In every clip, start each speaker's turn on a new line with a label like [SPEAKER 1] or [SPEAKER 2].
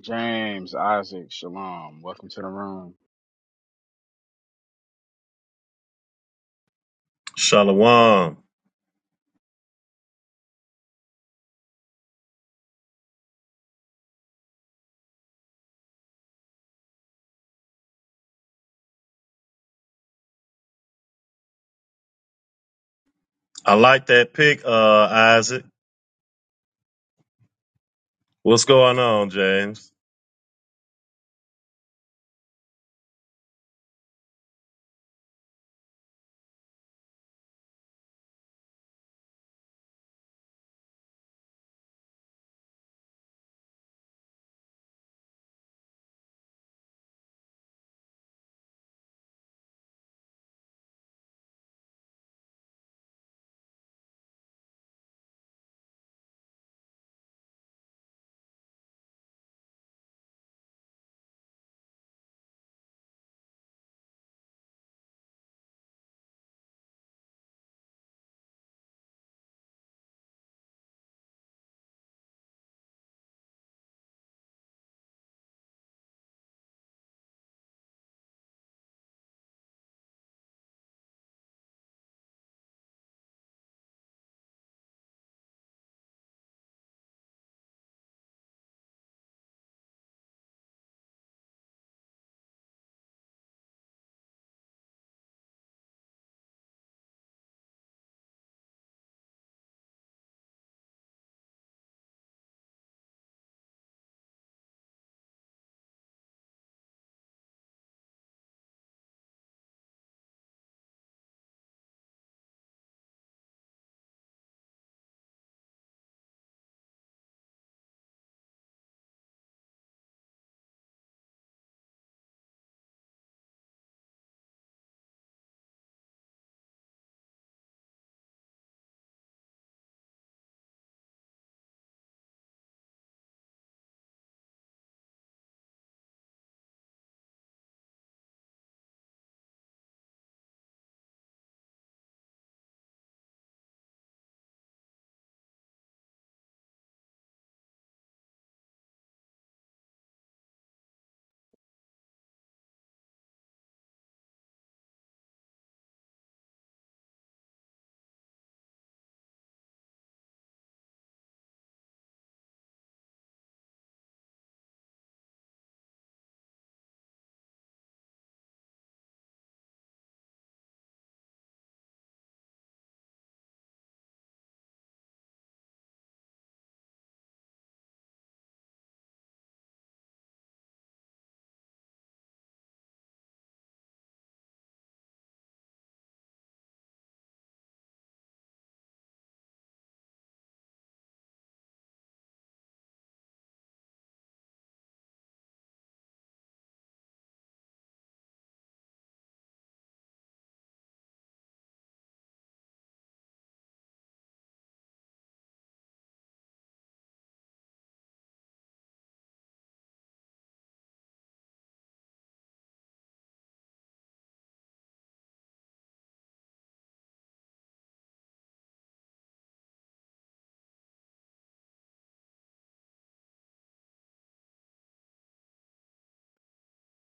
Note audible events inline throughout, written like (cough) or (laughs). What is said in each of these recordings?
[SPEAKER 1] James, Isaac, Shalom. Welcome to the room.
[SPEAKER 2] Shalom. I like that pick, uh, Isaac. What's going on, James?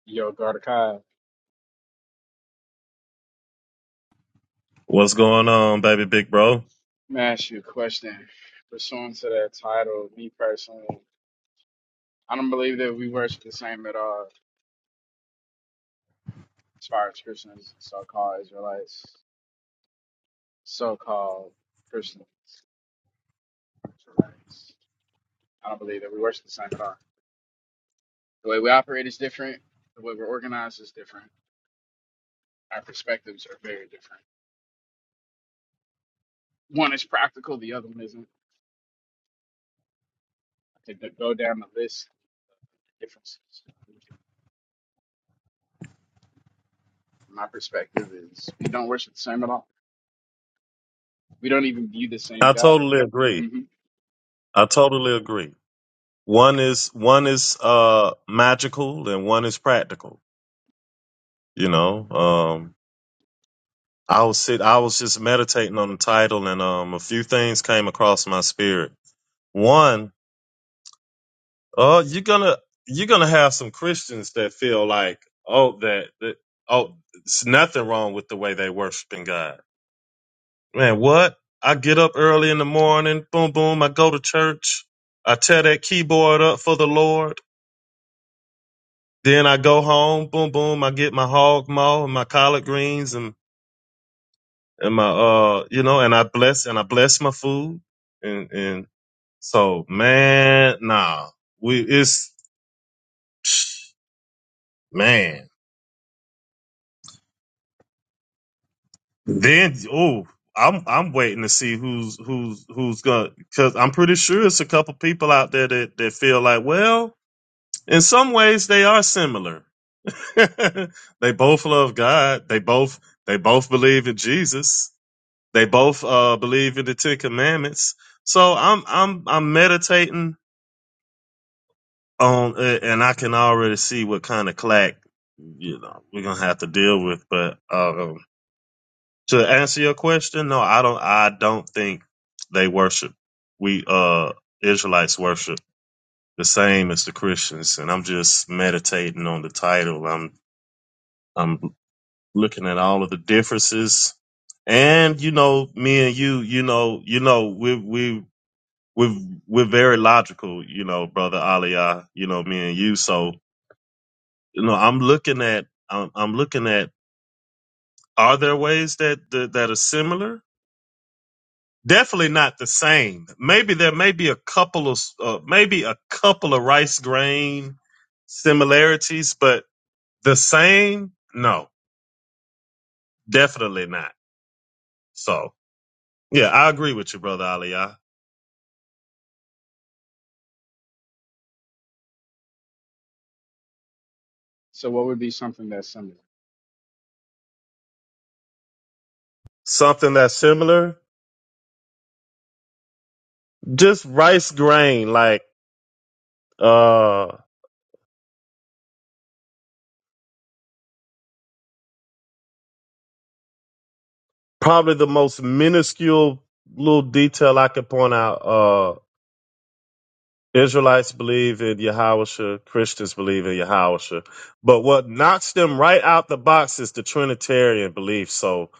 [SPEAKER 1] Yo, Gardakai, let
[SPEAKER 2] What's going on, baby big bro?
[SPEAKER 1] me ask you a question. Pursuant to that title, me personally, I don't believe that we worship the same at all as far as Christians, so called Israelites, so called Christians, Israelites. I don't believe that we worship the same at all. The way we operate is different, the way we're organized is different. Our perspectives are very different. One is practical, the other one isn't. I could go down the list of differences. my perspective is we don't worship the same at all. We don't even view the same
[SPEAKER 2] I
[SPEAKER 1] God.
[SPEAKER 2] totally agree.
[SPEAKER 1] hmm
[SPEAKER 2] I totally agree. One is one is uh magical and one is practical, you know. Um I was sit I was just meditating on the title and um a few things came across my spirit. One, uh you're gonna you're gonna have some Christians that feel like, oh, that, that oh, it's nothing wrong with the way they worshiping God Man, what? I get up early in the morning, boom, boom, I go to church. I tear that keyboard up for the Lord. Then I go home, boom, boom, I get my hog maw and my collard greens and, and my, uh, you know, and I bless, and I bless my food. And, and so, man, nah, we, it's, man. Then, oh, I'm, I'm waiting to see who's, who's, who's gonna, cause I'm pretty sure it's a couple people out there that, that feel like, well, in some ways they are similar (laughs) they both love God. They both they both believe in Jesus. They both uh, believe in the Ten Commandments. So I'm I'm I'm meditating on it, and I can already see what kind of clack you know we're gonna have to deal with. But um, to answer your question, no, I don't. I don't think they worship. We uh Israelites worship the same as the Christians, and I'm just meditating on the title. I'm I'm looking at all of the differences. And you know, me and you, you know, you know, we we we we're very logical, you know, brother Aliyah, you know, me and you. So you know, I'm looking at I'm, I'm looking at are there ways that, that that are similar? Definitely not the same. Maybe there may be a couple of uh, maybe a couple of rice grain similarities, but the same? No, definitely not. So yeah, I agree with you, brother Ali.
[SPEAKER 1] So what would be something that's similar?
[SPEAKER 2] something that's similar. Just rice grain, like uh probably the most minuscule little detail I could point out. Uh Israelites believe in Yahusha, Christians believe in Yahusha. But what knocks them right out the box is the Trinitarian belief. So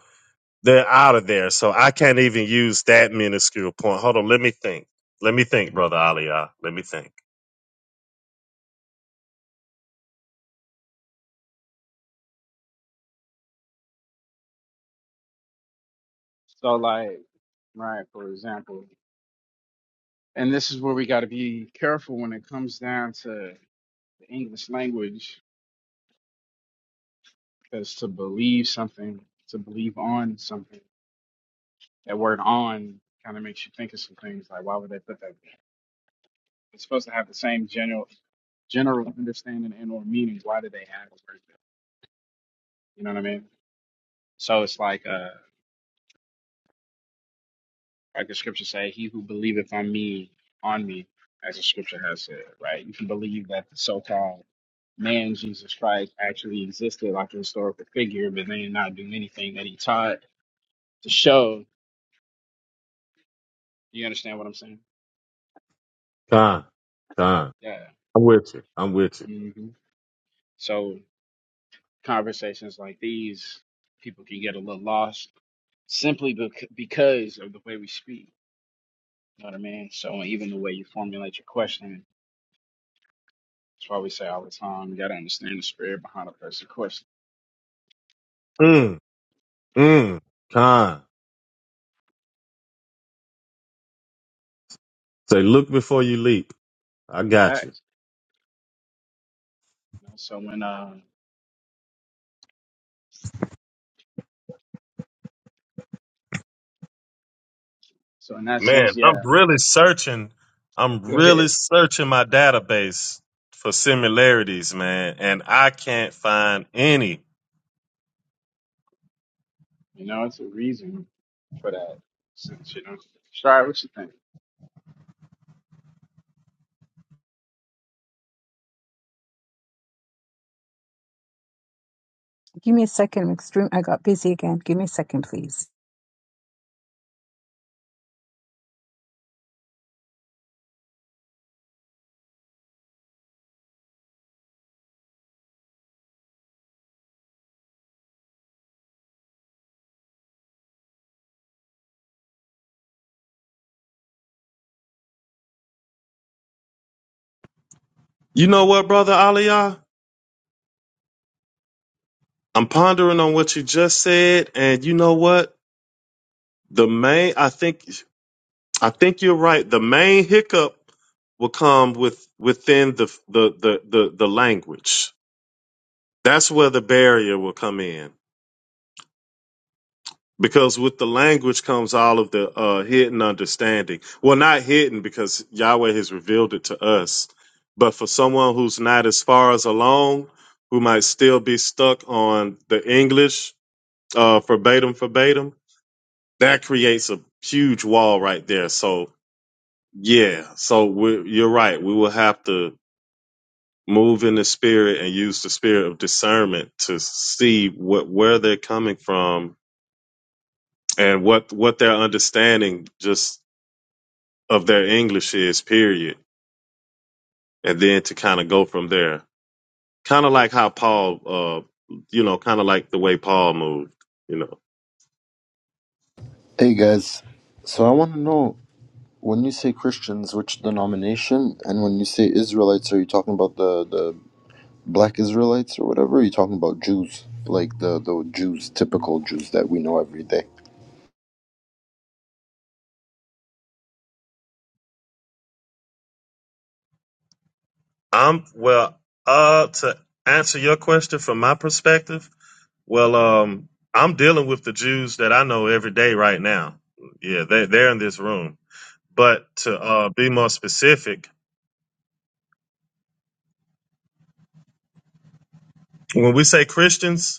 [SPEAKER 2] they're out of there. So I can't even use that minuscule point. Hold on, let me think. Let me think, brother Aliyah. Let me think.
[SPEAKER 1] So like, right, for example, and this is where we got to be careful when it comes down to the English language, because to believe something, to believe on something, that word on kind of makes you think of some things. Like, why would they put that? there? It's supposed to have the same general general understanding and or meaning. Why do they have a word there? You know what I mean? So it's like, uh, Like the scripture say, he who believeth on me, on me, as the scripture has said, right? You can believe that the so called man Jesus Christ actually existed like a historical figure, but then not do anything that he taught to show. You understand what I'm saying?
[SPEAKER 2] Con, con.
[SPEAKER 1] Yeah.
[SPEAKER 2] I'm with you. I'm with you.
[SPEAKER 1] hmm So conversations like these, people can get a little lost simply bec- because of the way we speak. You know what I mean? So even the way you formulate your question, that's why we say all the time, you got to understand the spirit behind a person's question.
[SPEAKER 2] Mm, mm, con. Say, look before you leap. I got you.
[SPEAKER 1] You know, so when uh so in that
[SPEAKER 2] Man,
[SPEAKER 1] sense,
[SPEAKER 2] I'm
[SPEAKER 1] yeah.
[SPEAKER 2] really searching. I'm
[SPEAKER 1] Go ahead.
[SPEAKER 2] really searching my database for similarities, man, and I can't find any.
[SPEAKER 1] You know, it's a reason for that sense, you know. Sorry, what you think?
[SPEAKER 3] Give me a second. I'm extreme. I got busy again. Give me a second, please.
[SPEAKER 2] You know what, brother Aliyah? I'm pondering on what you just said, and you know what? The main, I think, I think you're right. The main hiccup will come with within the the the the, the language. That's where the barrier will come in. because with the language comes all of the uh, hidden understanding. Well, not hidden because Yahweh has revealed it to us, but for someone who's not as far as along, who might still be stuck on the English uh, verbatim, verbatim, that creates a huge wall right there. So yeah, so we're, you're right. We will have to move in the spirit and use the spirit of discernment to see what where they're coming from and what what they're understanding just of their English is, period, and then to kind of go from there. Kind of like how Paul, uh, you know, kind of like the way Paul moved, you know.
[SPEAKER 4] Hey guys, so I want to know when you say Christians, which denomination, and when you say Israelites, are you talking about the the black Israelites or whatever? Or Are you talking about Jews, like the the Jews, typical Jews that we know every day?
[SPEAKER 2] Um, well, uh, to answer your question from my perspective, well, um, I'm dealing with the Jews that I know every day right now. Yeah, they they're in this room. But to uh, be more specific, when we say Christians,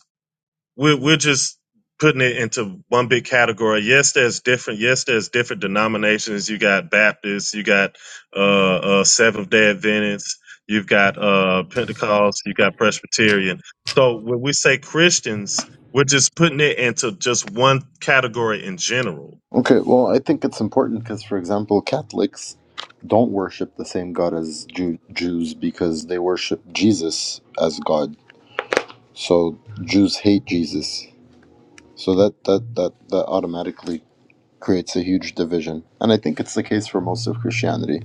[SPEAKER 2] we're, we're just putting it into one big category. Yes, there's different. Yes, there's different denominations. You got Baptists. You got uh, uh, Seventh Day Adventists. You've got uh, Pentecost. You got Presbyterian. So when we say Christians, we're just putting it into just one category in general.
[SPEAKER 4] Okay, well, I think it's important because, for example, Catholics don't worship the same God as Jew- Jews because they worship Jesus as God. So Jews hate Jesus. So that that that that automatically creates a huge division. And I think it's the case for most of Christianity.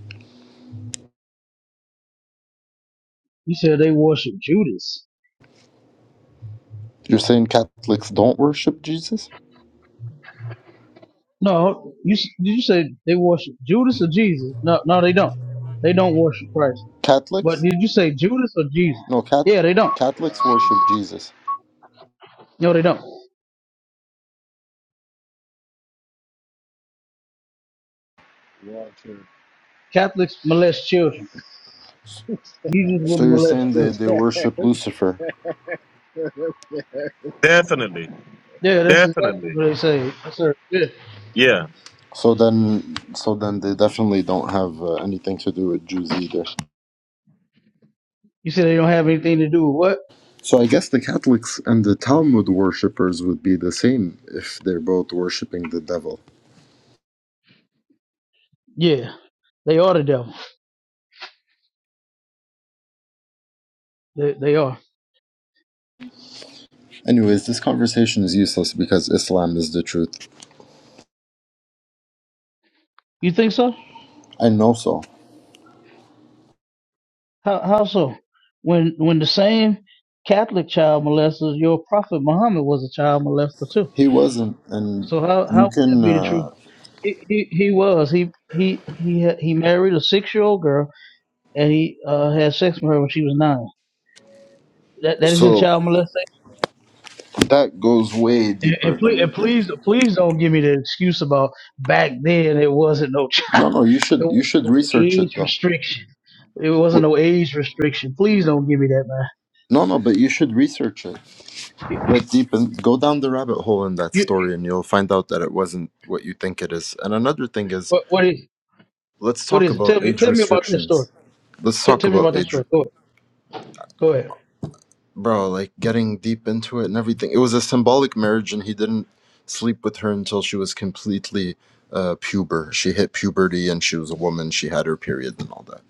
[SPEAKER 5] You said they worship Judas.
[SPEAKER 4] You're saying Catholics don't worship Jesus?
[SPEAKER 5] No, you s- did you say they worship Judas or Jesus? No, no, they don't. They don't worship Christ. But
[SPEAKER 4] Catholics?
[SPEAKER 5] did you say Judas or Jesus?
[SPEAKER 4] No, cat
[SPEAKER 5] Yeah, they don't.
[SPEAKER 4] Catholics worship
[SPEAKER 6] Right.
[SPEAKER 4] Jesus.
[SPEAKER 5] No, they don't.
[SPEAKER 6] Water.
[SPEAKER 5] Catholics molest children. Jesus
[SPEAKER 4] So
[SPEAKER 5] wouldn't
[SPEAKER 4] you're
[SPEAKER 5] molest
[SPEAKER 4] saying they,
[SPEAKER 5] children.
[SPEAKER 4] they
[SPEAKER 6] (laughs)
[SPEAKER 4] worship Lucifer.
[SPEAKER 2] Definitely,
[SPEAKER 5] Yeah, that's exactly
[SPEAKER 2] definitely,
[SPEAKER 5] what they say. Yes, sir. Yeah.
[SPEAKER 2] yeah.
[SPEAKER 4] So then so then they definitely don't have uh, anything to do with Jews either.
[SPEAKER 5] You said they don't have anything to do with what?
[SPEAKER 4] So I guess the Catholics and the Talmud worshippers would be the same if they're both worshiping the devil.
[SPEAKER 5] Yeah, they are the devil. They, they are.
[SPEAKER 4] Anyways, this conversation is useless because Islam is the truth.
[SPEAKER 5] You think so?
[SPEAKER 4] I know so.
[SPEAKER 5] How how so? When when the same Catholic child molester, your prophet Muhammad was a child molester too.
[SPEAKER 4] He wasn't, and
[SPEAKER 5] So how how
[SPEAKER 4] you
[SPEAKER 5] would that
[SPEAKER 4] can.
[SPEAKER 5] be the truth?
[SPEAKER 4] Uh,
[SPEAKER 5] He he, he was he he he ha- he married a six year old girl and he uh, had sex with her when she was nine. That that isn't
[SPEAKER 4] so
[SPEAKER 5] child molestation.
[SPEAKER 4] that goes way
[SPEAKER 5] And, and
[SPEAKER 4] deeper than
[SPEAKER 5] please and
[SPEAKER 4] you think.
[SPEAKER 5] please please don't give me the excuse about back then it wasn't no (laughs) child
[SPEAKER 4] No, no, you should
[SPEAKER 5] there
[SPEAKER 4] you
[SPEAKER 5] wasn't
[SPEAKER 4] should
[SPEAKER 5] no
[SPEAKER 4] research
[SPEAKER 5] age
[SPEAKER 4] it though.
[SPEAKER 5] restriction. It wasn't
[SPEAKER 4] Wh-
[SPEAKER 5] no age restriction. Please don't give me that man.
[SPEAKER 4] No, no, but you should research it.
[SPEAKER 5] You,
[SPEAKER 4] Get deep and go down the rabbit hole in that
[SPEAKER 5] you
[SPEAKER 4] story, and you'll find out that it wasn't what you think it is. And another thing is,
[SPEAKER 5] what what is
[SPEAKER 4] let's
[SPEAKER 5] what
[SPEAKER 4] talk
[SPEAKER 5] is it? Tell
[SPEAKER 4] about
[SPEAKER 5] me
[SPEAKER 4] age
[SPEAKER 5] tell me about this story.
[SPEAKER 4] restrictions. Let's
[SPEAKER 5] Tell
[SPEAKER 4] talk
[SPEAKER 5] tell me
[SPEAKER 4] about
[SPEAKER 5] about that
[SPEAKER 4] age.
[SPEAKER 5] story. Go ahead. Go ahead.
[SPEAKER 4] bro, like getting deep into it and everything. It was a symbolic marriage, and he didn't sleep with her until she was completely uh, puber. She hit puberty, and she was a woman. She had her period and all that.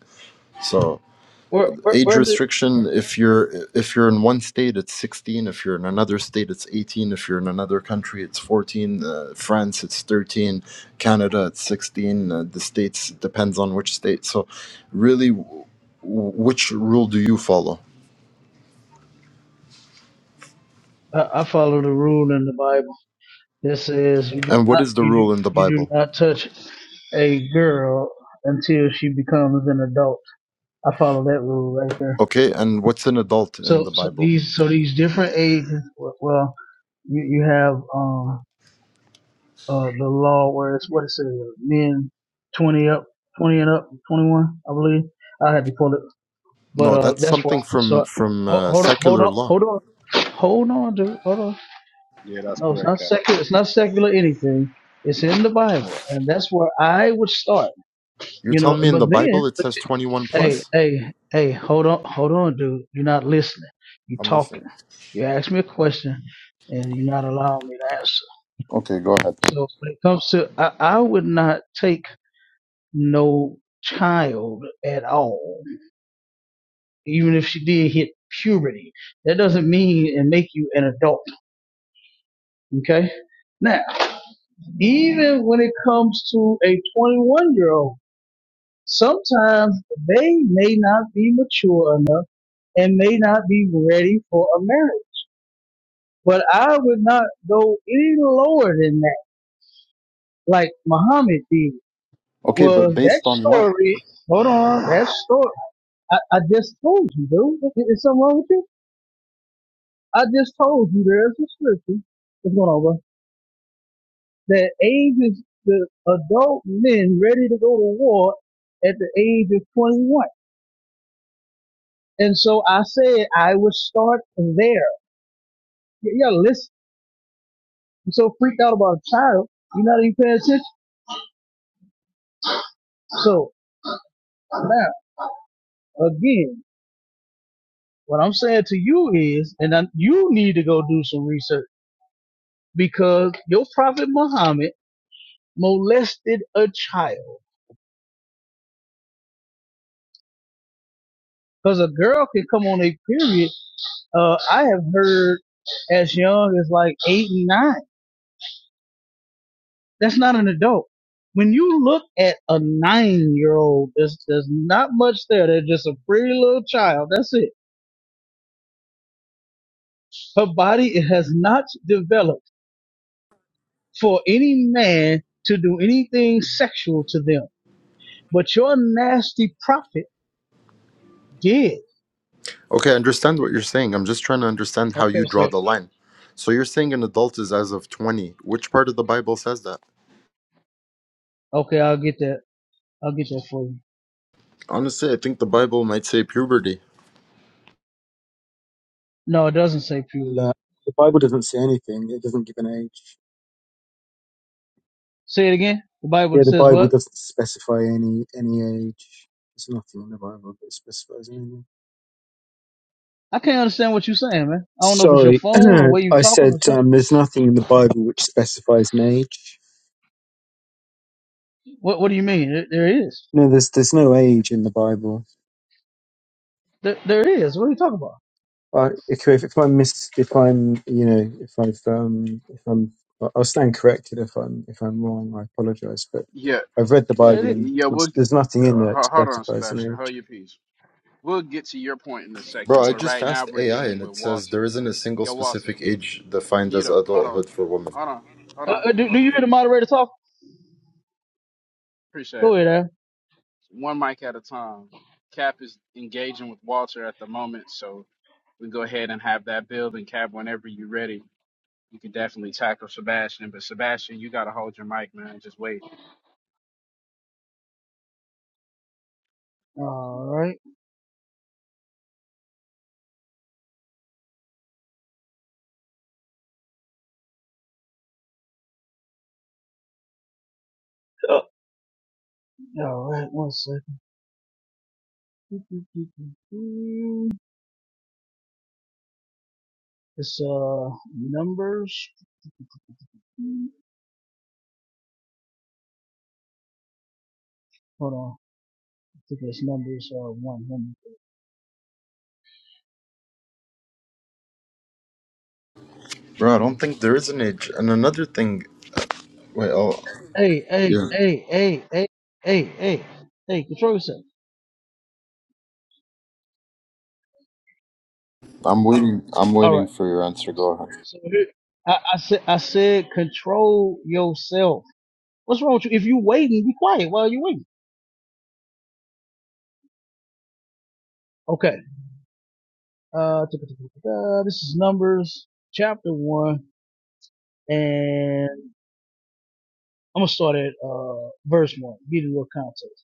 [SPEAKER 4] So
[SPEAKER 5] Where where
[SPEAKER 4] age
[SPEAKER 5] where is it?
[SPEAKER 4] restriction if you're if you're in one state it's 16 if you're in another state it's 18 if you're in another country it's 14 uh, france it's 13 canada it's 16 uh, the states depends on which state so really w- which rule do you follow
[SPEAKER 5] I, I follow the rule in the Bible. This says you do
[SPEAKER 4] and what
[SPEAKER 5] not
[SPEAKER 4] is the
[SPEAKER 5] you do
[SPEAKER 4] rule in the
[SPEAKER 5] you
[SPEAKER 4] bible
[SPEAKER 5] do not touch a girl until she becomes an adult. I follow that rule right there.
[SPEAKER 4] Okay, and what's an adult in
[SPEAKER 5] So
[SPEAKER 4] the
[SPEAKER 5] so
[SPEAKER 4] Bible?
[SPEAKER 5] these so these different ages. w- Well, you you have um uh the law where it's what it says men twenty up twenty and up twenty one I believe. I had to pull it, but
[SPEAKER 4] No,
[SPEAKER 5] uh
[SPEAKER 4] that's
[SPEAKER 5] that's where I
[SPEAKER 4] something from
[SPEAKER 5] start.
[SPEAKER 4] from
[SPEAKER 5] Ho-
[SPEAKER 4] uh,
[SPEAKER 5] Hold on hold
[SPEAKER 4] secular
[SPEAKER 5] on
[SPEAKER 4] law.
[SPEAKER 5] hold on hold on dude hold on.
[SPEAKER 6] yeah, that's
[SPEAKER 5] No, it's
[SPEAKER 6] correct,
[SPEAKER 5] not
[SPEAKER 6] Cap.
[SPEAKER 5] secular. It's not secular anything. It's in the Bible, and that's where I would start.
[SPEAKER 4] You're
[SPEAKER 5] You know,
[SPEAKER 4] telling me in
[SPEAKER 5] but
[SPEAKER 4] the
[SPEAKER 5] then,
[SPEAKER 4] Bible it
[SPEAKER 5] but
[SPEAKER 4] says
[SPEAKER 5] you,
[SPEAKER 4] 21
[SPEAKER 5] hey,
[SPEAKER 4] plus?
[SPEAKER 5] hey, hey, hold on, hold on, dude. You're not listening. You're
[SPEAKER 4] I'm listening.
[SPEAKER 5] talking. You ask me a question, and you're not allowing me to answer.
[SPEAKER 4] Okay, go ahead.
[SPEAKER 5] So when it comes to, I, I would not take no child at all, even if she did hit puberty. That doesn't mean and make you an adult. Okay. Now. Even when it comes to a 21 year old, sometimes they may not be mature enough and may not be ready for a marriage. But I would not go any lower than that, like Muhammad did.
[SPEAKER 4] Okay, but
[SPEAKER 5] Well, that
[SPEAKER 4] based on what?
[SPEAKER 5] story, hold on, that story, I, I just told you, dude. Is is something wrong with you? I just told you there's a scripture. What's going on, bro? That ages the adult men ready to go to war at the age of 21. And so I said I would start there. Yeah, yeah, listen. You're so freaked out about a child, you're not even paying attention. So now, again, what I'm saying to you is, and I, you need to go do some research because your prophet Muhammad molested a child. Because a girl can come on a period. Uh, I have heard as young as like eight and nine. That's not an adult. When you look at a nine year old, there's, there's not much there. They're just a pretty little child. That's it. Her body it has not developed for any man to do anything sexual to them. But your nasty prophet did.
[SPEAKER 4] Okay, I understand what you're saying. I'm just trying to understand how you
[SPEAKER 5] Okay,
[SPEAKER 4] draw
[SPEAKER 5] so,
[SPEAKER 4] the line. So you're saying an adult is as of 20. Which part of the Bible says that?
[SPEAKER 5] okay, I'll get that. I'll get that for you.
[SPEAKER 4] Honestly, I think the Bible might say puberty.
[SPEAKER 5] No, it doesn't say
[SPEAKER 7] Well, uh,
[SPEAKER 5] puberty.
[SPEAKER 7] the Bible doesn't say anything. It doesn't give an age.
[SPEAKER 5] Say it again. The Bible
[SPEAKER 7] Yeah, the
[SPEAKER 5] says
[SPEAKER 7] Bible
[SPEAKER 5] what?
[SPEAKER 7] doesn't specify any any age. There's nothing in the Bible that specifies anything.
[SPEAKER 5] I can't understand what you're saying, man. I don't know if it's your
[SPEAKER 7] Sorry,
[SPEAKER 5] phone or where
[SPEAKER 7] (clears throat)
[SPEAKER 5] you
[SPEAKER 7] I
[SPEAKER 5] talking
[SPEAKER 7] said
[SPEAKER 5] or something.
[SPEAKER 7] um, there's nothing in the Bible which specifies an age.
[SPEAKER 5] What What do you mean? There, there is.
[SPEAKER 7] No, there's there's no age in the Bible.
[SPEAKER 5] There, there it is. What are you talking about?
[SPEAKER 7] I if, if I'm mis, if I'm you know if I've um if I'm I'll stand corrected if I'm if I'm wrong. I apologise, but
[SPEAKER 1] Yeah,
[SPEAKER 7] I've read the
[SPEAKER 5] There it
[SPEAKER 7] Bible
[SPEAKER 5] is.
[SPEAKER 7] and
[SPEAKER 1] yeah. We'll
[SPEAKER 7] there's,
[SPEAKER 1] uh,
[SPEAKER 7] there's nothing in there that
[SPEAKER 1] ho- hold on,
[SPEAKER 7] specifies an
[SPEAKER 1] Sebastian.
[SPEAKER 7] age.
[SPEAKER 1] Hold your peace. We'll get to your point in a
[SPEAKER 4] Bro,
[SPEAKER 1] second,
[SPEAKER 4] I
[SPEAKER 1] but
[SPEAKER 4] just
[SPEAKER 1] right now
[SPEAKER 4] asked
[SPEAKER 1] we're
[SPEAKER 4] AI
[SPEAKER 1] dealing
[SPEAKER 4] and
[SPEAKER 1] with
[SPEAKER 4] it says
[SPEAKER 1] Walter.
[SPEAKER 4] there isn't a single
[SPEAKER 1] Yo, Walter,
[SPEAKER 4] specific age defined
[SPEAKER 1] mute
[SPEAKER 4] as
[SPEAKER 1] up. Hold on,
[SPEAKER 4] adulthood for women.
[SPEAKER 1] hold on, hold
[SPEAKER 5] Uh,
[SPEAKER 1] on.
[SPEAKER 5] uh, do, do
[SPEAKER 1] Hold your
[SPEAKER 5] you hear the
[SPEAKER 1] peace.
[SPEAKER 5] moderator talk?
[SPEAKER 1] Appreciate
[SPEAKER 5] Go
[SPEAKER 1] it.
[SPEAKER 5] ahead,
[SPEAKER 1] One mic at a time. Cap is engaging with Walter at the moment, so we go ahead and have that build. And Cap, whenever you're ready, You can definitely tackle Sebastian, but Sebastian, you gotta hold your mic, man. Just wait.
[SPEAKER 5] Al. All right. Uh, all right. One second. It's uh numbers. Hold on. I think it's numbers uh one. one.
[SPEAKER 4] Bro, I don't think there is an age. And another thing, wait, I'll,
[SPEAKER 5] Hey, hey,
[SPEAKER 4] Yeah,
[SPEAKER 5] hey, hey, hey, hey, hey, hey. Control yourself.
[SPEAKER 4] I'm waiting. I'm
[SPEAKER 5] All right.
[SPEAKER 4] waiting for your answer. Go ahead.
[SPEAKER 5] So here- I, I said, I said, control yourself. What's wrong with you? If you waiting, be quiet while you waiting. Okay. Uh, this is Numbers chapter one, and I'm gonna start at uh verse one. Give you a little context.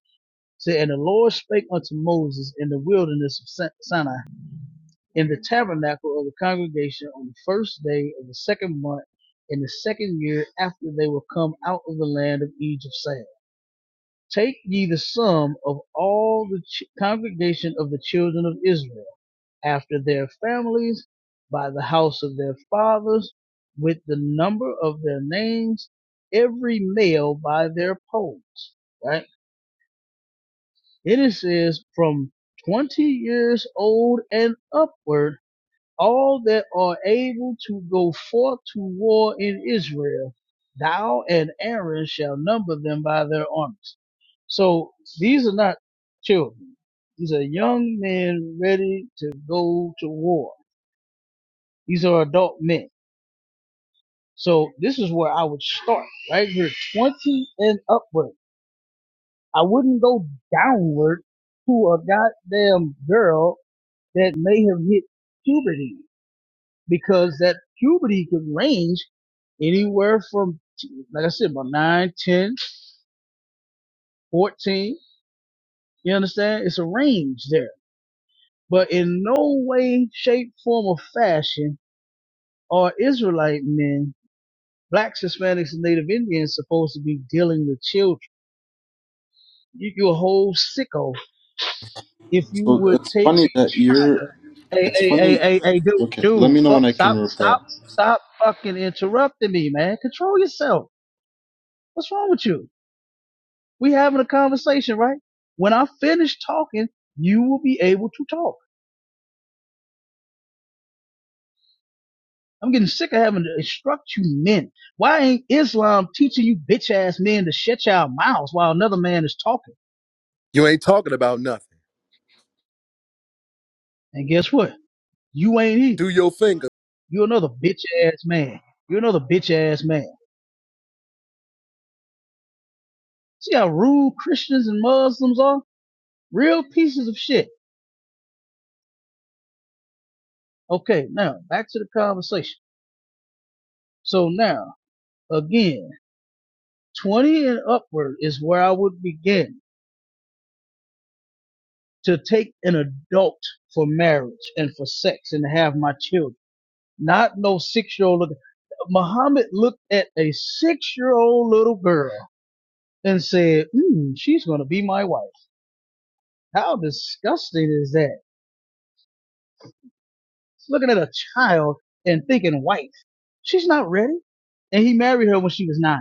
[SPEAKER 5] Say, and the Lord spake unto Moses in the wilderness of Sinai, in the tabernacle of the congregation, on the first day of the second month, in the second year after they were come out of the land of Egypt, saying, Take ye the sum of all the ch- congregation of the children of Israel after their families by the house of their fathers with the number of their names, every male by their poles. Right? Then it says from 20 years old and upward, all that are able to go forth to war in Israel, thou and Aaron shall number them by their armies. So these are not children. These are young men ready to go to war These are adult men. So this is where I would start right here, 20 and upward. I wouldn't go downward to a goddamn girl that may have hit puberty because that puberty could range anywhere from, like I said, about 9, 10, 14. You understand? It's a range there. But in no way, shape, form, or fashion are Israelite men, blacks, Hispanics, and Native Indians supposed to be dealing with children You, you a whole sicko. If you
[SPEAKER 4] So
[SPEAKER 5] would
[SPEAKER 4] it's
[SPEAKER 5] take
[SPEAKER 4] funny that you're.
[SPEAKER 5] a, a,
[SPEAKER 4] It's
[SPEAKER 5] a, a,
[SPEAKER 4] funny.
[SPEAKER 5] a, a dude,
[SPEAKER 4] Okay, let
[SPEAKER 5] dude,
[SPEAKER 4] me know
[SPEAKER 5] fuck,
[SPEAKER 4] when I
[SPEAKER 5] stop,
[SPEAKER 4] can reply.
[SPEAKER 5] stop, stop fucking interrupting me, man. Control yourself. What's wrong with you? We having a conversation, right? When I finish talking, you will be able to talk. I'm getting sick of having to instruct you men. Why ain't Islam teaching you bitch ass men to shut your mouths while another man is talking?
[SPEAKER 8] You ain't talking about nothing.
[SPEAKER 5] And guess what? You ain't he.
[SPEAKER 8] Do your thing,
[SPEAKER 5] You're another bitch ass man. You're another bitch ass man. See how rude Christians and Muslims are? Real pieces of shit. Okay, now back to the conversation. So now, again, 20 and upward is where I would begin to take an adult for marriage and for sex and to have my children. Not no six year old. Look- Muhammad looked at a six year old little girl and said, mm, she's going to be my wife. How disgusting is that? Looking at a child and thinking wife. She's not ready. and he married her when she was nine.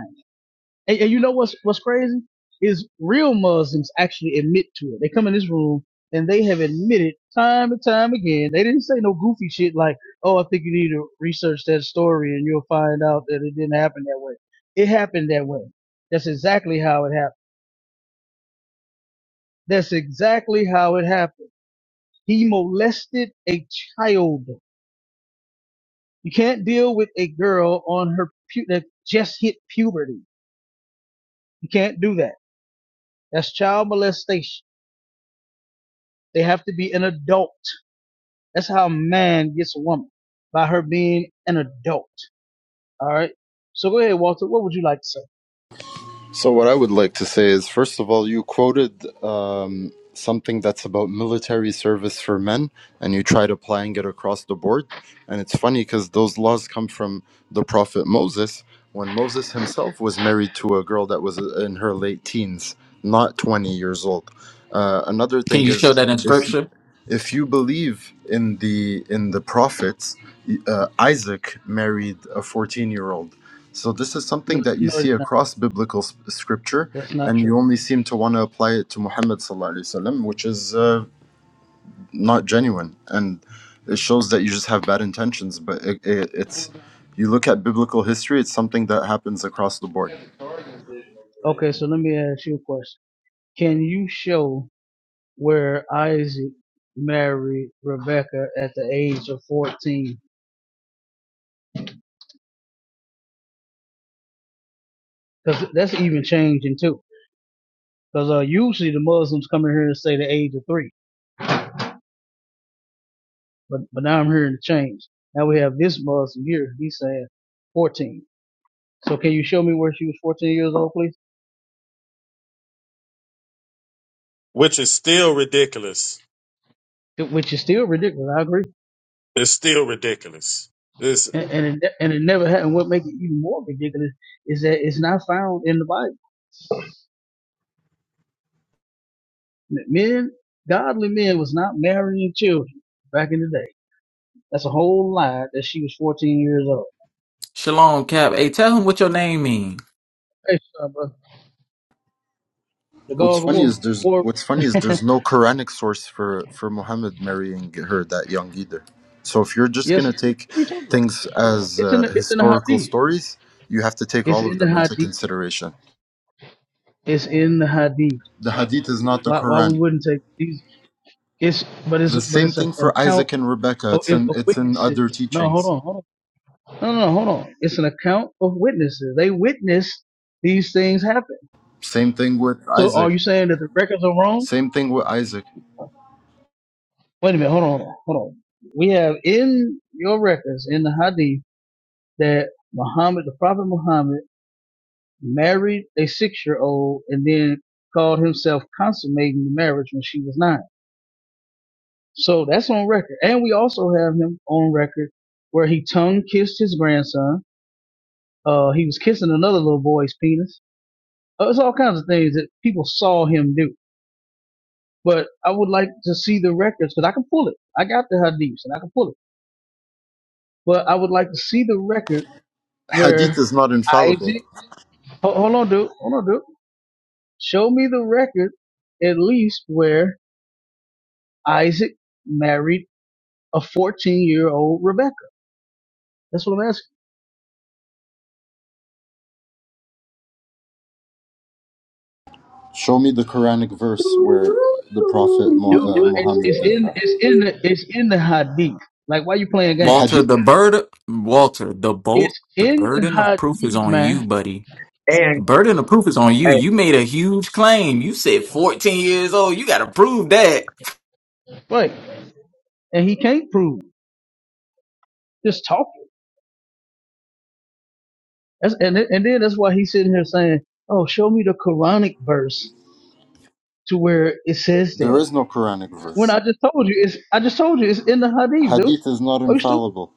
[SPEAKER 5] And, and you know what's what's crazy is real Muslims actually admit to it. They come in this room and they have admitted time and time again. They didn't say no goofy shit like, "Oh, I think you need to research that story and you'll find out that it didn't happen that way." It happened that way. That's exactly how it happened. That's exactly how it happened. He molested a child. You can't deal with a girl on her pu- that just hit puberty. You can't do that. That's child molestation. They have to be an adult. That's how a man gets a woman by her being an adult. All right. So go ahead, Walter. What would you like to say?
[SPEAKER 4] So what I would like to say is, first of all, you quoted um, something that's about military service for men, and you tried applying it across the board. And it's funny because those laws come from the prophet Moses, when Moses himself was married to a girl that was in her late teens, not 20 years old. Uh, another
[SPEAKER 9] Can
[SPEAKER 4] thing
[SPEAKER 9] you show
[SPEAKER 4] is,
[SPEAKER 9] that in
[SPEAKER 4] if
[SPEAKER 9] scripture?
[SPEAKER 4] if you believe in the in the prophets uh, isaac married a 14 year old so this is
[SPEAKER 5] No,
[SPEAKER 4] something that you
[SPEAKER 5] no,
[SPEAKER 4] see
[SPEAKER 5] it's not.
[SPEAKER 4] across biblical s- scripture
[SPEAKER 5] That's not
[SPEAKER 4] and
[SPEAKER 5] true.
[SPEAKER 4] you only seem to want to apply it to muhammad sallallahu alaihi wasallam which is uh, not genuine and it shows that you just have bad intentions but it, it, it's you look at biblical history it's something that happens across the board
[SPEAKER 5] Okay, so let me ask you a question. Can you show where Isaac married Rebecca at the age of 14? Because that's even changing too. Because uh, usually the Muslims come in here and say the age of three, but but now I'm hearing the change. Now we have this Muslim here. He's saying 14. So can you show me where she was 14 years old, please?
[SPEAKER 2] which is still ridiculous.
[SPEAKER 5] It- Which is still ridiculous. I agree.
[SPEAKER 2] It's still ridiculous. It's
[SPEAKER 5] And and it, ne- and it never happened. What makes it even more ridiculous is that it's not found in the Bible. Men, godly men, was not marrying children back in the day. That's a whole lie that she was 14 years old.
[SPEAKER 9] Shalom, Cap. Hey, tell him what your name mean.
[SPEAKER 5] Hey, son, brother, the
[SPEAKER 4] What's
[SPEAKER 5] Gog of
[SPEAKER 4] funny
[SPEAKER 5] War.
[SPEAKER 4] is there's
[SPEAKER 5] Or
[SPEAKER 4] what's funny is
[SPEAKER 5] (laughs)
[SPEAKER 4] there's no Quranic source for for Muhammad marrying her that young either. So if you're just
[SPEAKER 5] yes,
[SPEAKER 4] gonna
[SPEAKER 5] it is.
[SPEAKER 4] take
[SPEAKER 5] what are you talking about?
[SPEAKER 4] things as
[SPEAKER 5] It's in
[SPEAKER 4] uh,
[SPEAKER 5] the it's in the
[SPEAKER 4] historical
[SPEAKER 5] Hadith.
[SPEAKER 4] stories, you have to take
[SPEAKER 5] It's
[SPEAKER 4] all
[SPEAKER 5] in
[SPEAKER 4] of
[SPEAKER 5] the
[SPEAKER 4] them into
[SPEAKER 5] Hadith.
[SPEAKER 4] consideration.
[SPEAKER 5] It's in the Hadith.
[SPEAKER 4] The Hadith is not the
[SPEAKER 5] Why why we
[SPEAKER 4] Quran.
[SPEAKER 5] wouldn't take these? It's but it's
[SPEAKER 4] The
[SPEAKER 5] but
[SPEAKER 4] same
[SPEAKER 5] it's a,
[SPEAKER 4] thing
[SPEAKER 5] an
[SPEAKER 4] for
[SPEAKER 5] account
[SPEAKER 4] Isaac and Rebecca.
[SPEAKER 5] of,
[SPEAKER 4] It's
[SPEAKER 5] of
[SPEAKER 4] in it's in other
[SPEAKER 5] witnesses. No, hold
[SPEAKER 4] teachings.
[SPEAKER 5] on, hold on. No, no, no, hold on. It's an account of witnesses. They witnessed these things happen.
[SPEAKER 4] Same thing with
[SPEAKER 5] So are
[SPEAKER 4] Isaac.
[SPEAKER 5] you saying that the records are wrong?
[SPEAKER 4] Same thing with Isaac.
[SPEAKER 5] Wait a minute, hold on, hold on. hold on. We have in your records, in the hadith, that Muhammad, the Prophet Muhammad, married a six year old and then called himself consummating the marriage when she was nine. So that's on record. And we also have him on record where he tongue kissed his grandson. Uh, he was kissing another little boy's penis It was all kinds of things that people saw him do. But I would like to see the records because I can pull it. I got the hadiths and I can pull it. But I would like to see the record
[SPEAKER 4] Hadith
[SPEAKER 5] where
[SPEAKER 4] is not infallible.
[SPEAKER 5] Isaac. ho- Hold on, dude. Hold on, dude. Show me the record at least where Isaac married a 14 year old Rebecca. That's what I'm asking,
[SPEAKER 4] Show me the Quranic
[SPEAKER 10] And
[SPEAKER 4] verse where the Prophet Mu-
[SPEAKER 5] dude.
[SPEAKER 4] uh,
[SPEAKER 5] It's
[SPEAKER 4] Muhammad
[SPEAKER 5] it's
[SPEAKER 4] did
[SPEAKER 5] in
[SPEAKER 4] that.
[SPEAKER 5] it's in the it's in the hadith. Like why you playing games?
[SPEAKER 9] Walter,
[SPEAKER 4] Hadith
[SPEAKER 9] the burden, Walter, the bolt,
[SPEAKER 5] It's
[SPEAKER 9] the
[SPEAKER 5] in the
[SPEAKER 9] burden of proof is
[SPEAKER 5] hadith,
[SPEAKER 9] on you,
[SPEAKER 5] man.
[SPEAKER 9] buddy. The burden of proof is on you.
[SPEAKER 10] hey,
[SPEAKER 9] You made a huge claim. You said 14 years old. You got to prove that.
[SPEAKER 5] Right. And he can't prove. it. Just talk. That's, and th- and then that's why he's sitting here saying, "Oh, show me the Quranic verse to where it says
[SPEAKER 4] There
[SPEAKER 5] that."
[SPEAKER 4] is no Quranic
[SPEAKER 5] When
[SPEAKER 4] verse.
[SPEAKER 5] I just told you, it's I just told you it's in the Hadith, dude.
[SPEAKER 4] Hadith is not
[SPEAKER 5] Are you stupid?
[SPEAKER 4] infallible.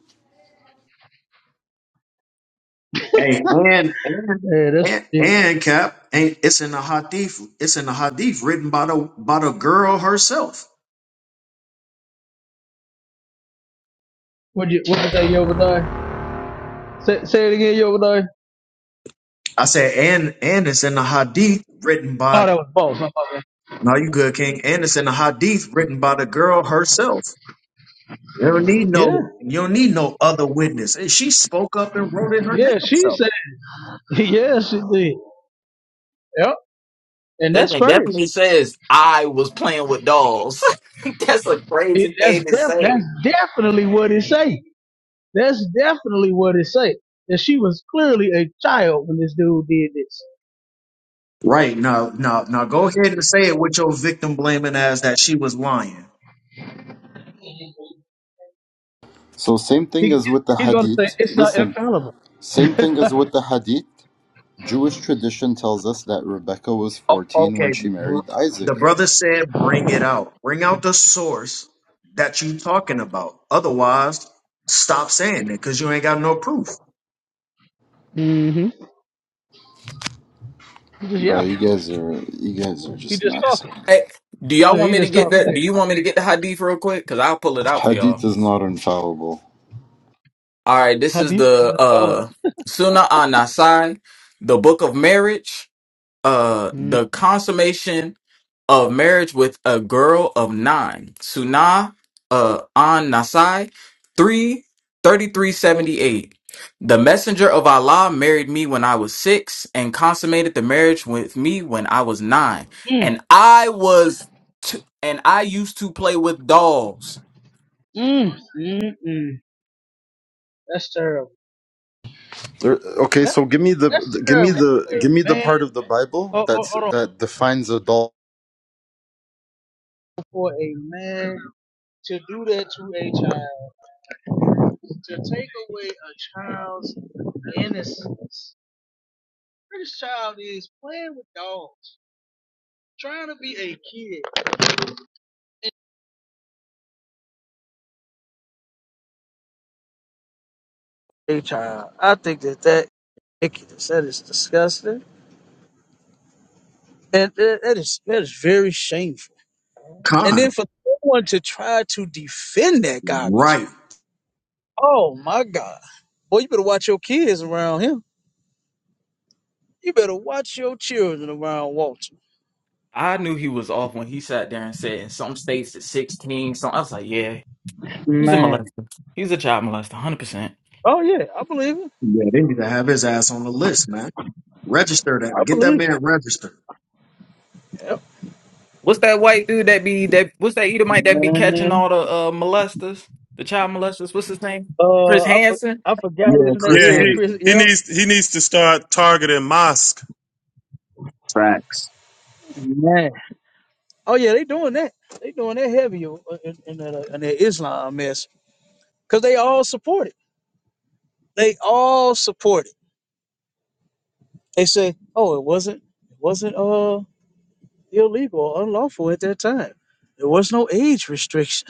[SPEAKER 10] hey, and and
[SPEAKER 5] Yeah, that's
[SPEAKER 10] and
[SPEAKER 5] ridiculous.
[SPEAKER 10] and Cap, and it's in the hadith. It's in the hadith written by the by the girl herself.
[SPEAKER 5] What you what you say, Yovadah? Say, say it again, Yovadah.
[SPEAKER 10] I said, and and it's in the hadith written by.
[SPEAKER 5] Oh, that was false. My fault, man.
[SPEAKER 10] No, you good, King. And it's in the hadith written by the girl herself. You don't need no.
[SPEAKER 5] Yeah,
[SPEAKER 10] You don't need no other witness. And she spoke up and wrote it her
[SPEAKER 5] yeah,
[SPEAKER 10] damn
[SPEAKER 5] she
[SPEAKER 10] self.
[SPEAKER 5] said, (laughs) yeah, she did. Yep, and
[SPEAKER 9] That
[SPEAKER 5] that's
[SPEAKER 9] thing
[SPEAKER 5] crazy.
[SPEAKER 9] definitely says I was playing with dolls. (laughs) That's a
[SPEAKER 5] It,
[SPEAKER 9] crazy
[SPEAKER 5] that's
[SPEAKER 9] thing to
[SPEAKER 5] def-
[SPEAKER 9] say.
[SPEAKER 5] that's definitely what it say. That's definitely what it say. That she was clearly a child when this dude did this.
[SPEAKER 10] Right now, now, now, go ahead and say it with your victim blaming as that she was lying.
[SPEAKER 4] So same thing
[SPEAKER 5] He,
[SPEAKER 4] as with the
[SPEAKER 5] he's going to say
[SPEAKER 4] Hadith.
[SPEAKER 5] it's not
[SPEAKER 4] Listen,
[SPEAKER 5] infallible.
[SPEAKER 4] same thing as
[SPEAKER 5] (laughs)
[SPEAKER 4] with the Hadith. Jewish tradition tells us that Rebecca was
[SPEAKER 10] Oh,
[SPEAKER 4] 14 when
[SPEAKER 10] okay.
[SPEAKER 4] she married
[SPEAKER 10] The
[SPEAKER 4] Isaac.
[SPEAKER 10] brother said, bring it out. Bring out the source that you talking about. Otherwise, stop saying it because you ain't got no proof.
[SPEAKER 5] Mm-hmm. He's just
[SPEAKER 4] Bro, you
[SPEAKER 5] yapping.
[SPEAKER 4] guys are you guys are
[SPEAKER 5] He's
[SPEAKER 4] just
[SPEAKER 5] just
[SPEAKER 4] nuts.
[SPEAKER 5] talking.
[SPEAKER 9] Hey, do y'all
[SPEAKER 5] Look,
[SPEAKER 9] want
[SPEAKER 5] he
[SPEAKER 9] me to
[SPEAKER 5] just
[SPEAKER 9] get
[SPEAKER 5] talking.
[SPEAKER 9] that? Do
[SPEAKER 5] Hey,
[SPEAKER 9] you want me to get the hadith real quick? Because I'll pull it out for y'all.
[SPEAKER 4] Hadith is not infallible.
[SPEAKER 9] All right, this
[SPEAKER 5] how
[SPEAKER 9] is
[SPEAKER 5] do you not
[SPEAKER 9] the
[SPEAKER 5] infallible.
[SPEAKER 9] uh Sunnah Nasai, the book of marriage, uh
[SPEAKER 5] mm
[SPEAKER 9] the consummation of marriage with a girl of nine. Sunnah uh Anasai 3 3378. The messenger of Allah married me when I was six and consummated the marriage with me when I was nine.
[SPEAKER 5] Mm,
[SPEAKER 9] And I was t- and I used to play with dolls.
[SPEAKER 5] mm, mm, mm. That's terrible.
[SPEAKER 4] There- okay,
[SPEAKER 5] That,
[SPEAKER 4] so give me the,
[SPEAKER 5] that's
[SPEAKER 4] give me
[SPEAKER 5] terrible for
[SPEAKER 4] the
[SPEAKER 5] a
[SPEAKER 4] give me the
[SPEAKER 5] man.
[SPEAKER 4] part of the Bible
[SPEAKER 5] Hold, hold,
[SPEAKER 4] that's
[SPEAKER 5] hold on.
[SPEAKER 4] that defines adultery.
[SPEAKER 5] For a man to do that to a child, to take away a child's innocence. This child is playing with dogs, trying to be a kid. A child. I think that that, that is disgusting. And that that is that is very shameful. And then
[SPEAKER 10] Con.
[SPEAKER 5] for someone to try to defend that garbage.
[SPEAKER 10] Right.
[SPEAKER 5] Oh my God. Boy, you better watch your kids around him. You better watch your children around Walter.
[SPEAKER 9] I knew he was off when he sat there and said in some states it's 16. So I was like, yeah, he's a
[SPEAKER 5] Man.
[SPEAKER 9] molester. He's a child molester, 100%.
[SPEAKER 5] Oh yeah, I believe it.
[SPEAKER 10] Yeah, they need to have his ass on the list, man. Register that.
[SPEAKER 5] I
[SPEAKER 10] Get that
[SPEAKER 5] believe it.
[SPEAKER 10] man registered.
[SPEAKER 5] Yep.
[SPEAKER 9] What's that white dude that be, that? what's that Edomite that be catching
[SPEAKER 5] Man.
[SPEAKER 9] all the uh, molesters? The child molesters? What's his name?
[SPEAKER 5] Uh
[SPEAKER 9] Chris
[SPEAKER 5] I for,
[SPEAKER 9] Hansen?
[SPEAKER 5] I forgot
[SPEAKER 10] Yeah,
[SPEAKER 5] his name.
[SPEAKER 10] Chris
[SPEAKER 2] Yeah,
[SPEAKER 5] Yeah,
[SPEAKER 2] he
[SPEAKER 5] Chris.
[SPEAKER 10] Hansen.
[SPEAKER 2] he
[SPEAKER 5] Yep.
[SPEAKER 2] needs he needs to start targeting mosque.
[SPEAKER 10] Facts.
[SPEAKER 5] Man. Oh yeah, they doing that. They doing that heavy in, in, that, uh, in that Islam mess. Cause they all support it. They all support it. They say, "Oh, it wasn't, it wasn't uh illegal or unlawful at that time. There was no age restriction."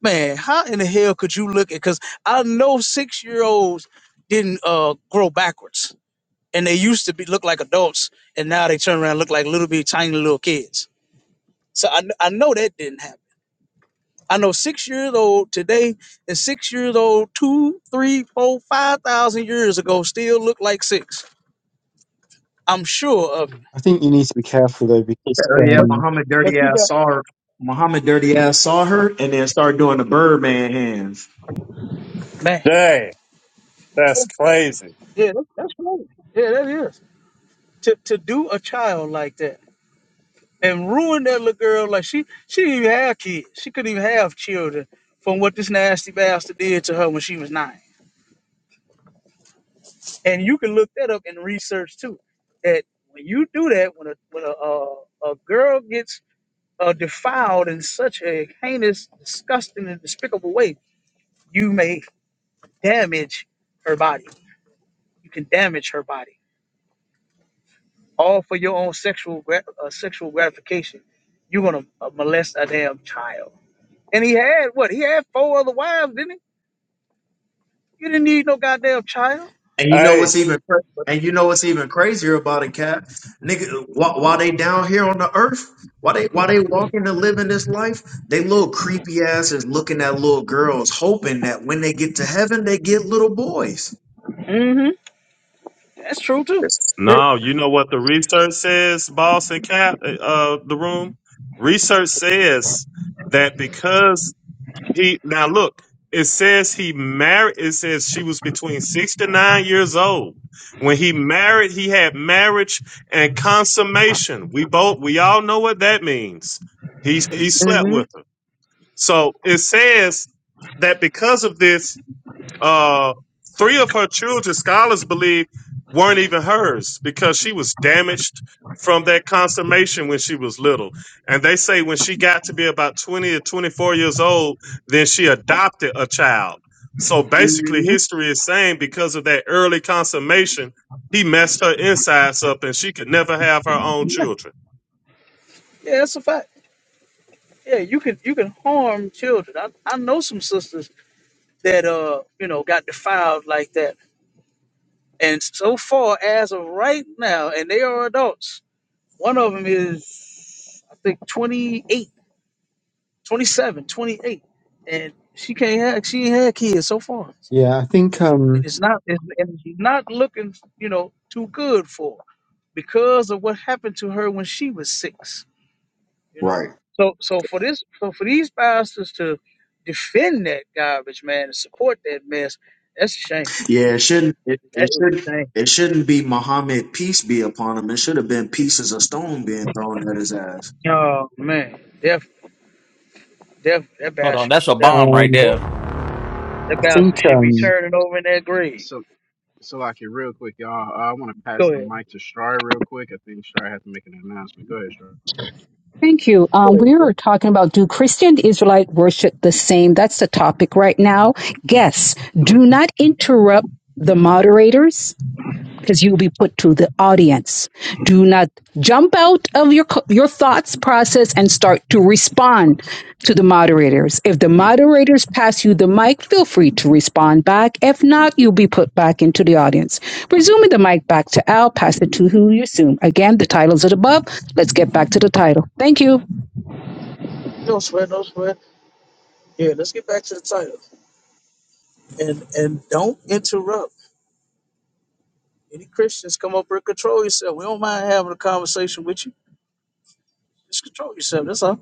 [SPEAKER 5] Man, how in the hell could you look at? Because I know six-year-olds didn't uh grow backwards, and they used to be look like adults, and now they turn around and look like little bitty tiny little kids. So I kn- I know that didn't happen. I know six years old today and six years old two, three, four, five thousand years ago still look like six. I'm sure of it.
[SPEAKER 7] I think you need to be careful though, because
[SPEAKER 10] Hell yeah,
[SPEAKER 5] But
[SPEAKER 7] um,
[SPEAKER 10] Muhammad
[SPEAKER 5] but
[SPEAKER 10] Dirty
[SPEAKER 5] you
[SPEAKER 10] Ass
[SPEAKER 5] got
[SPEAKER 10] saw her. Muhammad Dirty Ass saw her and then started doing the Birdman hands.
[SPEAKER 5] man.
[SPEAKER 2] That's crazy.
[SPEAKER 5] Yeah, that- that's right. Yeah, that is. To to do a child like that and ruin that little girl like she she didn't even have kids. She couldn't even have children from what this nasty bastard did to her when she was nine. And you can look that up in research too. That when you do that, when a when a a, a girl gets uh, defiled in such a heinous, disgusting, and despicable way, you may damage her body. You can damage her body all for your own sexual gra- uh, sexual gratification. You're gonna uh, molest a damn child. And he had what? He had four other wives, didn't he? You didn't need no goddamn child.
[SPEAKER 10] And you know
[SPEAKER 2] Hey,
[SPEAKER 10] what's even cra- and you know what's even crazier about it, Cap? Nigga, while, while they down here on the earth, while they while they walking and living this life, they little creepy asses looking at little girls, hoping that when they get to heaven, they get little boys.
[SPEAKER 5] hmm That's true too.
[SPEAKER 10] That's sick.
[SPEAKER 2] No, you know what the research says, boss and cap, uh, the room? Research says that because he, now look, it says he married, it says she was between six to nine years old. When he married, he had marriage and consummation. We both, we all know what that means. He, he slept
[SPEAKER 5] hmm
[SPEAKER 2] with her. So it says that because of this, Uh, three of her children, scholars believe, weren't even hers because she was damaged from that consummation when she was little. And they say when she got to be about 20 or 24 years old, then she adopted a child. So basically,
[SPEAKER 5] hmm
[SPEAKER 2] history is saying because of that early consummation, he messed her insides up and she could never have her own children.
[SPEAKER 5] Yeah, that's a fact. Yeah, you can you can harm children. I, I know some sisters that uh you know got defiled like that. And so far as of right now, and they are adults. One of them is I think 28 27, 28, and she can't have she ain't had kids so far,
[SPEAKER 7] yeah, I think
[SPEAKER 5] and
[SPEAKER 7] um,
[SPEAKER 5] it's not it's, and it's not looking you know too good for her because of what happened to her when she was six. You know,
[SPEAKER 10] Right.
[SPEAKER 5] so so for this so for these pastors to defend that garbage, man, and support that mess, that's a shame.
[SPEAKER 10] Yeah, it shouldn't it,
[SPEAKER 5] That
[SPEAKER 10] it
[SPEAKER 5] is
[SPEAKER 10] should
[SPEAKER 5] a shame.
[SPEAKER 10] it shouldn't be Muhammad peace be upon him. It should have been pieces of stone being thrown at his ass.
[SPEAKER 5] Oh man, def def that
[SPEAKER 9] Hold
[SPEAKER 5] bastard
[SPEAKER 9] on,
[SPEAKER 5] should be
[SPEAKER 9] that's a
[SPEAKER 5] that
[SPEAKER 9] bomb
[SPEAKER 5] should
[SPEAKER 9] right
[SPEAKER 5] be
[SPEAKER 7] um,
[SPEAKER 5] broke.
[SPEAKER 9] there.
[SPEAKER 5] That
[SPEAKER 7] I
[SPEAKER 5] bastard
[SPEAKER 7] think
[SPEAKER 5] should be
[SPEAKER 7] um,
[SPEAKER 1] So,
[SPEAKER 5] turning over in that grave.
[SPEAKER 1] so, so like it real quick, y'all. uh, I want to pass
[SPEAKER 5] Go
[SPEAKER 1] the
[SPEAKER 5] ahead.
[SPEAKER 1] mic to Strar real quick. I think Strar has to make an announcement. Go ahead, Strar.
[SPEAKER 3] Thank you.
[SPEAKER 5] Go
[SPEAKER 3] Um,
[SPEAKER 5] ahead,
[SPEAKER 3] we were
[SPEAKER 5] bro.
[SPEAKER 3] talking about do Christian Israelite worship the same? That's the topic right now. Guests, do not interrupt the moderators. because you'll be put to the audience. Do not jump out of your co- your thoughts process and start to respond to the moderators. If the moderators pass you the mic, feel free to respond back. If not, you'll be put back into the audience. Resuming the mic back to Al, pass it to who you assume. Again, the titles are above. Let's get back to the title. Thank you.
[SPEAKER 5] No sweat, no sweat. Yeah, let's get back to the title. And and don't interrupt. Any Christians come up here, control yourself. We don't mind having a conversation with you. Just control yourself. That's all.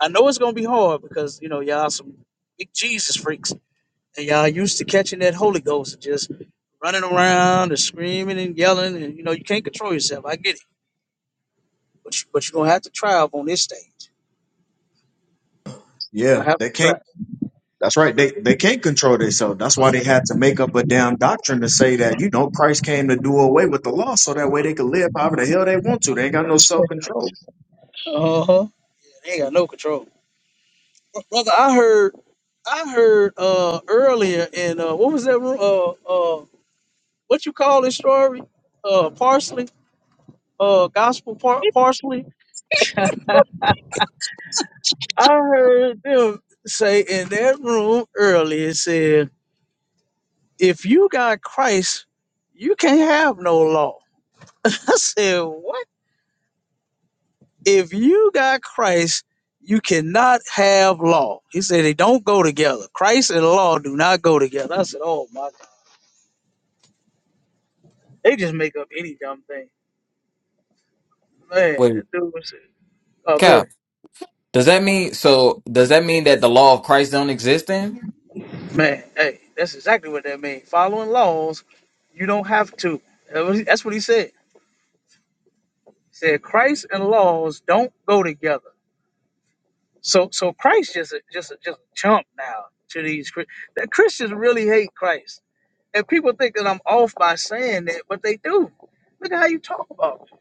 [SPEAKER 5] I know it's gonna be hard because you know y'all some big Jesus freaks, and y'all used to catching that Holy Ghost and just running around and screaming and yelling, and you know you can't control yourself. I get it, but you, but you're gonna have to try up on this stage. You're
[SPEAKER 10] Yeah,
[SPEAKER 5] gonna have
[SPEAKER 10] they
[SPEAKER 5] to
[SPEAKER 10] can't.
[SPEAKER 5] try.
[SPEAKER 10] That's right. They they can't control themselves. That's why they had to make up a damn doctrine to say that you know Christ came to do away with the law, so that way they could live however the hell they want to. They ain't got no self control.
[SPEAKER 5] Uh huh. They Ain't got no control, brother. I heard I heard uh earlier in uh what was that room? Uh uh what you call this story? Uh, parsley, uh, gospel par- parsley. I heard them say in that room earlier. It said, "If you got Christ, you can't have no law." (laughs) I said, "What? If you got Christ, you cannot have law." He said, "They don't go together. Christ and law do not go together." I said, "Oh my God, they just make up any dumb thing." Man,
[SPEAKER 9] Wait,
[SPEAKER 5] that dude was. Oh, good.
[SPEAKER 9] Does that mean so? Does that mean that the law of Christ don't exist? Then
[SPEAKER 5] Man, hey, that's exactly what that means. Following laws, you don't have to. That was- That's what he said. He said Christ and laws don't go together. So, so Christ just a, just a, just a chump now to these Chri- that Christians really hate Christ, and people think that I'm off by saying that, but they do. Look at how you talk about him.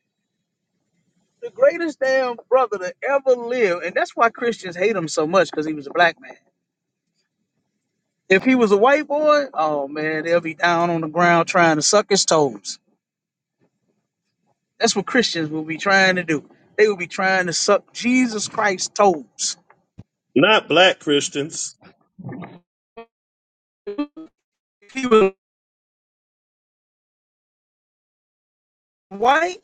[SPEAKER 5] the greatest damn brother to ever live, and that's why Christians hate him so much because he was a black man. If he was a white boy, oh man, they'll be down on the ground trying to suck his toes. That's what Christians will be trying to do. They will be trying to suck Jesus Christ's toes.
[SPEAKER 2] Not black Christians.
[SPEAKER 5] If he was white,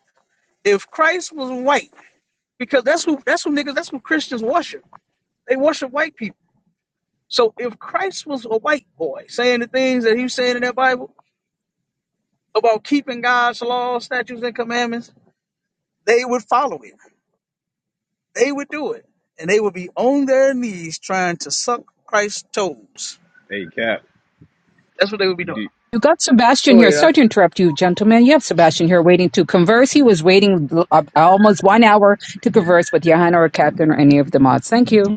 [SPEAKER 5] if Christ was white, because that's who that's who niggas, that's who Christians worship. They worship white people. So if Christ was a white boy saying the things that he was saying in that Bible about keeping God's laws, statutes, and commandments, they would follow it. They would do it. And they would be on their knees trying to suck Christ's toes.
[SPEAKER 6] Hey, Cap.
[SPEAKER 5] That's what they would be doing.
[SPEAKER 6] D-
[SPEAKER 3] You got Sebastian
[SPEAKER 5] Go
[SPEAKER 3] here.
[SPEAKER 5] ahead. Huh?
[SPEAKER 3] Sorry to interrupt you, gentlemen. You have Sebastian here waiting to converse. He was waiting uh, almost one hour to converse with Johanna or Catherine or any of the mods. Thank you.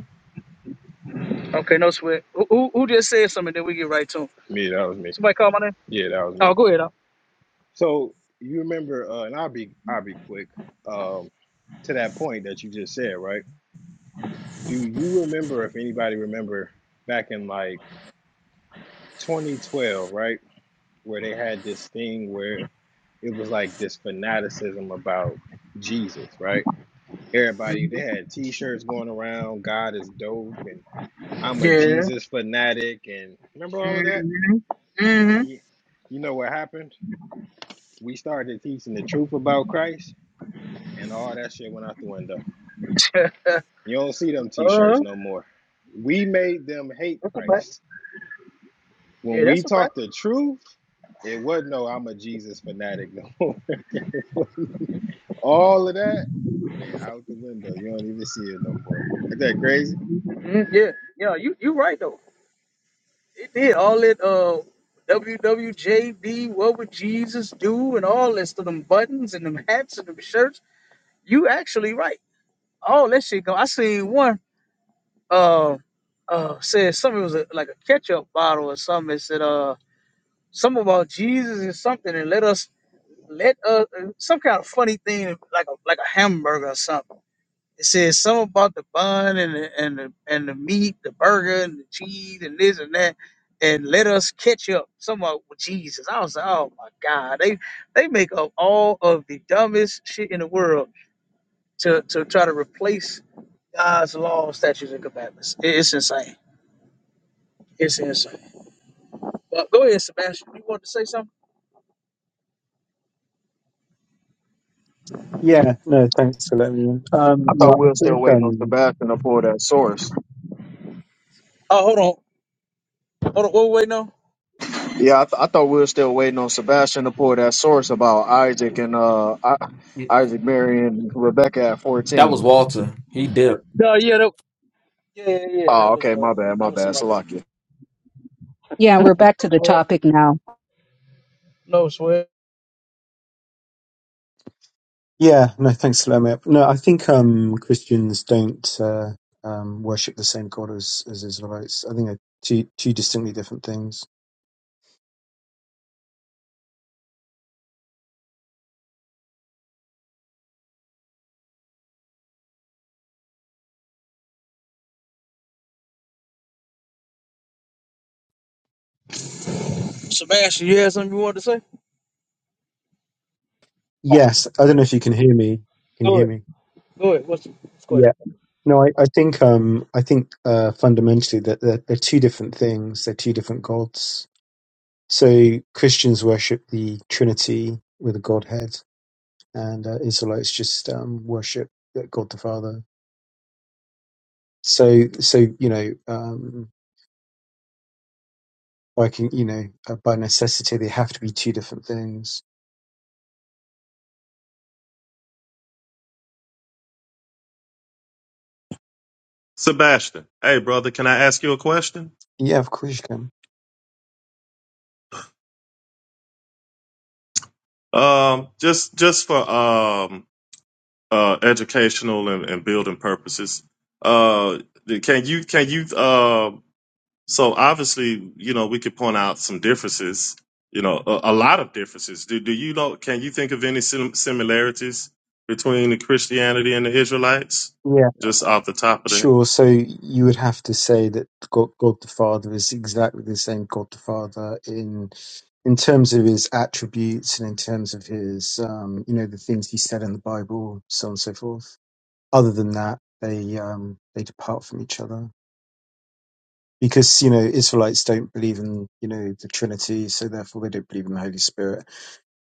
[SPEAKER 5] Okay, no sweat. Who, who, who just said something that we get right to? 'em?
[SPEAKER 6] me, that was me.
[SPEAKER 5] Somebody call my name?
[SPEAKER 6] Yeah, that was
[SPEAKER 5] Oh,
[SPEAKER 6] me.
[SPEAKER 5] go ahead. Al.
[SPEAKER 6] So you remember, uh, and I'll be, I'll be quick. Um, to that point that you just said, right? Do you remember if anybody remember back in like 2012, right, where they had this thing where it was like this fanaticism about Jesus, right? Everybody they had T-shirts going around, God is dope, and I'm a
[SPEAKER 5] Yeah.
[SPEAKER 6] Jesus fanatic, and remember all of that?
[SPEAKER 5] Mm-hmm. Mm-hmm.
[SPEAKER 6] Yeah. you know what happened? We started teaching the truth about Christ, and all that shit went out the window.
[SPEAKER 5] (laughs)
[SPEAKER 6] You don't see them t
[SPEAKER 5] Uh-huh.
[SPEAKER 6] shirts no more. We made them hate
[SPEAKER 5] That's a fact.
[SPEAKER 6] Christ.
[SPEAKER 5] Yeah,
[SPEAKER 6] When we
[SPEAKER 5] that's a fact.
[SPEAKER 6] taught the truth, it wasn't no I'm a Jesus fanatic no more. (laughs) all of that went out the window. You don't even see it no more. Isn't that crazy?
[SPEAKER 5] Mm, yeah. Yeah, you you right though. It did all that uh WWJD, what would Jesus do, and all this to them buttons and them hats and them shirts. You actually right. All that shit go. I seen one uh uh said something it was a, like a ketchup bottle or something. It said uh. Some about Jesus or something, and let us let us some kind of funny thing like a like a hamburger or something. It says something about the bun and the, and the and the meat, the burger and the cheese and this and that, and let us catch up. Some about with Jesus. I was like, oh my God, they they make up all of the dumbest shit in the world to to try to replace God's law, statutes, and commandments. It- It's insane. It's insane. But go ahead, Sebastian. You want to say something?
[SPEAKER 7] yeah, no, thanks for letting me. In. Um,
[SPEAKER 10] I thought
[SPEAKER 7] no,
[SPEAKER 10] we were
[SPEAKER 7] I
[SPEAKER 10] still
[SPEAKER 7] think
[SPEAKER 10] waiting on
[SPEAKER 7] um,
[SPEAKER 10] Sebastian to pull that source.
[SPEAKER 5] Oh, hold on. Hold on. Wait, wait, no.
[SPEAKER 10] Yeah, I, th- I thought we were still waiting on Sebastian to pull that source about Isaac and uh I- Isaac marrying Rebecca at
[SPEAKER 9] that was
[SPEAKER 10] fourteen.
[SPEAKER 9] Walter. He dipped.
[SPEAKER 5] No, yeah, that, yeah, yeah, yeah. That
[SPEAKER 10] Oh,
[SPEAKER 5] was
[SPEAKER 10] okay,
[SPEAKER 5] uh,
[SPEAKER 10] my bad,
[SPEAKER 5] that
[SPEAKER 10] my
[SPEAKER 5] was
[SPEAKER 10] bad,
[SPEAKER 5] somebody.
[SPEAKER 10] Salakia.
[SPEAKER 3] Yeah, we're back
[SPEAKER 5] No
[SPEAKER 3] to the
[SPEAKER 5] sweat.
[SPEAKER 3] topic now.
[SPEAKER 5] No sweat.
[SPEAKER 7] yeah, no, thanks for letting me up. No, I think um, Christians don't uh, um, worship the same God as as Israelites. I think they're two two distinctly different things.
[SPEAKER 5] Sebastian, you had something you wanted to say?
[SPEAKER 7] Yes, I don't know if you can hear me. Can you
[SPEAKER 5] Go
[SPEAKER 7] hear
[SPEAKER 5] ahead.
[SPEAKER 7] me?
[SPEAKER 5] Go ahead. What's the what's the
[SPEAKER 7] Yeah.
[SPEAKER 5] question?
[SPEAKER 7] No, I, I think um, I think uh, fundamentally that they're, they're two different things. They're two different gods So Christians worship the Trinity with the Godhead, and uh, Israelites just um, worship God the Father. So, so you know, um, like you know, uh, by necessity, they have to be two different things.
[SPEAKER 2] Sebastian, hey brother, can I ask you a question?
[SPEAKER 7] Yeah, of course you can.
[SPEAKER 2] Um, just just for um uh, educational and, and building purposes. Uh, can you can you uh, so obviously you know we could point out some differences. You know, a, a lot of differences. Do do you know? Can you think of any sim- similarities between the Christianity and the Israelites?
[SPEAKER 7] Yeah,
[SPEAKER 2] Just off the top of the head.
[SPEAKER 7] sure. So you would have to say that God, God the Father is exactly the same God the Father in in terms of his attributes and in terms of his, um, you know, the things he said in the Bible, so on and so forth. other than that, they um, they depart from each other because you know Israelites don't believe in you know the Trinity, so therefore they don't believe in the Holy Spirit,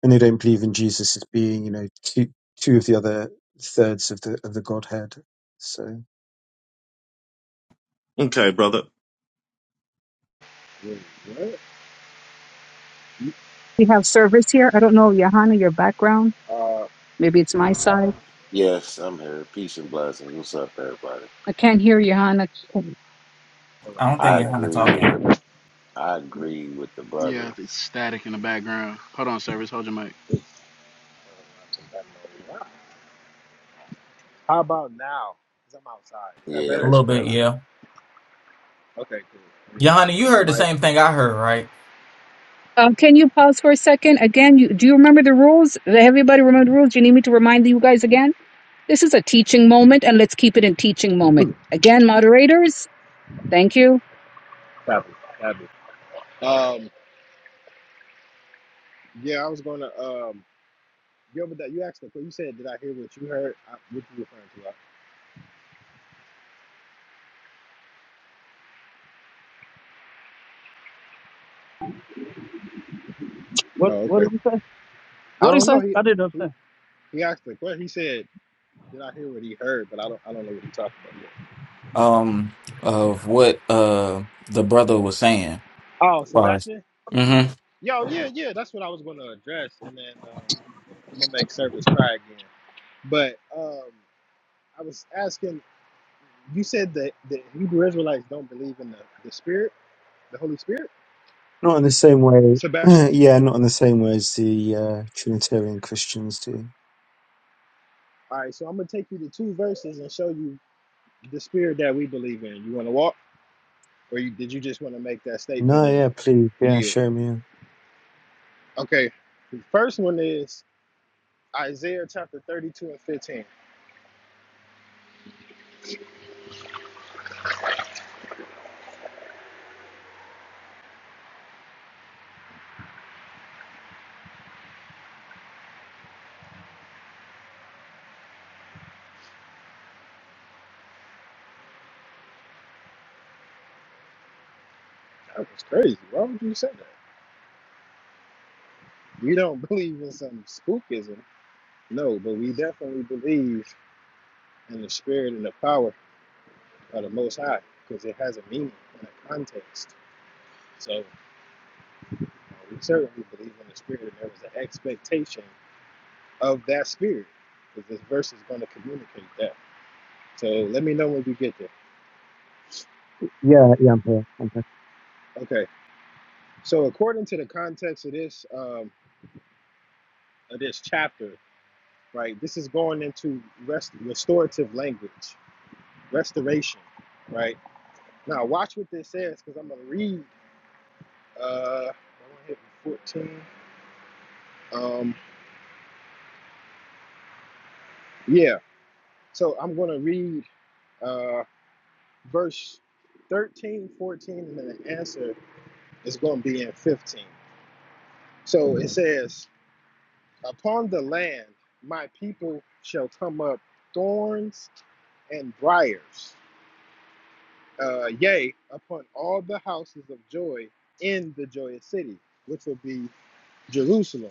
[SPEAKER 7] and they don't believe in Jesus as being you know two two of the other thirds of the of the Godhead. So
[SPEAKER 2] Okay, brother.
[SPEAKER 6] Wait, what? You-
[SPEAKER 3] We have service here. I don't know, Johanna, your background.
[SPEAKER 6] Uh,
[SPEAKER 3] Maybe it's my side.
[SPEAKER 11] Yes, I'm here. Peace and blessings. What's up, everybody?
[SPEAKER 3] I can't hear Johanna.
[SPEAKER 6] hold on,
[SPEAKER 9] I don't
[SPEAKER 6] let me
[SPEAKER 9] think
[SPEAKER 11] I
[SPEAKER 6] check.
[SPEAKER 9] Johanna
[SPEAKER 11] agree with
[SPEAKER 9] talking.
[SPEAKER 11] the I
[SPEAKER 6] Let me.
[SPEAKER 11] agree with the
[SPEAKER 1] Yeah,
[SPEAKER 11] brother.
[SPEAKER 1] it's static in the background. Hold on, service. Hold your mic.
[SPEAKER 6] hold on, I think I know. How about now? Because I'm outside. Is that
[SPEAKER 11] Yeah,
[SPEAKER 9] A
[SPEAKER 6] better?
[SPEAKER 11] that's
[SPEAKER 9] little bit,
[SPEAKER 11] better.
[SPEAKER 9] yeah.
[SPEAKER 6] Okay, cool. Let me
[SPEAKER 9] Johanna,
[SPEAKER 6] adjust
[SPEAKER 9] you heard the
[SPEAKER 6] my mic.
[SPEAKER 9] same thing I heard, right?
[SPEAKER 3] Uh, can you pause for a second? Again, you, do you remember the rules? Does everybody remember the rules? Do you need me to remind you guys again? This is a teaching moment, and let's keep it in teaching moment. Again, moderators, thank you.
[SPEAKER 6] Happy, happy. Um, yeah, I was gonna. Um, yeah, but that you asked the You said, "Did I hear what you heard?" I, what you referring to? I-
[SPEAKER 5] What
[SPEAKER 6] Oh,
[SPEAKER 5] What
[SPEAKER 6] okay.
[SPEAKER 5] did he say?
[SPEAKER 6] I
[SPEAKER 5] What did he
[SPEAKER 6] don't know.
[SPEAKER 5] say?
[SPEAKER 6] He
[SPEAKER 5] I didn't
[SPEAKER 6] he,
[SPEAKER 5] understand.
[SPEAKER 6] he asked the question. He said, "Did I hear what he heard?" But I don't. I don't know what he talked about yet.
[SPEAKER 9] Um, of what uh the brother was saying.
[SPEAKER 6] Oh,
[SPEAKER 9] Far.
[SPEAKER 6] Sebastian. Yo, yeah, yeah. That's what I was gonna address, and then um, I'm gonna make service cry again. But um, I was asking. You said that the Hebrew Israelites don't believe in the, the Spirit, the Holy Spirit?
[SPEAKER 7] not in the same way,
[SPEAKER 6] Sebastian.
[SPEAKER 7] (clears throat) yeah, not in the same way as the uh, Trinitarian Christians do.
[SPEAKER 6] All right, so I'm going to take you to two verses and show you the Spirit that we believe in. You want to walk, or you, did you just want to make that statement
[SPEAKER 7] No,
[SPEAKER 6] and
[SPEAKER 7] yeah, please, yeah,
[SPEAKER 6] yield?
[SPEAKER 7] show me.
[SPEAKER 6] Okay, the first one is Isaiah chapter 32 and 15. That was crazy. Why would you say that? We don't (laughs) believe in some spookism. No, but we definitely believe in the Spirit and the power of the Most High because it has a meaning and a context. So Uh, We certainly believe in the Spirit, and there was an expectation of that Spirit, because this verse is going to communicate that. So let me know when we get there.
[SPEAKER 7] Yeah, yeah, I'm here. I'm here.
[SPEAKER 6] Okay. So according to the context of this um, of this chapter, right, this is going into rest restorative language, restoration, right. Now watch what this says, because I'm going to read. Uh, I want to hit 14. Um, yeah. So I'm going to read uh, verse 13, 14, and then the answer It's going to be in 15. So it says, Upon the land my people shall come up thorns and briars. Uh, yea, upon all the houses of joy in the joyous city, which will be Jerusalem.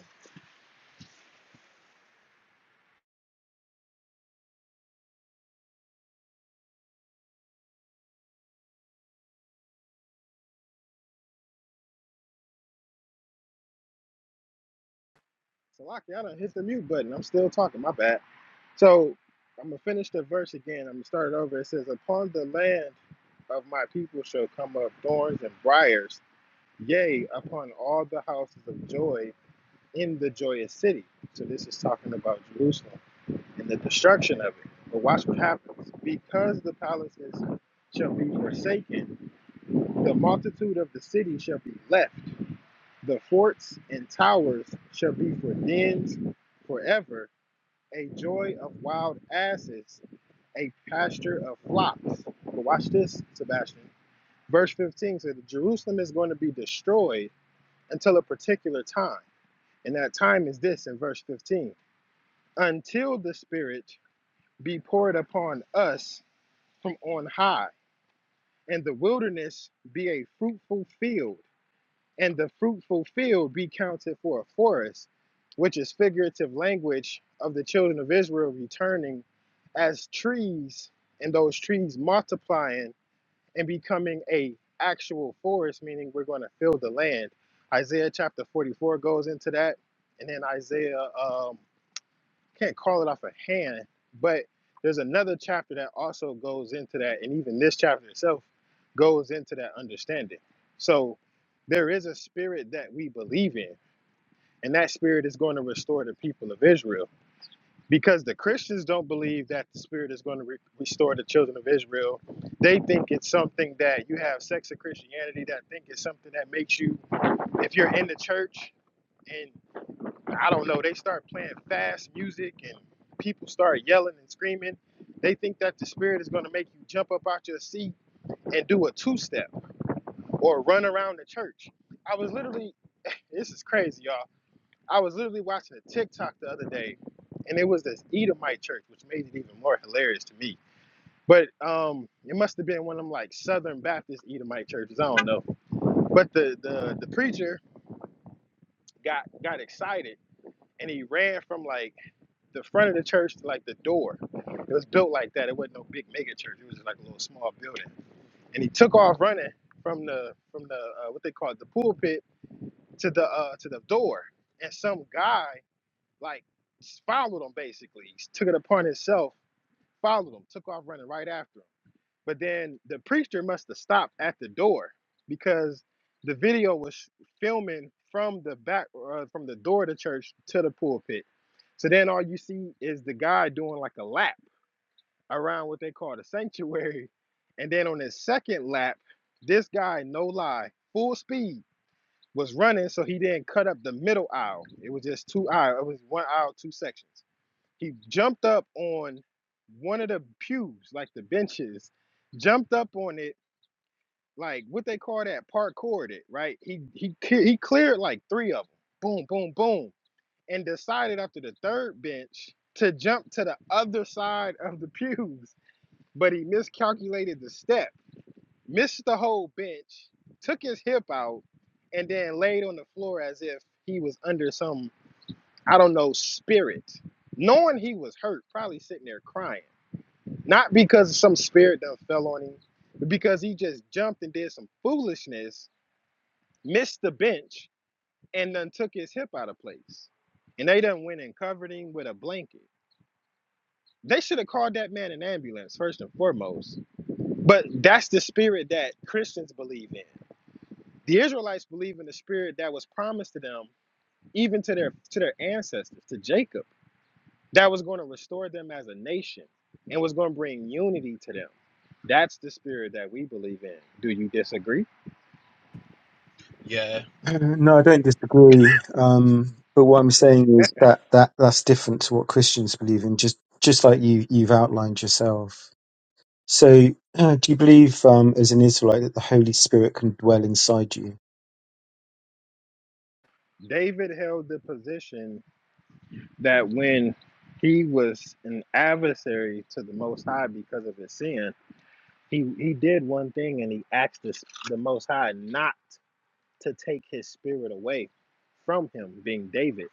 [SPEAKER 6] So, Lockie, I done hit the mute button. I'm still talking. My bad. So, I'm going to finish the verse again. I'm going to start it over. It says, Upon the land of my people shall come up thorns and briars. Yea, upon all the houses of joy in the joyous city. So this is talking about Jerusalem and the destruction of it. But watch what happens. Because the palaces shall be forsaken, the multitude of the city shall be left. The forts and towers shall be for dens forever, a joy of wild asses, a pasture of flocks. But watch this, Sebastian. Verse 15 says that Jerusalem is going to be destroyed until a particular time. And that time is this in verse 15. until the Spirit be poured upon us from on high, and the wilderness be a fruitful field, and the fruitful field be counted for a forest, which is figurative language of the children of Israel returning as trees, and those trees multiplying and becoming a actual forest, meaning we're going to fill the land. Isaiah chapter 44 goes into that, and then Isaiah um, can't call it off a hand, but there's another chapter that also goes into that, and even this chapter itself goes into that understanding. So there is a spirit that we believe in, and that spirit is going to restore the people of Israel. Because the Christians don't believe that the spirit is going to re- restore the children of Israel. They think it's something that you have sex of Christianity, that think it's something that makes you, if you're in the church and I don't know, they start playing fast music and people start yelling and screaming. They think that the spirit is going to make you jump up out your seat and do a two step or run around the church. I was literally, this is crazy, y'all. I was literally watching a TikTok the other day, and it was this Edomite church, which made it even more hilarious to me. But um, it must have been one of them like Southern Baptist Edomite churches. I don't know. But the the, the preacher got got excited and he ran from like the front of the church, like the door, it was built like that. It wasn't no big mega church. It was just like a little small building. And he took off running from the from the uh, what they call it, the pulpit to the uh, to the door. And some guy like followed him basically. He took it upon himself, followed him, took off running right after him. But then the preacher must have stopped at the door because the video was filming from the back, uh, from the door of the church to the pulpit. So then all you see is the guy doing like a lap around what they call the sanctuary. And then on his second lap, this guy, no lie, full speed was running. So he didn't cut up the middle aisle. It was just two aisle. It was one aisle, two sections. He jumped up on one of the pews, like the benches, jumped up on it like what they call that parkoured it right he he clear- he cleared like three of them boom boom boom and decided after the third bench to jump to the other side of the pews but he miscalculated the step missed the whole bench took his hip out and then laid on the floor as if he was under some i don't know spirit knowing he was hurt probably sitting there crying not because some spirit done fell on him but because he just jumped and did some foolishness missed the bench, and then took his hip out of place. And they done went and covered him with a blanket. They should have called that man an ambulance, first and foremost. But that's the spirit that Christians believe in. The Israelites believe in the spirit that was promised to them, even to their to their ancestors, to Jacob, that was going to restore them as a nation and was going to bring unity to them. That's the spirit that we believe in. Do you disagree?
[SPEAKER 12] Yeah,
[SPEAKER 7] Uh, No, I don't disagree. Um, but what I'm saying is that, that that's different to what Christians believe in, just just like you you've outlined yourself. So, uh, do you believe um, as an Israelite that the Holy Spirit can dwell inside you?
[SPEAKER 6] David held the position that when he was an adversary to the Most High because of his sin, he, he did one thing and he asked this, the Most High not to take his spirit away from him, being David.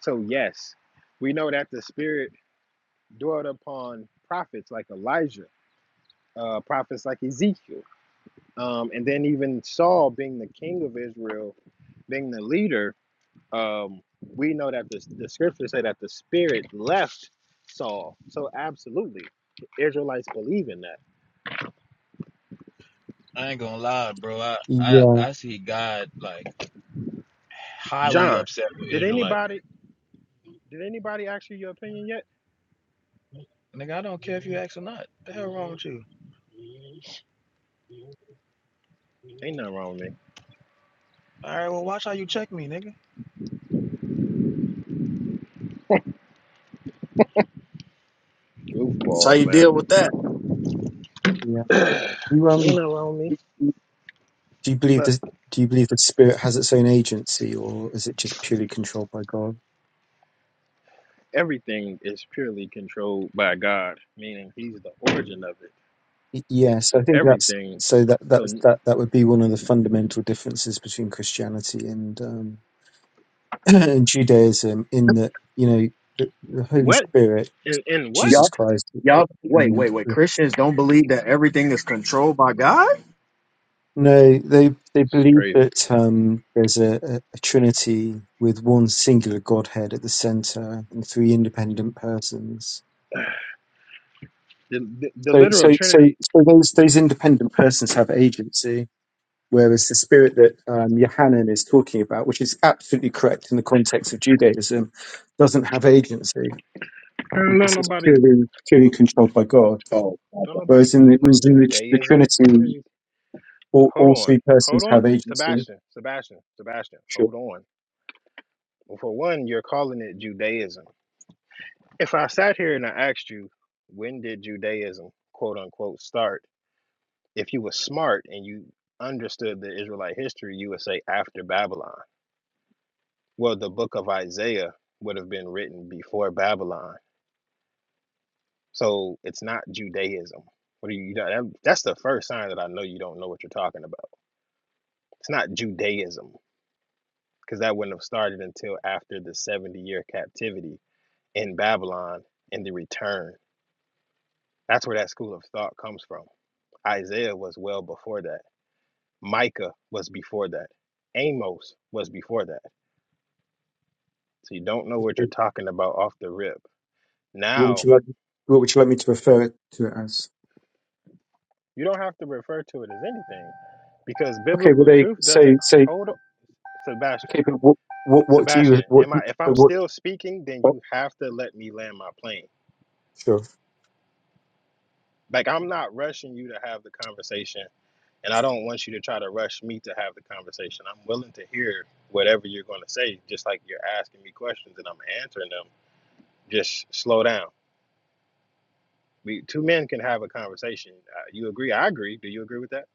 [SPEAKER 6] So, yes, we know that the spirit dwelt upon prophets like Elijah, uh, prophets like Ezekiel, um, and then even Saul being the king of Israel, being the leader um, we know that the, the scriptures say that the spirit left Saul. So absolutely, the Israelites believe in that.
[SPEAKER 12] I ain't gonna lie, bro. I, I,
[SPEAKER 7] Yeah,
[SPEAKER 12] I see God like highly
[SPEAKER 6] John,
[SPEAKER 12] upset with
[SPEAKER 6] did
[SPEAKER 12] Israelites.
[SPEAKER 6] anybody did anybody ask you your opinion yet?
[SPEAKER 12] Nigga, I don't care if you ask or not. The hell wrong with you?
[SPEAKER 6] Ain't nothing wrong with me.
[SPEAKER 12] All right, well, watch how you check me, nigga.
[SPEAKER 10] That's how
[SPEAKER 6] Goofballs,
[SPEAKER 10] you deal
[SPEAKER 6] man.
[SPEAKER 10] with that.
[SPEAKER 7] yeah. You
[SPEAKER 6] Ain't
[SPEAKER 7] um,
[SPEAKER 6] nothing wrong with me.
[SPEAKER 7] you, you- do you believe
[SPEAKER 6] But
[SPEAKER 7] this? Do you believe the Spirit has its own agency, or is it just purely controlled by God?
[SPEAKER 6] everything is purely controlled by God, meaning He's the origin of it.
[SPEAKER 7] Y- Yes, I
[SPEAKER 6] So
[SPEAKER 7] think that's
[SPEAKER 6] everything.
[SPEAKER 7] so. That
[SPEAKER 6] So
[SPEAKER 7] that's that that would be one of the fundamental differences between Christianity and um, (clears throat) Judaism in that you know the, the Holy
[SPEAKER 6] what?
[SPEAKER 7] Spirit,
[SPEAKER 6] And, and what?
[SPEAKER 7] Jesus
[SPEAKER 10] Yup,
[SPEAKER 7] Christ,
[SPEAKER 10] yup. Wait, wait,
[SPEAKER 7] and
[SPEAKER 10] wait. Christians don't believe that everything is controlled by God.
[SPEAKER 7] no, they they
[SPEAKER 6] It's
[SPEAKER 7] believe
[SPEAKER 6] crazy.
[SPEAKER 7] that um, there's a, a, a Trinity with one singular Godhead at the center and three independent persons.
[SPEAKER 6] The, the, the
[SPEAKER 7] So
[SPEAKER 6] literal
[SPEAKER 7] so so
[SPEAKER 6] Trinity.
[SPEAKER 7] so those those independent persons have agency. Whereas the spirit that um, Yohanan is talking about, which is absolutely correct in the context of Judaism, doesn't have agency
[SPEAKER 6] Don't
[SPEAKER 7] because it's
[SPEAKER 6] nobody
[SPEAKER 7] purely purely controlled by God.
[SPEAKER 10] Oh, my
[SPEAKER 6] don't
[SPEAKER 10] bad.
[SPEAKER 6] nobody
[SPEAKER 7] Whereas in
[SPEAKER 6] keep
[SPEAKER 7] the,
[SPEAKER 6] no
[SPEAKER 7] whereas in the, the
[SPEAKER 6] Judaism. What is
[SPEAKER 7] Trinity,
[SPEAKER 6] you?
[SPEAKER 7] all,
[SPEAKER 6] Hold
[SPEAKER 7] all
[SPEAKER 6] on.
[SPEAKER 7] three
[SPEAKER 6] Hold
[SPEAKER 7] persons
[SPEAKER 6] on.
[SPEAKER 7] have agency.
[SPEAKER 6] Sebastian, Sebastian, Sebastian,
[SPEAKER 7] Sure.
[SPEAKER 6] hold on. Well, for one, you're calling it Judaism. If I sat here and I asked you, when did Judaism, quote unquote, start? If you were smart and you understood the Israelite history, you would say after Babylon. Well, the book of Isaiah would have been written before Babylon. So it's not Judaism. What do you, that, that's the first sign that I know you don't know what you're talking about. It's not Judaism. because that wouldn't have started until after the 70 year captivity in Babylon and the return. That's where that school of thought comes from. Isaiah was well before that, Micah was before that, Amos was before that. So you don't know what you're
[SPEAKER 7] Okay.
[SPEAKER 6] talking about off the rip.
[SPEAKER 7] What would
[SPEAKER 6] Now,
[SPEAKER 7] you like? What would you like me to refer it to it as?
[SPEAKER 6] you don't have to refer to it as anything because
[SPEAKER 7] Okay. Well,
[SPEAKER 6] biblical
[SPEAKER 7] they
[SPEAKER 6] truth doesn't
[SPEAKER 7] say say.
[SPEAKER 6] hold up. Sebastian,
[SPEAKER 7] Okay, but what what what do you
[SPEAKER 6] Sebastian,
[SPEAKER 7] what
[SPEAKER 6] am I if I'm
[SPEAKER 7] what?
[SPEAKER 6] still speaking, then you have to let me land my plane.
[SPEAKER 7] Sure.
[SPEAKER 6] Like I'm not rushing you to have the conversation And I don't want you to try to rush me to have the conversation. I'm willing to hear whatever you're going to say, just like you're asking me questions and I'm answering them. Just slow down. We two men can have a conversation. Uh, you agree? I agree. Do you agree with that?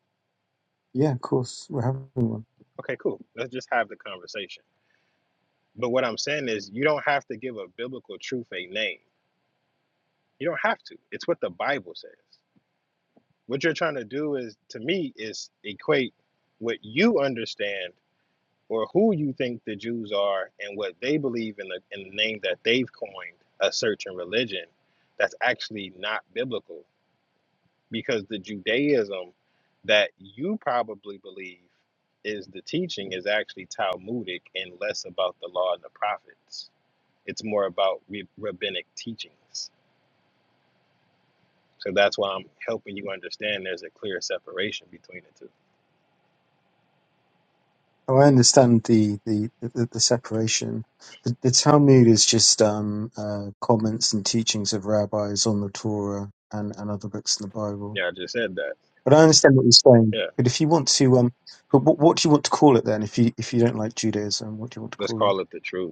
[SPEAKER 7] Yeah, of course. We're having one.
[SPEAKER 6] Okay, cool. Let's just have the conversation. But what I'm saying is, you don't have to give a biblical truth a name. You don't have to. It's what the Bible says. What you're trying to do is, to me, is equate what you understand or who you think the Jews are and what they believe in the, in the name that they've coined a certain religion that's actually not biblical because the Judaism that you probably believe is the teaching is actually Talmudic and less about the law and the prophets. It's more about re- rabbinic teachings. So that's why I'm helping you understand there's a clear separation between the two.
[SPEAKER 7] Oh, I understand the the the, the separation. The, the Talmud is just um, uh, comments and teachings of rabbis on the Torah and, and other books in the Bible.
[SPEAKER 6] Yeah, I just said that.
[SPEAKER 7] But I understand what you're saying.
[SPEAKER 6] Yeah,
[SPEAKER 7] But if you want to, um, but what, what do you want to call it then? If you if you don't like Judaism, what do you want to
[SPEAKER 6] let's
[SPEAKER 7] call it?
[SPEAKER 6] call it the truth.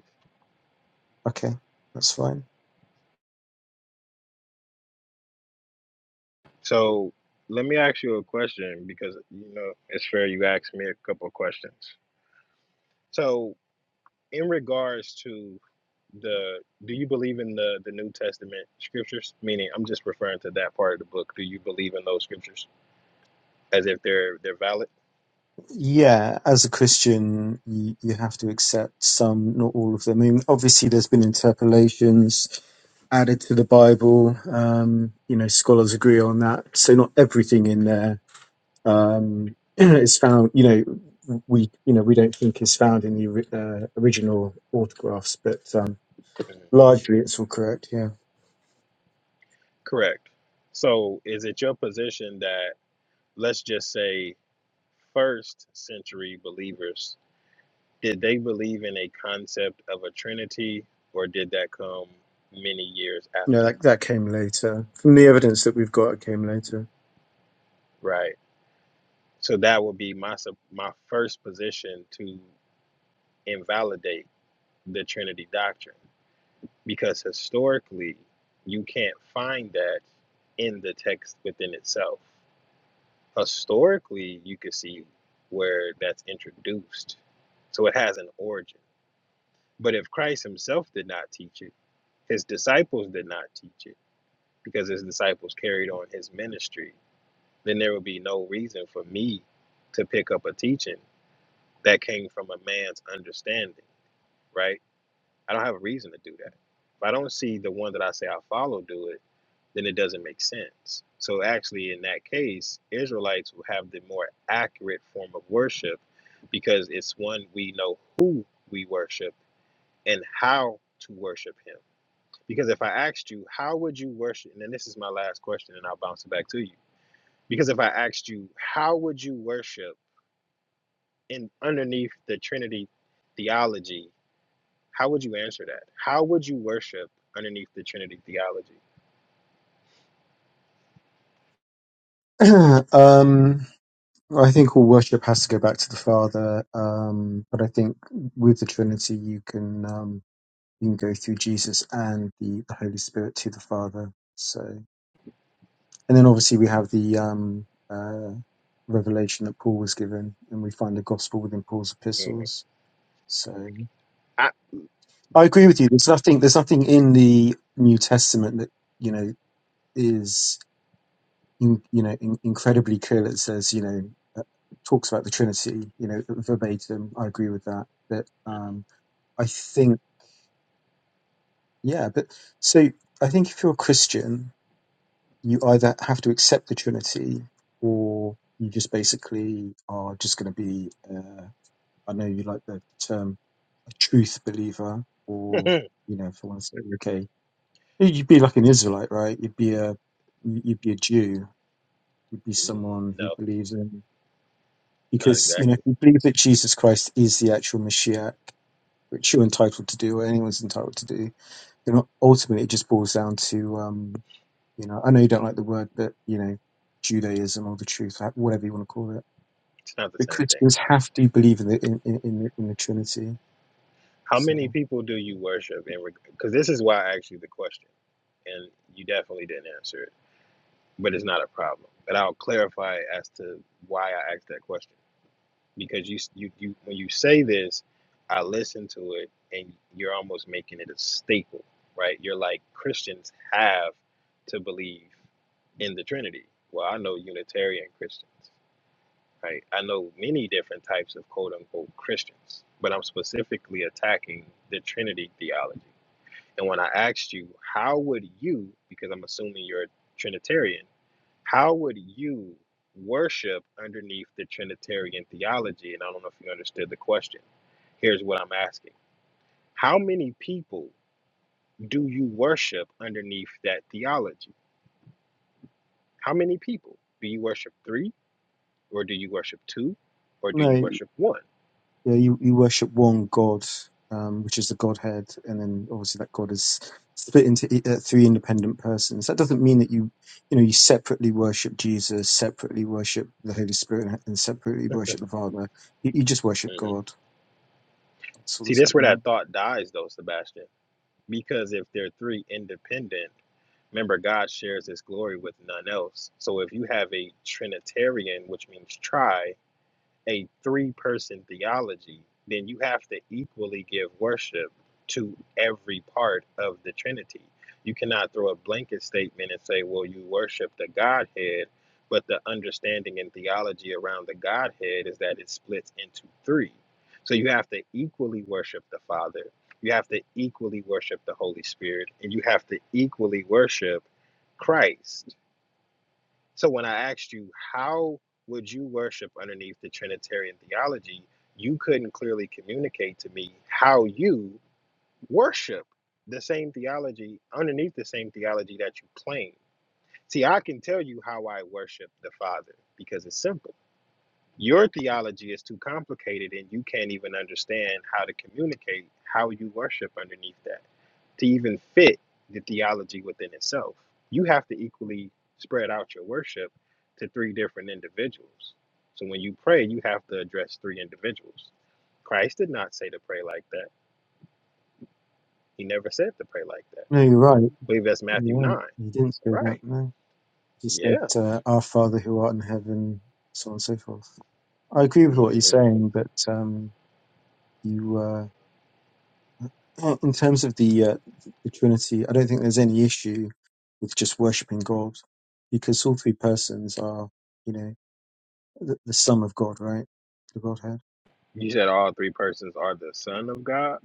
[SPEAKER 7] Okay, that's fine.
[SPEAKER 6] So let me ask you a question because you know it's fair you asked me a couple of questions. So in regards to the do you believe in the the New Testament scriptures? Meaning I'm just referring to that part of the book. Do you believe in those scriptures as if they're they're valid?
[SPEAKER 7] Yeah, as a Christian, you, you have to accept some, not all of them. I mean, obviously, there's been interpolations added to the Bible. Um, you know, scholars agree on that. So not everything in there um, (clears throat) is found. You know, we you know we don't think is found in the ori- uh, original autographs, but um,
[SPEAKER 6] Mhm.
[SPEAKER 7] largely it's all correct. Yeah.
[SPEAKER 6] Correct. So is it your position that let's just say first century believers did they believe in a concept of a trinity or did that come many years
[SPEAKER 7] No,
[SPEAKER 6] after?
[SPEAKER 7] that, that came later. From the evidence that we've got, it came later.
[SPEAKER 6] Right. So that would be my sup- my first position to invalidate the Trinity doctrine because historically you can't find that in the text within itself. Historically, you could see where that's introduced. So it has an origin. But if Christ himself did not teach it, his disciples did not teach it because his disciples carried on his ministry, then there would be no reason for me to pick up a teaching that came from a man's understanding, right? I don't have a reason to do that. If I don't see the one that I say I follow do it, then it doesn't make sense. So actually, in that case, Israelites will have the more accurate form of worship because it's one we know who we worship and how to worship Him. Because if I asked you, how would you worship? And then this is my last question, and I'll bounce it back to you. Because if I asked you, how would you worship in underneath the Trinity theology, How would you answer that? How would you worship underneath the Trinity theology?
[SPEAKER 7] (clears throat) um, I think all worship has to go back to the Father, um, but I think with the Trinity, you can um, you can go through Jesus and the, the Holy Spirit to the Father. So, and then obviously we have the um, uh, revelation that Paul was given, and we find the gospel within Paul's
[SPEAKER 6] Mm,
[SPEAKER 7] epistles. So,
[SPEAKER 6] I,
[SPEAKER 7] I agree with you. There's nothing. There's nothing in the New Testament that you know is. in, you know in, incredibly clear that says you know uh, talks about the Trinity you know verbatim. I agree with that, but
[SPEAKER 6] mm,
[SPEAKER 7] um, I think yeah, but so I think if you're a Christian, you either have to accept the Trinity or you just basically are just going to be. Uh, I know you like the term a truth believer, or
[SPEAKER 6] mm,
[SPEAKER 7] you know, for one second, okay, you'd be like an Israelite, right? You'd be a you'd be a Jew. You'd be someone
[SPEAKER 6] (laughs)
[SPEAKER 7] who
[SPEAKER 6] no,
[SPEAKER 7] believes in
[SPEAKER 6] not
[SPEAKER 7] because you know if
[SPEAKER 6] exactly.
[SPEAKER 7] you believe that Jesus Christ is the actual Mashiach, which you're entitled to do, or anyone's entitled to do, then ultimately it just boils down to um, you know I know you don't like the word, but you know Judaism or the truth, like, whatever you want to call it.
[SPEAKER 6] It's not the
[SPEAKER 7] But
[SPEAKER 6] same thing.
[SPEAKER 7] Christians have to believe in the in in, in, the, in the Trinity.
[SPEAKER 6] How many
[SPEAKER 7] So
[SPEAKER 6] people do you worship? in Because this is why I asked you the question, and you definitely didn't answer it, but it's not a problem. But I'll clarify as to why I asked that question. because you you you when you say this, I listen to it, and you're almost making it a staple, right? You're like Christians have to believe in the Trinity. Well, I know Unitarian Christians, right? I know many different types of quote unquote Christians, but I'm specifically attacking the Trinity theology. And when I asked you, how would you, because I'm assuming you're a Trinitarian, how would you worship underneath the Trinitarian theology? And I don't know if you understood the question. Here's what I'm asking How many people do you worship underneath that theology? How many people? Do you worship three, or do you worship two, or do you
[SPEAKER 7] no.
[SPEAKER 6] worship one?
[SPEAKER 7] Yeah, you, you worship one God, um, which is the Godhead, and then obviously that God is split into i- uh, three independent persons. That doesn't mean that you, you know, you separately worship Jesus, separately worship the Holy Spirit, and separately worship the Father. You, you just worship
[SPEAKER 6] Mm.
[SPEAKER 7] God. That's all
[SPEAKER 6] See,
[SPEAKER 7] that's
[SPEAKER 6] that's where
[SPEAKER 7] happening.
[SPEAKER 6] that thought dies, though, Sebastian. Because if they're three independent, remember, God shares his glory with none else. So if you have a Trinitarian, which means try, a three person theology, then you have to equally give worship to every part of the Trinity. You cannot throw a blanket statement and say, well, you worship the Godhead, but the understanding and theology around the Godhead is that it splits into three. So you have to equally worship the Father, you have to equally worship the Holy Spirit, and you have to equally worship Christ. So when I asked you, how would you worship underneath the Trinitarian theology? You couldn't clearly communicate to me how you worship the same theology underneath the same theology that you claim. See, I can tell you how I worship the Father because it's simple. Your theology is too complicated and you can't even understand how to communicate how you worship underneath that to even fit the theology within itself. You have to equally spread out your worship to three different individuals. So when you pray, you have to address three individuals. Christ did not say to pray like that. He never said to pray like that. I
[SPEAKER 7] No, you're right.
[SPEAKER 6] believe that's Matthew
[SPEAKER 7] You're
[SPEAKER 6] 9.
[SPEAKER 7] right. You didn't say that.
[SPEAKER 6] Right.
[SPEAKER 7] No, you said
[SPEAKER 6] Yeah.
[SPEAKER 7] uh, our Father who art in heaven, so on and so forth. I agree with
[SPEAKER 6] hmm
[SPEAKER 7] what you're saying, but um, you. uh, Uh, In terms of the uh, the Trinity, I don't think there's any issue with just worshiping God, because all three persons are, you know, the, the sum of God, right? The Godhead,
[SPEAKER 6] You said all three persons are the Son of God.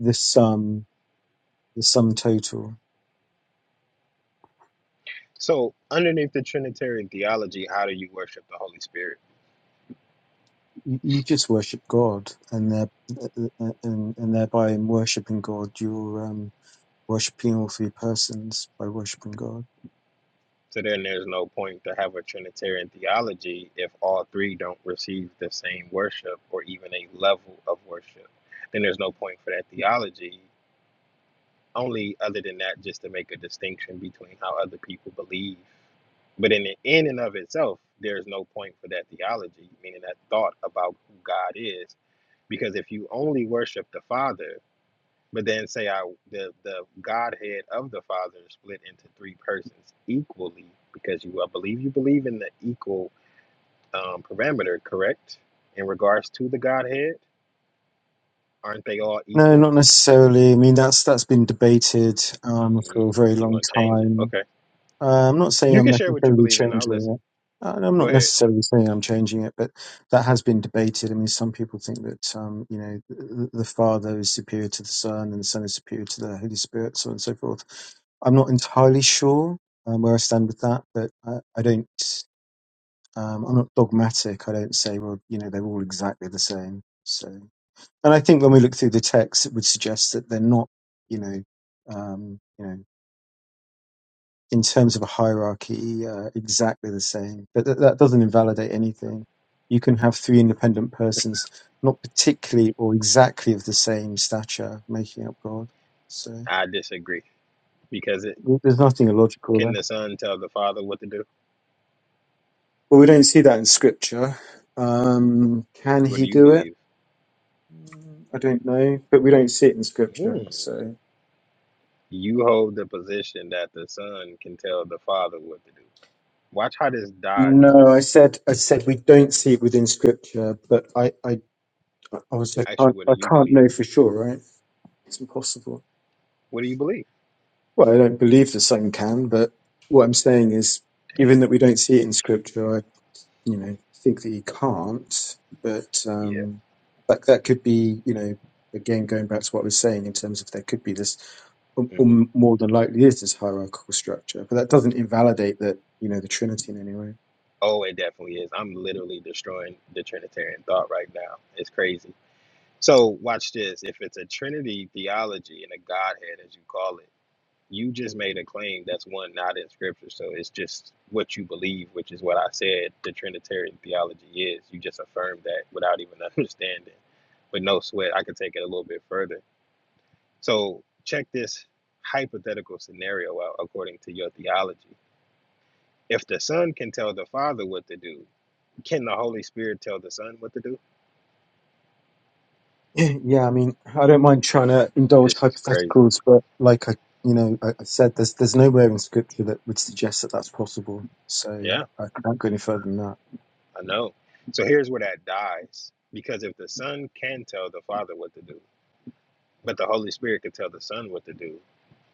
[SPEAKER 7] the sum, the sum total.
[SPEAKER 6] So, underneath the Trinitarian theology, how do you worship the Holy Spirit?
[SPEAKER 7] You, you just worship God, and there, and, and thereby in worshiping God, you're um, worshiping all three persons by worshiping God.
[SPEAKER 6] So then there's no point to have a Trinitarian theology if all three don't receive the same worship or even a level of worship. Then there's no point for that theology, only other than that, just to make a distinction between how other people believe. But in the in and of itself, there's no point for that theology, meaning that thought about who God is. Because if you only worship the Father, but then say I the the Godhead of the Father is split into three persons equally because you I believe you believe in the equal um, parameter, correct? In regards to the Godhead, aren't they all
[SPEAKER 7] No,
[SPEAKER 6] equal?
[SPEAKER 7] not necessarily. I mean, that's that's been debated um,
[SPEAKER 6] Mm,
[SPEAKER 7] for a very
[SPEAKER 6] you
[SPEAKER 7] long
[SPEAKER 6] want to change it?
[SPEAKER 7] time.
[SPEAKER 6] Okay,
[SPEAKER 7] Uh, I'm not saying
[SPEAKER 6] you
[SPEAKER 7] I'm
[SPEAKER 6] can share what you
[SPEAKER 7] necessarily
[SPEAKER 6] believe in. I'll
[SPEAKER 7] changing
[SPEAKER 6] listen.
[SPEAKER 7] it. Uh, I'm
[SPEAKER 6] Go
[SPEAKER 7] not
[SPEAKER 6] ahead.
[SPEAKER 7] necessarily saying I'm changing it, but that has been debated. I mean, some people think that um, you know the, the Father is superior to the Son, and the Son is superior to the Holy Spirit, so on and so forth. I'm not entirely sure um, where I stand with that, but I, I don't. Um, I'm not dogmatic. I don't say, well, you know, they're all exactly the same. So, and I think when we look through the text, it would suggest that they're not. You know, um, you know in terms of a hierarchy uh, exactly the same. But that that doesn't invalidate anything. You can have three independent persons, not particularly or exactly of the same stature, making up God. So
[SPEAKER 6] I disagree because it
[SPEAKER 7] th- there's nothing illogical
[SPEAKER 6] can
[SPEAKER 7] there.
[SPEAKER 6] the Son tell the Father what to do?
[SPEAKER 7] Well, we don't see that in Scripture. Um, can
[SPEAKER 6] What
[SPEAKER 7] he
[SPEAKER 6] do you
[SPEAKER 7] do it?
[SPEAKER 6] believe?
[SPEAKER 7] Mm, I don't know, but we don't see it in Scripture.
[SPEAKER 6] Hmm.
[SPEAKER 7] So
[SPEAKER 6] You hold the position that the Son can tell the Father what to do. Watch how this dies,
[SPEAKER 7] no, I
[SPEAKER 6] boss.
[SPEAKER 7] said I said we don't see it within Scripture, but I I obviously I
[SPEAKER 6] Actually,
[SPEAKER 7] can't
[SPEAKER 6] what
[SPEAKER 7] I
[SPEAKER 6] do you
[SPEAKER 7] can't
[SPEAKER 6] believe?
[SPEAKER 7] know for sure, right? It's impossible.
[SPEAKER 6] What do you believe?
[SPEAKER 7] Well, I don't believe the Son can, but what I'm saying is,
[SPEAKER 6] Damn.
[SPEAKER 7] given that we don't see it in Scripture, I, you know, think that he can't. But
[SPEAKER 6] Yeah.
[SPEAKER 7] um, that that could be, you know, again going back to what I was saying in terms of there could be this, or, or
[SPEAKER 6] hmm
[SPEAKER 7] more than likely is this hierarchical structure. But that doesn't invalidate that, you know, the Trinity in any way. (clears throat)
[SPEAKER 6] Oh, it definitely is. I'm literally destroying the Trinitarian thought right now. It's crazy. So, watch this. If it's a Trinity theology and a Godhead, as you call it, you just made a claim that's one not in Scripture. So, it's just what you believe, which is what I said the Trinitarian theology is. You just affirmed that without even (laughs) understanding. But no sweat, I could take it a little bit further. So, check this hypothetical scenario out according to your theology If the Son can tell the Father what to do, can the Holy Spirit tell the Son what to do?
[SPEAKER 7] Yeah, yeah. I mean, I don't mind trying to indulge
[SPEAKER 6] This is crazy.
[SPEAKER 7] hypotheticals, but like I, you know, I, I said, there's there's nowhere in Scripture that would suggest that that's possible. So
[SPEAKER 6] Yeah,
[SPEAKER 7] I can't go any further than that.
[SPEAKER 6] I know. So here's where that dies. Because if the Son can tell the Father what to do, but the Holy Spirit can tell the Son what to do,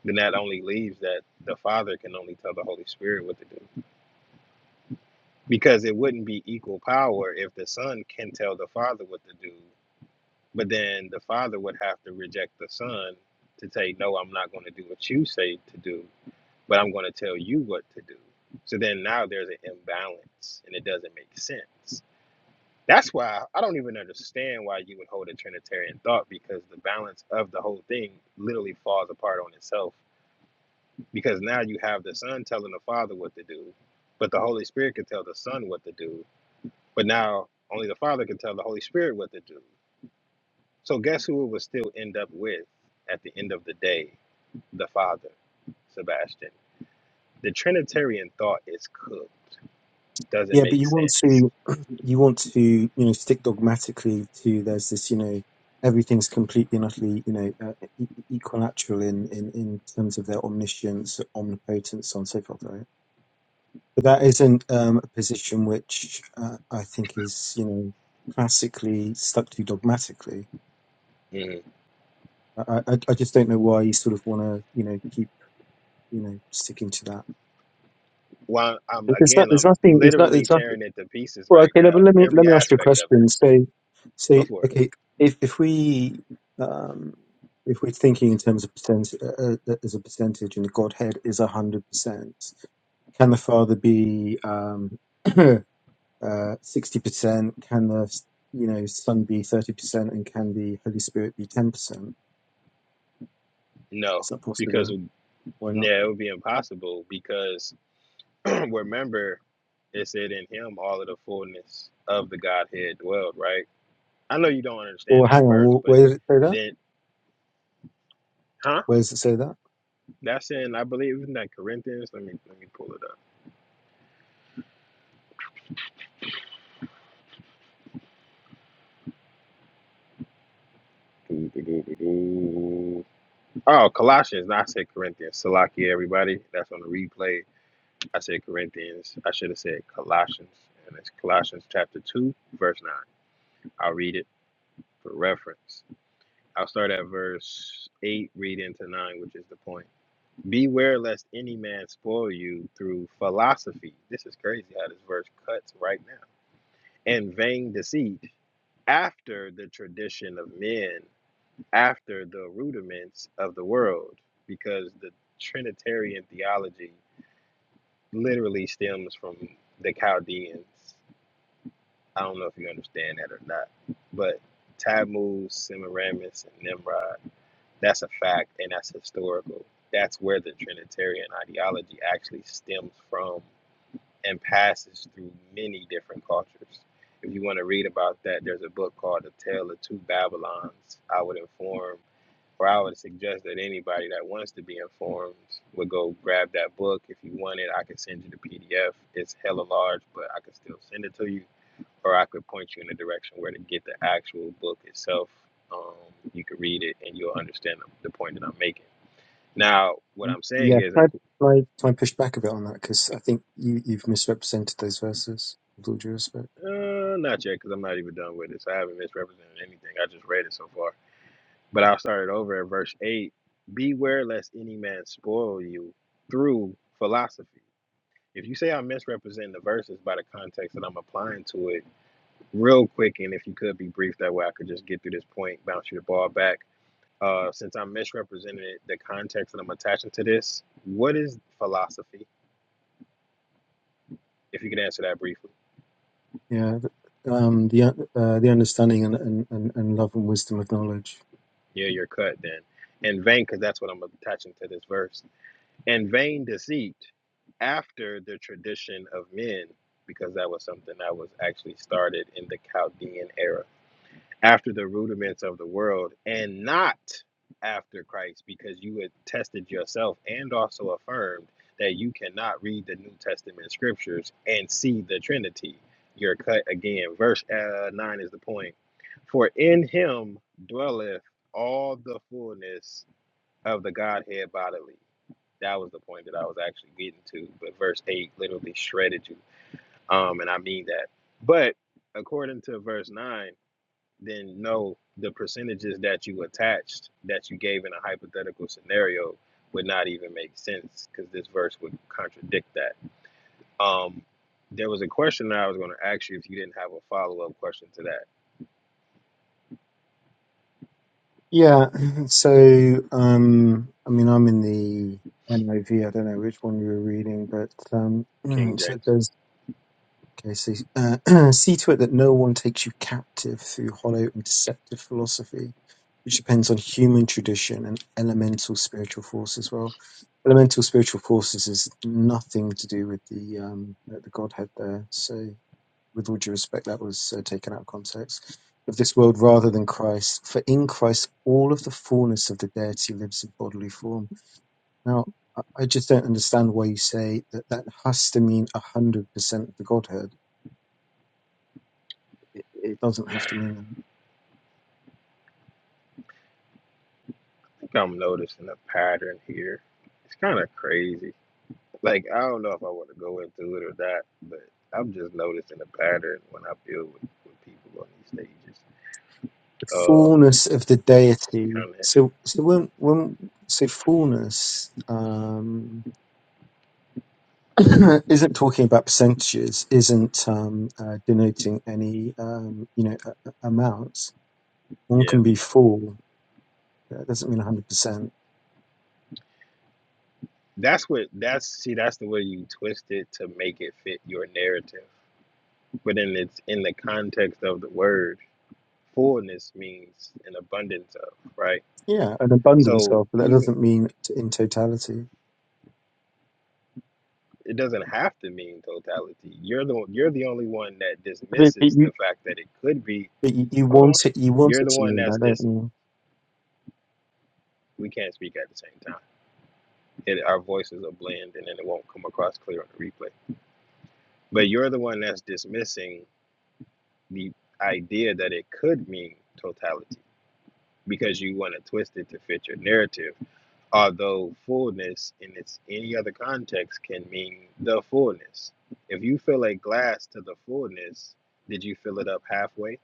[SPEAKER 6] then that only leaves that the Father can only tell the Holy Spirit what to do. Because it wouldn't be equal power if the Son can tell the Father what to do, but then the Father would have to reject the Son to say, No, I'm not going to do what you say to do. but I'm going to tell you what to do. So then now there's an imbalance and it doesn't make sense. That's why I don't even understand why you would hold a Trinitarian thought because the balance of the whole thing literally falls apart on itself. Because now you have the Son telling the Father what to do, but the Holy Spirit can tell the Son what to do, but now only the Father can tell the Holy Spirit what to do. So guess who it would still end up with at the end of the day? The Father, Sebastian. The Trinitarian thought is cooked doesn't
[SPEAKER 7] Yeah, but
[SPEAKER 6] make
[SPEAKER 7] you want
[SPEAKER 6] sense.
[SPEAKER 7] to (clears throat) you want to you know stick dogmatically to there's this you know everything's completely and utterly you know uh, e- e- equilateral in, in in terms of their omniscience, omnipotence, so on and so forth, right? But that isn't um, a position which uh, I think is you know classically stuck to dogmatically.
[SPEAKER 6] Mhm.
[SPEAKER 7] I, I I just don't know why you sort of want to you know keep you know sticking to that.
[SPEAKER 6] Well, I'm
[SPEAKER 7] There's not,
[SPEAKER 6] again,
[SPEAKER 7] there's
[SPEAKER 6] I'm
[SPEAKER 7] nothing there's not
[SPEAKER 6] literally
[SPEAKER 7] there's nothing
[SPEAKER 6] tearing it to pieces
[SPEAKER 7] Well,
[SPEAKER 6] right
[SPEAKER 7] okay, let,
[SPEAKER 6] now,
[SPEAKER 7] let me let
[SPEAKER 6] every
[SPEAKER 7] me ask you a
[SPEAKER 6] aspect of it.
[SPEAKER 7] question. So, so
[SPEAKER 6] Go for it.
[SPEAKER 7] okay, if if we um, if we're thinking in terms of percent uh, uh, as a percentage, and the Godhead is a hundred percent, can the Father be um (clears throat) uh, sixty percent? Can the you know Son be thirty percent, and can the Holy Spirit be ten percent?
[SPEAKER 6] No,
[SPEAKER 7] Is that
[SPEAKER 6] because
[SPEAKER 7] possible? Why not?
[SPEAKER 6] yeah, it would be impossible. Because (clears throat) remember, it said in Him all of the fullness of the Godhead dwelled. Right. I know you don't
[SPEAKER 7] Or
[SPEAKER 6] understand
[SPEAKER 7] hang
[SPEAKER 6] that verse,
[SPEAKER 7] on, wh-
[SPEAKER 6] but
[SPEAKER 7] where does it say that?
[SPEAKER 6] then, huh?
[SPEAKER 7] Where does it say that?
[SPEAKER 6] That's in I believe in that Corinthians. Let me let me pull it up. (laughs) Oh, Colossians. Not I said Corinthians. Salakia, everybody. That's on the replay. I said Corinthians. I should have said Colossians. And it's Colossians chapter 2, verse 9. I'll read it for reference. I'll start at verse 8, read into 9, which is the point. Beware lest any man spoil you through philosophy. This is crazy how this verse cuts right now. And vain deceit after the tradition of men, after the rudiments of the world, because the Trinitarian theology literally stems from the Chaldeans I don't know if you understand that or not, but Tammuz, Semiramis, and Nimrod, that's a fact and that's historical. That's where the Trinitarian ideology actually stems from and passes through many different cultures. If you want to read about that, there's a book called The Tale of Two Babylons. I would inform, or I would suggest that anybody that wants to be informed would go grab that book. If you want it, I can send you the PDF. It's hella large, but I can still send it to you or I could point you in the direction where to get the actual book itself. Um, you can read it and you'll understand the, point that I'm making. Now, what I'm saying
[SPEAKER 7] Yeah,
[SPEAKER 6] is,
[SPEAKER 7] can I, can I try and push back a bit on that? Because I think you, you've misrepresented those verses, with all due respect.
[SPEAKER 6] uh, not yet, because I'm not even done with this. I haven't misrepresented anything. I just read it so far. But I'll start it over at verse 8. Beware lest any man spoil you through philosophy. If you say I'm misrepresenting the verses by the context that I'm applying to it, real quick, and if you could be brief, that way I could just get through this point, bounce your ball back Uh, since I misrepresented the context that I'm attaching to this, what is philosophy? If you could answer that briefly.
[SPEAKER 7] Yeah, th- um, the un- uh, the understanding and, and, and, and love and wisdom of knowledge.
[SPEAKER 6] Yeah, you're cut then. In vain, because that's what I'm attaching to this verse. In vain deceit after the tradition of men, because that was something that was actually started in the Chaldean era. after the rudiments of the world and not after Christ, because you had tested yourself and also affirmed that you cannot read the New Testament scriptures and see the Trinity. You're cut again. Verse uh, 9 is the point. For in him dwelleth all the fullness of the Godhead bodily. That was the point that I was actually getting to, but verse 8 literally shredded you. Um, and I mean that. But according to verse 9, then no, the percentages that you attached that you gave in a hypothetical scenario would not even make sense because this verse would contradict that. Um, there was a question that I was going to ask you if you didn't have a follow up question to that,
[SPEAKER 7] Yeah, (clears throat) (laughs) so um, I mean, I'm in the NIV. I V. I don't know which one you were reading, but um, (clears throat)
[SPEAKER 6] King
[SPEAKER 7] so
[SPEAKER 6] James.
[SPEAKER 7] there's Okay, so uh, (clears throat) see to it that no one takes you captive through hollow and deceptive philosophy, which depends on human tradition and elemental spiritual force as well. Elemental spiritual forces is nothing to do with the um, uh, the Godhead there. So, with all due respect, that was uh, taken out of context of this world rather than Christ. For in Christ, all of the fullness of the deity lives in bodily form. Now, I I just don't understand why you say that that has to mean one hundred percent of the Godhead it, it doesn't have to mean that.
[SPEAKER 6] I think I'm noticing a pattern here. It's kind of crazy. Like, I don't know if I want to go into it or that, but I'm just noticing a pattern when I deal with, with people on these stages.
[SPEAKER 7] The
[SPEAKER 6] Um,
[SPEAKER 7] fullness of the
[SPEAKER 6] it's
[SPEAKER 7] deity.
[SPEAKER 6] kind of,
[SPEAKER 7] So, so when, when, so fullness um, (clears throat) isn't talking about percentages, isn't um, uh, denoting any, um, you know, a- a- amounts. One
[SPEAKER 6] yeah.
[SPEAKER 7] can be full. That doesn't mean 100%.
[SPEAKER 6] That's what that's see, that's the way you twist it to make it fit your narrative. But then it's in the context of the word, fullness means an abundance of, right?
[SPEAKER 7] Yeah, an abundance
[SPEAKER 6] So
[SPEAKER 7] of, but that
[SPEAKER 6] even
[SPEAKER 7] doesn't mean t- in totality.
[SPEAKER 6] it doesn't have to mean totality. You're the you're the only one that
[SPEAKER 7] But, but
[SPEAKER 6] dismisses
[SPEAKER 7] you,
[SPEAKER 6] the fact that it could be.
[SPEAKER 7] but you, you
[SPEAKER 6] Hold
[SPEAKER 7] want
[SPEAKER 6] on,
[SPEAKER 7] it. You want
[SPEAKER 6] you're
[SPEAKER 7] it
[SPEAKER 6] the
[SPEAKER 7] to
[SPEAKER 6] one
[SPEAKER 7] mean
[SPEAKER 6] that's
[SPEAKER 7] that, don't
[SPEAKER 6] dis.
[SPEAKER 7] you?
[SPEAKER 6] We can't speak at the same time. It, our voices are blend, and then it won't come across clear on the replay. But you're the one that's dismissing the idea that it could mean totality because you want to twist it to fit your narrative. Although fullness in its any other context can mean the fullness. If you fill a glass to the fullness, did you fill it up halfway?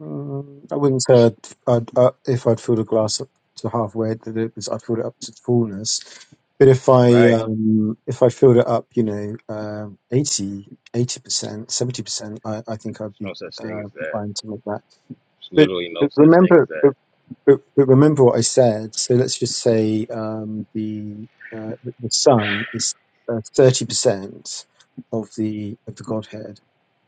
[SPEAKER 7] Mm, I wouldn't say I'd, I'd, uh, if I'd fill a glass up to halfway, that it was, I'd fill it up to fullness. But if I
[SPEAKER 6] Right.
[SPEAKER 7] um, if I filled it up, you know, um 80 percent, seventy percent, I I think I'd
[SPEAKER 6] There's
[SPEAKER 7] be
[SPEAKER 6] no such thing
[SPEAKER 7] uh,
[SPEAKER 6] as that.
[SPEAKER 7] fine to make that.
[SPEAKER 6] There's
[SPEAKER 7] But
[SPEAKER 6] literally no
[SPEAKER 7] but
[SPEAKER 6] such thing as
[SPEAKER 7] remember, but
[SPEAKER 6] that.
[SPEAKER 7] but, but remember what I said. So let's just say um, the, uh, the the sun is uh, thirty percent of the of the Godhead.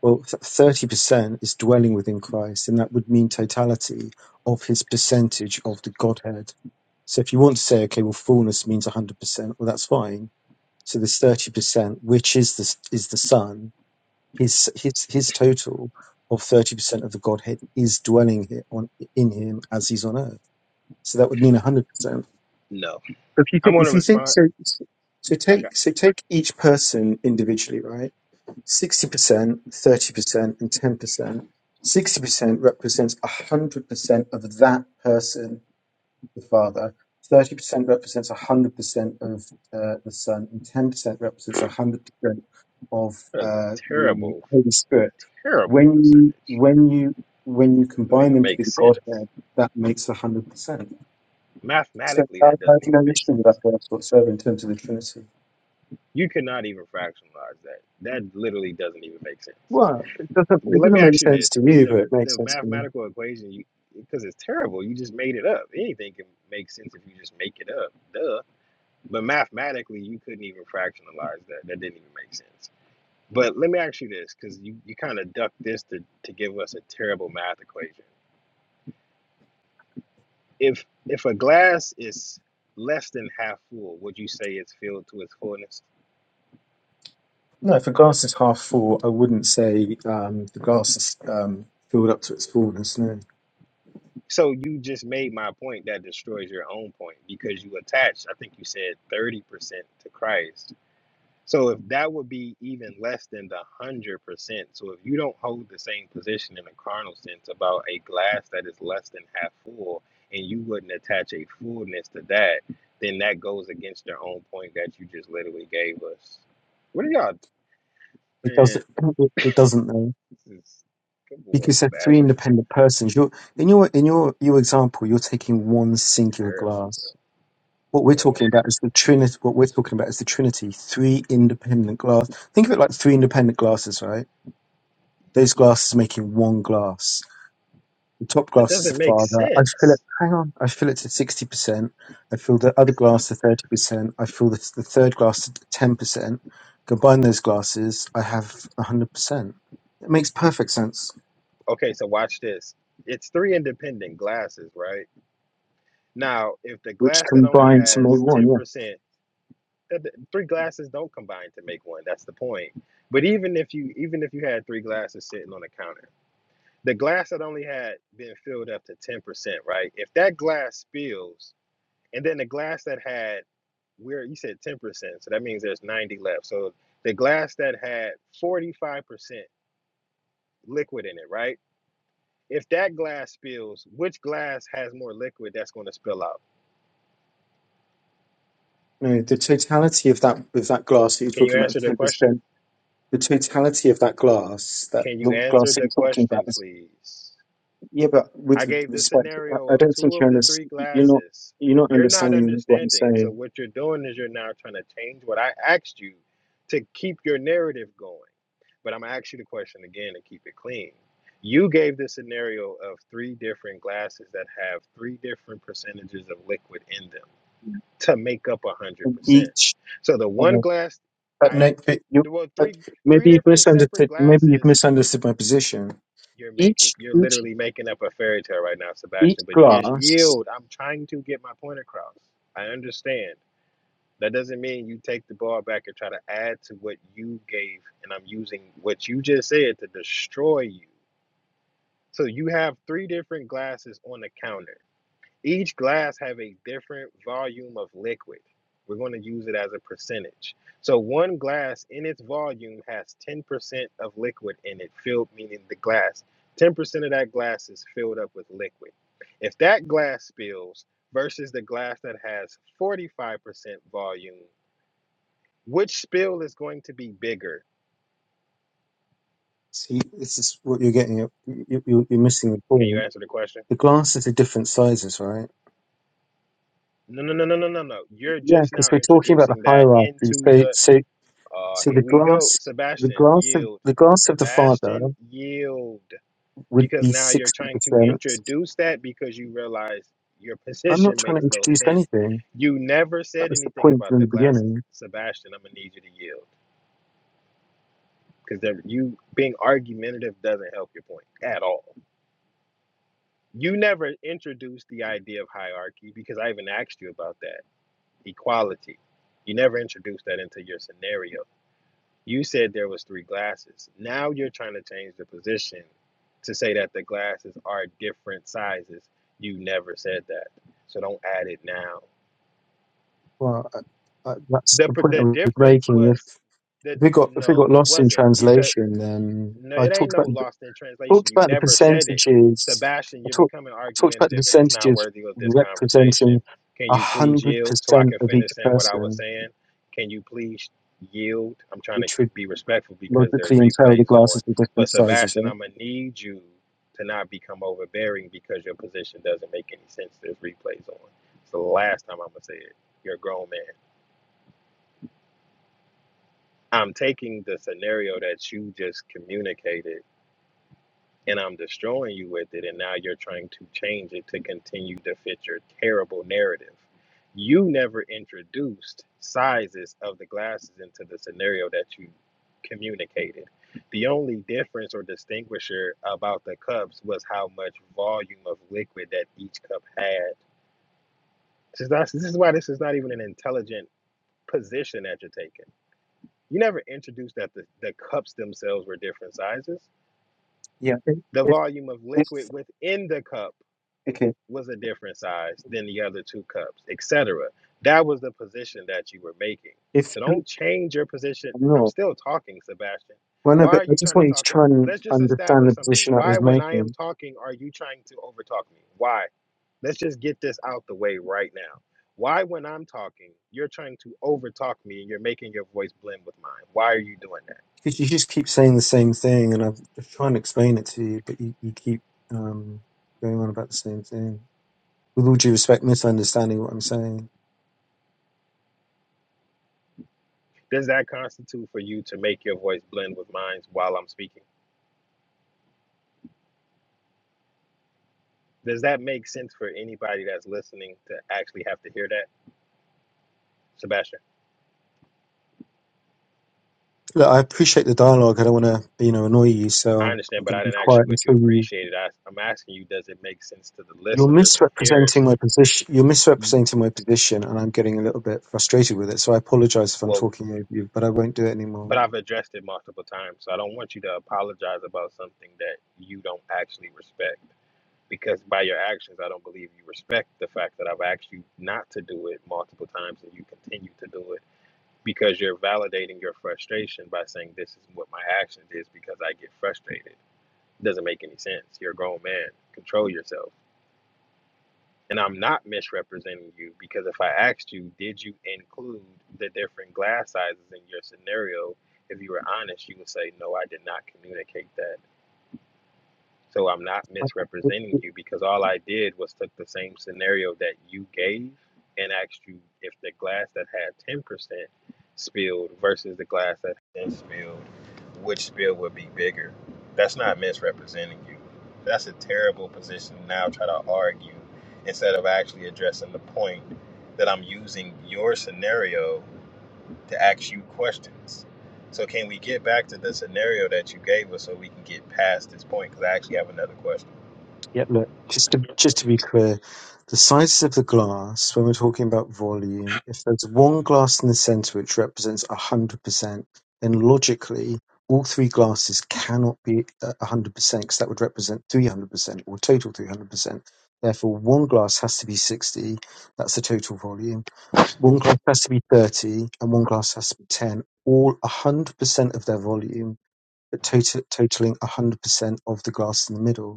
[SPEAKER 7] Well, thirty percent is dwelling within Christ, and that would mean totality of His percentage
[SPEAKER 6] So
[SPEAKER 7] of the
[SPEAKER 6] stupid.
[SPEAKER 7] Godhead. So if you want to say, okay, well, fullness means hundred percent, well, that's fine. So there's thirty percent, which is the is the Son, His his his total of thirty percent of the Godhead is dwelling here on in Him as He's on earth. So that would mean hundred percent.
[SPEAKER 6] No.
[SPEAKER 7] So If you
[SPEAKER 6] I
[SPEAKER 7] think,
[SPEAKER 6] want to
[SPEAKER 7] if you think
[SPEAKER 6] respond.
[SPEAKER 7] so, so
[SPEAKER 6] I got
[SPEAKER 7] take so take each person individually, right? Sixty percent, thirty percent, and ten percent. Sixty percent represents hundred percent of that person, the father. Thirty percent represents hundred percent of uh, the son, and ten percent represents hundred percent of
[SPEAKER 6] that's a
[SPEAKER 7] uh, the
[SPEAKER 6] terrible,
[SPEAKER 7] Holy Spirit.
[SPEAKER 6] terrible
[SPEAKER 7] When you
[SPEAKER 6] percentage.
[SPEAKER 7] when you when you
[SPEAKER 6] Doesn't
[SPEAKER 7] combine
[SPEAKER 6] even
[SPEAKER 7] them to be
[SPEAKER 6] make
[SPEAKER 7] the
[SPEAKER 6] sense.
[SPEAKER 7] Godhead, that makes hundred percent. So
[SPEAKER 6] Mathematically,
[SPEAKER 7] God
[SPEAKER 6] that doesn't
[SPEAKER 7] has no
[SPEAKER 6] even make
[SPEAKER 7] issue with that
[SPEAKER 6] sense.
[SPEAKER 7] verse whatsoever in terms of the Trinity.
[SPEAKER 6] You cannot even fractionalize that. That literally doesn't even make sense.
[SPEAKER 7] Well, it doesn't,
[SPEAKER 6] But
[SPEAKER 7] it
[SPEAKER 6] let me
[SPEAKER 7] doesn't make
[SPEAKER 6] ask you
[SPEAKER 7] sense
[SPEAKER 6] this:
[SPEAKER 7] to
[SPEAKER 6] with
[SPEAKER 7] you, but
[SPEAKER 6] the
[SPEAKER 7] it makes
[SPEAKER 6] the
[SPEAKER 7] sense to me.
[SPEAKER 6] mathematical equation, you because it's terrible, you just made it up. Anything can make sense if you just make it up, duh. But mathematically, you couldn't even fractionalize that. That didn't even make sense. But let me ask you this, because you, you kind of ducked this to, to give us a terrible math equation. If if a glass is less than half full, would you say it's filled to its fullness?
[SPEAKER 7] No, if a glass is half full, I wouldn't say um, the glass is um, filled up to its fullness. No,
[SPEAKER 6] So you just made my point that destroys your own point because you attached, I think you said 30% to Christ So if that would be even less than the hundred percent. So if you don't hold the same position in a carnal sense about a glass that is less than half full, and you wouldn't attach a fullness to that, then that goes against your own point that you just literally gave us. What are y'all
[SPEAKER 7] it
[SPEAKER 6] man?
[SPEAKER 7] doesn't. It, it doesn't though,
[SPEAKER 6] This is good boy
[SPEAKER 7] because they're three
[SPEAKER 6] Sebastian.
[SPEAKER 7] independent persons. You're in your in your your example. You're taking one
[SPEAKER 6] This is
[SPEAKER 7] singular
[SPEAKER 6] terrible,
[SPEAKER 7] glass.
[SPEAKER 6] bro.
[SPEAKER 7] What we're
[SPEAKER 6] Mhm.
[SPEAKER 7] talking about is the Trinity. What we're talking about is the Trinity. Three independent glass. Think of it like three independent glasses, right? Those glasses making one glass The top
[SPEAKER 6] That
[SPEAKER 7] glass is the
[SPEAKER 6] doesn't make
[SPEAKER 7] father. I fill it.
[SPEAKER 6] sense.
[SPEAKER 7] Hang on. I fill it to sixty percent. I fill the other glass to thirty percent. I fill the, the third glass to ten percent. Combine those glasses, I have hundred percent. It makes perfect sense.
[SPEAKER 6] Okay, so watch this. It's three independent glasses, right? Now, if the
[SPEAKER 7] Which
[SPEAKER 6] glass that only
[SPEAKER 7] combined to make
[SPEAKER 6] has
[SPEAKER 7] one,
[SPEAKER 6] ten
[SPEAKER 7] yeah.
[SPEAKER 6] percent three glasses don't combine to make one. That's the point. But even if you even if you had three glasses sitting on the counter, the glass that only had been filled up to ten percent, right? If that glass spills, and then the glass that had where you said ten percent, so that means there's ninety left. So the glass that had forty five percent liquid in it, right? If that glass spills, which glass has more liquid that's going to spill out?
[SPEAKER 7] No, the totality of that of that glass that you're
[SPEAKER 6] Can you
[SPEAKER 7] talking about of
[SPEAKER 6] answer the
[SPEAKER 7] ten
[SPEAKER 6] question?
[SPEAKER 7] percent. The totality of that glass, that
[SPEAKER 6] Can
[SPEAKER 7] the
[SPEAKER 6] you answer
[SPEAKER 7] glass that
[SPEAKER 6] the
[SPEAKER 7] you're talking about,
[SPEAKER 6] question,
[SPEAKER 7] is
[SPEAKER 6] please?
[SPEAKER 7] yeah. But
[SPEAKER 6] I
[SPEAKER 7] with
[SPEAKER 6] gave the
[SPEAKER 7] respect,
[SPEAKER 6] scenario
[SPEAKER 7] I, I
[SPEAKER 6] of
[SPEAKER 7] don't think
[SPEAKER 6] two of
[SPEAKER 7] you're under,
[SPEAKER 6] the three
[SPEAKER 7] you're not
[SPEAKER 6] glasses.
[SPEAKER 7] you're not
[SPEAKER 6] You're not
[SPEAKER 7] understanding what I'm
[SPEAKER 6] understanding. So
[SPEAKER 7] saying.
[SPEAKER 6] what you're doing is you're now trying to change what I asked you to keep your narrative going. But I'm gonna ask you the question again to keep it clean. You gave the scenario of three different glasses that have three different percentages of liquid in them to make up a hundred
[SPEAKER 7] And
[SPEAKER 6] percent.
[SPEAKER 7] each
[SPEAKER 6] So the one
[SPEAKER 7] uh,
[SPEAKER 6] glass
[SPEAKER 7] But
[SPEAKER 6] I
[SPEAKER 7] Nick, but you
[SPEAKER 6] well
[SPEAKER 7] but
[SPEAKER 6] three three
[SPEAKER 7] maybe you've
[SPEAKER 6] different separate
[SPEAKER 7] misunderstood. Maybe you've
[SPEAKER 6] glasses
[SPEAKER 7] misunderstood my position.
[SPEAKER 6] you're making,
[SPEAKER 7] Each
[SPEAKER 6] you're
[SPEAKER 7] each
[SPEAKER 6] literally making up a fairy tale right now,
[SPEAKER 7] each
[SPEAKER 6] Sebastian. But just
[SPEAKER 7] glass.
[SPEAKER 6] yield. I'm trying to get my point across. I understand. That doesn't mean you take the ball back and try to add to what you gave. And I'm using what you just said to destroy you. So you have three different glasses on the counter. Each glass have a different volume of liquid. We're going to use it as a percentage. So one glass in its volume has 10% of liquid in it, filled meaning the glass. 10% of that glass is filled up with liquid. If that glass spills versus the glass that has 45% volume, which spill is going to be bigger?
[SPEAKER 7] See, this is what you're getting. at. You, you, you're missing the
[SPEAKER 6] Can you
[SPEAKER 7] point.
[SPEAKER 6] answer the question?
[SPEAKER 7] The glasses are different sizes, right?
[SPEAKER 6] No, no, no, no, no, no, no. You're
[SPEAKER 7] Yeah,
[SPEAKER 6] just
[SPEAKER 7] because
[SPEAKER 6] now
[SPEAKER 7] we're talking about the
[SPEAKER 6] introducing that
[SPEAKER 7] hierarchy.
[SPEAKER 6] into
[SPEAKER 7] So
[SPEAKER 6] the
[SPEAKER 7] so
[SPEAKER 6] Uh,
[SPEAKER 7] so
[SPEAKER 6] here
[SPEAKER 7] the
[SPEAKER 6] we go.
[SPEAKER 7] glass. The
[SPEAKER 6] Sebastian,
[SPEAKER 7] glass of
[SPEAKER 6] yield.
[SPEAKER 7] the glass of the father
[SPEAKER 6] Sebastian, yield.
[SPEAKER 7] would
[SPEAKER 6] Because
[SPEAKER 7] be
[SPEAKER 6] now you're
[SPEAKER 7] sixty
[SPEAKER 6] trying to
[SPEAKER 7] percent.
[SPEAKER 6] introduce that because you realize your (laughs)
[SPEAKER 7] I'm not
[SPEAKER 6] position
[SPEAKER 7] trying to
[SPEAKER 6] makes no
[SPEAKER 7] introduce
[SPEAKER 6] sense.
[SPEAKER 7] anything.
[SPEAKER 6] You never
[SPEAKER 7] That
[SPEAKER 6] said
[SPEAKER 7] was the
[SPEAKER 6] anything
[SPEAKER 7] point
[SPEAKER 6] about
[SPEAKER 7] from
[SPEAKER 6] the
[SPEAKER 7] the
[SPEAKER 6] glasses.
[SPEAKER 7] beginning.
[SPEAKER 6] Sebastian, I'm going to need you to yield. Because you being argumentative doesn't help your point at all. You never introduced the idea of hierarchy because I even asked you about that equality. You never introduced that into your scenario You said there was three glasses. Now you're trying to change the position to say that the glasses are different sizes. You never said that. So don't add it now.
[SPEAKER 7] Well, I, I, that's
[SPEAKER 6] The
[SPEAKER 7] the point I
[SPEAKER 6] the
[SPEAKER 7] was
[SPEAKER 6] difference
[SPEAKER 7] making.
[SPEAKER 6] was that
[SPEAKER 7] If we got if we got
[SPEAKER 6] no, it
[SPEAKER 7] lost in
[SPEAKER 6] wasn't because
[SPEAKER 7] translation, then
[SPEAKER 6] No,
[SPEAKER 7] I
[SPEAKER 6] it ain't
[SPEAKER 7] talked
[SPEAKER 6] no
[SPEAKER 7] about
[SPEAKER 6] lost in translation.
[SPEAKER 7] talked
[SPEAKER 6] You
[SPEAKER 7] about the
[SPEAKER 6] never said it.
[SPEAKER 7] percentages.
[SPEAKER 6] Sebastian,
[SPEAKER 7] I
[SPEAKER 6] you're
[SPEAKER 7] talked
[SPEAKER 6] becoming
[SPEAKER 7] I talked about the
[SPEAKER 6] argumentative and it's not
[SPEAKER 7] percentages
[SPEAKER 6] worthy of this conversation.
[SPEAKER 7] representing
[SPEAKER 6] Can
[SPEAKER 7] a
[SPEAKER 6] you please
[SPEAKER 7] hundred
[SPEAKER 6] yield so I
[SPEAKER 7] percent
[SPEAKER 6] can
[SPEAKER 7] of each
[SPEAKER 6] finish saying what I was
[SPEAKER 7] person,
[SPEAKER 6] saying? Can you please yield? I'm trying to
[SPEAKER 7] which would
[SPEAKER 6] be respectful because there's
[SPEAKER 7] logically entail the
[SPEAKER 6] replays on.
[SPEAKER 7] glasses were different
[SPEAKER 6] But
[SPEAKER 7] sizes,
[SPEAKER 6] Sebastian,
[SPEAKER 7] right?
[SPEAKER 6] I'm gonna need you to not become overbearing because your position doesn't make any sense. There's replays on. It's the last time I'm gonna say it. You're a grown man. I'm taking the scenario that you just communicated and I'm destroying you with it, and now you're trying to change it to continue to fit your terrible narrative. You never introduced sizes of the glasses into the scenario that you communicated. The only difference or distinguisher about the cups was how much volume of liquid that each cup had. This is, not, this is why this is not even an intelligent position that you're taking. You never introduced that the, the cups themselves were different sizes.
[SPEAKER 7] Yeah. If,
[SPEAKER 6] The
[SPEAKER 7] if,
[SPEAKER 6] volume of
[SPEAKER 7] if
[SPEAKER 6] liquid within the cup
[SPEAKER 7] okay,
[SPEAKER 6] was a different size than the other two cups, etc. That was the position that you were making.
[SPEAKER 7] if
[SPEAKER 6] So
[SPEAKER 7] you
[SPEAKER 6] don't change your position. I'm
[SPEAKER 7] no,
[SPEAKER 6] still talking, Sebastian.
[SPEAKER 7] well, no,
[SPEAKER 6] Why
[SPEAKER 7] but
[SPEAKER 6] are
[SPEAKER 7] I
[SPEAKER 6] you
[SPEAKER 7] just
[SPEAKER 6] trying to
[SPEAKER 7] want you to
[SPEAKER 6] talk? o-
[SPEAKER 7] try and
[SPEAKER 6] Let's just
[SPEAKER 7] understand
[SPEAKER 6] establish
[SPEAKER 7] the
[SPEAKER 6] something.
[SPEAKER 7] position I
[SPEAKER 6] Why,
[SPEAKER 7] was
[SPEAKER 6] when I
[SPEAKER 7] making
[SPEAKER 6] am talking, are you trying to overtalk me? Why? Let's just get this out the way right now. Why, when I'm talking, you're trying to overtalk me and you're making your voice blend with mine? Why are you doing that?
[SPEAKER 7] because you just keep saying the same thing, and I'm just trying to explain it to you, but you, you keep um, going on about the same thing. with all due respect, misunderstanding what I'm saying.
[SPEAKER 6] Does that constitute for you to make your voice blend with mine while I'm speaking? Does that make sense for anybody that's listening to actually have to hear that, Sebastian?
[SPEAKER 7] Look, I appreciate the dialogue. I don't want to, you know, annoy you,
[SPEAKER 6] I
[SPEAKER 7] so
[SPEAKER 6] understand,
[SPEAKER 7] I'm
[SPEAKER 6] but
[SPEAKER 7] going
[SPEAKER 6] I
[SPEAKER 7] to be
[SPEAKER 6] didn't ask you
[SPEAKER 7] quiet
[SPEAKER 6] what you
[SPEAKER 7] until you.
[SPEAKER 6] appreciated. I, I'm asking you, does it make sense to the
[SPEAKER 7] You're
[SPEAKER 6] listeners and the
[SPEAKER 7] misrepresenting
[SPEAKER 6] hearers?
[SPEAKER 7] my position. You're misrepresenting my position, and I'm getting a little bit frustrated with it. So I apologise if I'm
[SPEAKER 6] Well,
[SPEAKER 7] talking over you, but I won't do it
[SPEAKER 6] but
[SPEAKER 7] anymore.
[SPEAKER 6] I've addressed it multiple times, so I don't want you to apologize about something that you don't actually respect. Because by your actions, I don't believe you respect the fact that I've asked you not to do it multiple times and you continue to do it because you're validating your frustration by saying, This is what my actions is because I get frustrated doesn't make any sense. You're a grown man. Control yourself. And I'm not misrepresenting you because if I asked you, did you include the different glass sizes in your scenario? If you were honest, you would say, no, I did not communicate that. So I'm not misrepresenting you because all I did was took the same scenario that you gave and asked you if the glass that had 10% spilled versus the glass that had spilled, which spill would be bigger. That's not misrepresenting you. That's a terrible position to now try to argue instead of actually addressing the point that I'm using your scenario to ask you questions. So can we get back to the scenario that you gave us so we can get past this point? Because I actually have another question.
[SPEAKER 7] Yep, no, just to, just to be clear, the sizes of the glass, when we're talking about volume, if there's one glass in the center which represents 100%, then logically all three glasses cannot be uh, 100% because that would represent 300% or total 300%. Therefore, one glass has to be 60, that's the total volume. One glass has to be 30, and one glass has to be 10, all 100% of their volume, but total, totaling 100% of the glass in the middle.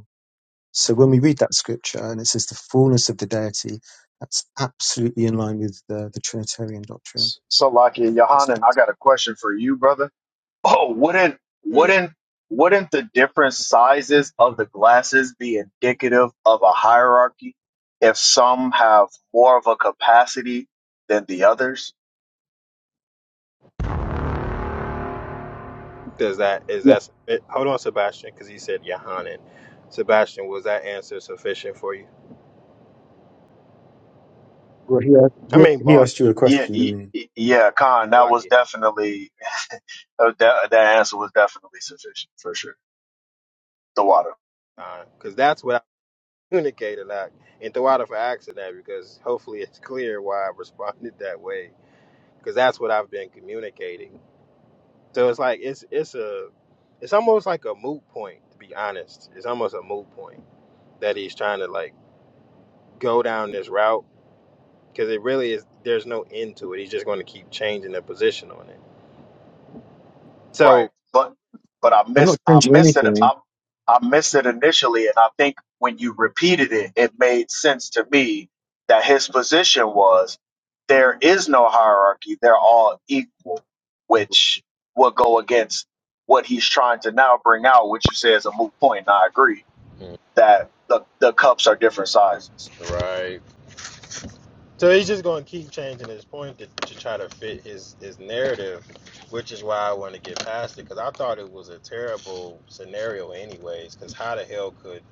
[SPEAKER 7] So when we read that scripture and it says the fullness of the deity, that's absolutely in line with the, the Trinitarian doctrine.
[SPEAKER 10] So Laki
[SPEAKER 7] Okay,
[SPEAKER 10] and
[SPEAKER 7] what's
[SPEAKER 10] Yohanan, I
[SPEAKER 7] next?
[SPEAKER 10] got a question for you, brother. Oh, wouldn't
[SPEAKER 6] Mhm.
[SPEAKER 10] wouldn't wouldn't the different sizes of the glasses be indicative of a hierarchy if some have more of a capacity than the others?
[SPEAKER 6] Does that is
[SPEAKER 7] Yeah.
[SPEAKER 6] that it, hold on, Sebastian? Because he said Yohanan. Sebastian, was that answer sufficient for you?
[SPEAKER 7] Well, he
[SPEAKER 6] I
[SPEAKER 7] asked,
[SPEAKER 6] mean,
[SPEAKER 7] he he
[SPEAKER 6] boss,
[SPEAKER 7] asked you a
[SPEAKER 10] Yeah,
[SPEAKER 7] question,
[SPEAKER 10] y-
[SPEAKER 7] didn't he?
[SPEAKER 10] y- yeah, Khan, that was
[SPEAKER 6] lucky,
[SPEAKER 10] definitely uh, that, that answer was definitely sufficient for sure. The water.
[SPEAKER 6] because uh, that's what I communicated. Like, and throw out of accident because hopefully it's clear why I responded (laughs) that way. Because that's what I've been communicating. So it's like it's it's a it's almost like a moot point to be honest. It's almost a moot point that he's trying to like go down this route because it really is there's no end to it. He's just going to keep changing the position on it.
[SPEAKER 10] Right.
[SPEAKER 6] So
[SPEAKER 10] But but I
[SPEAKER 7] I'm
[SPEAKER 10] miss
[SPEAKER 7] not
[SPEAKER 10] I
[SPEAKER 7] changing
[SPEAKER 10] missed it
[SPEAKER 7] anything.
[SPEAKER 10] I, I missed it initially and I think when you repeated it it made sense to me that his position was there is no hierarchy they're all equal which will go against what he's trying to now bring out which you say is a moot point and I agree
[SPEAKER 6] Mm,
[SPEAKER 10] that the the cups are different sizes.
[SPEAKER 6] Right. so he's just going to keep changing his point to, to try to fit his his narrative, which is why I want to get past it because I thought it was a terrible scenario anyways. Because how the hell could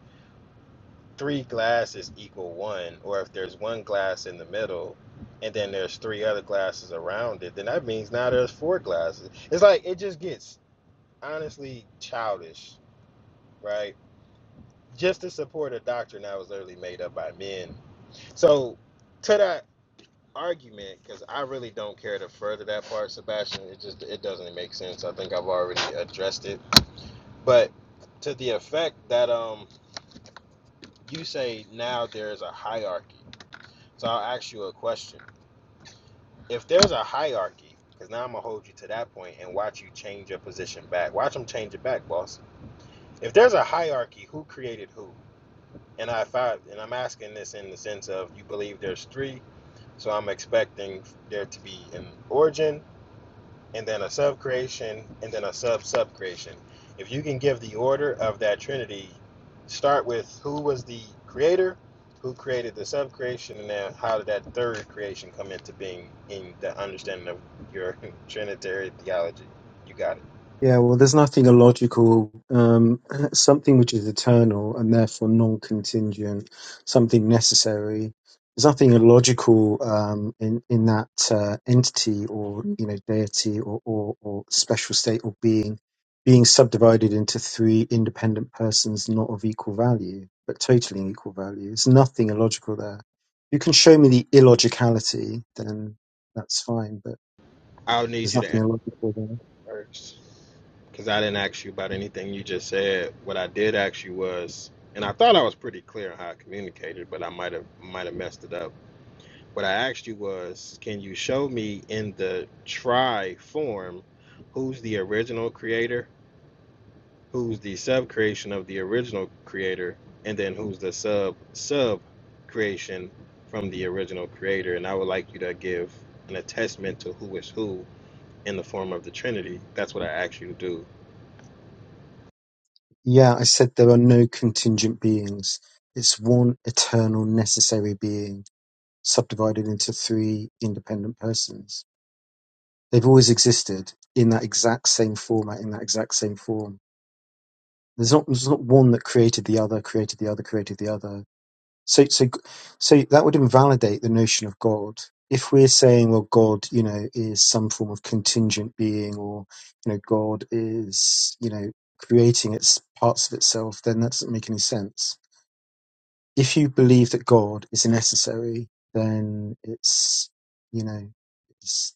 [SPEAKER 6] three glasses equal one, or if there's one glass in the middle? And then there's three other glasses around it. Then that means now there's four glasses. It's like it just gets honestly childish, right? Just to support a doctrine that was literally made up by men. So to that argument, because I really don't care to further that part, Sebastian. It just it doesn't make sense. I think I've already addressed it. But to the effect that um you say now there's a hierarchy. So I'll ask you a question. If there's a hierarchy, because now I'm gonna hold you to that point and watch you change your position back. Watch them change it back, boss. If there's a hierarchy, who created who? And I thought, and I'm asking this in the sense of you believe there's three, so I'm expecting there to be an origin, and then a sub creation, and then a sub sub creation. If you can give the order of that trinity, start with who was the creator, who created the sub creation, and then how did that third creation come into being in the understanding of your (laughs) trinitarian theology? You got it.
[SPEAKER 7] Yeah, well, there's nothing illogical, um, (clears throat) something which is eternal and therefore non contingent, something necessary. There's nothing illogical um, in, in that uh, entity or you know deity or, or, or special state or being being subdivided into three independent persons not of equal value, but totaling equal value. There's nothing illogical there. You can show me the illogicality, then that's fine, but
[SPEAKER 6] I'll
[SPEAKER 7] there's nothing
[SPEAKER 6] answer
[SPEAKER 7] illogical there.
[SPEAKER 6] first because I didn't ask you about anything you just said. Yes. and I thought I was pretty clear on how I communicated, but I might have might have messed it up. What I asked you was, can you show me in the try form who's the original creator, who's the sub creation of the original creator, and then who's the sub sub creation from the original creator? And I would like you to give an attestment to who is who in the form of the Trinity. That's what I asked you to do.
[SPEAKER 7] Yeah, I said there are no contingent beings. It's one eternal necessary being subdivided into three independent persons. They've always existed in that exact same format, in that exact same form. There's not there's not one that created the other, created the other, created the other. So so so that would invalidate the notion of God. If we're saying, well, God, you know, is some form of contingent being, or you know, God is, you know, creating its parts of itself, then that doesn't make any sense if you believe that God is necessary, then it's you know it's,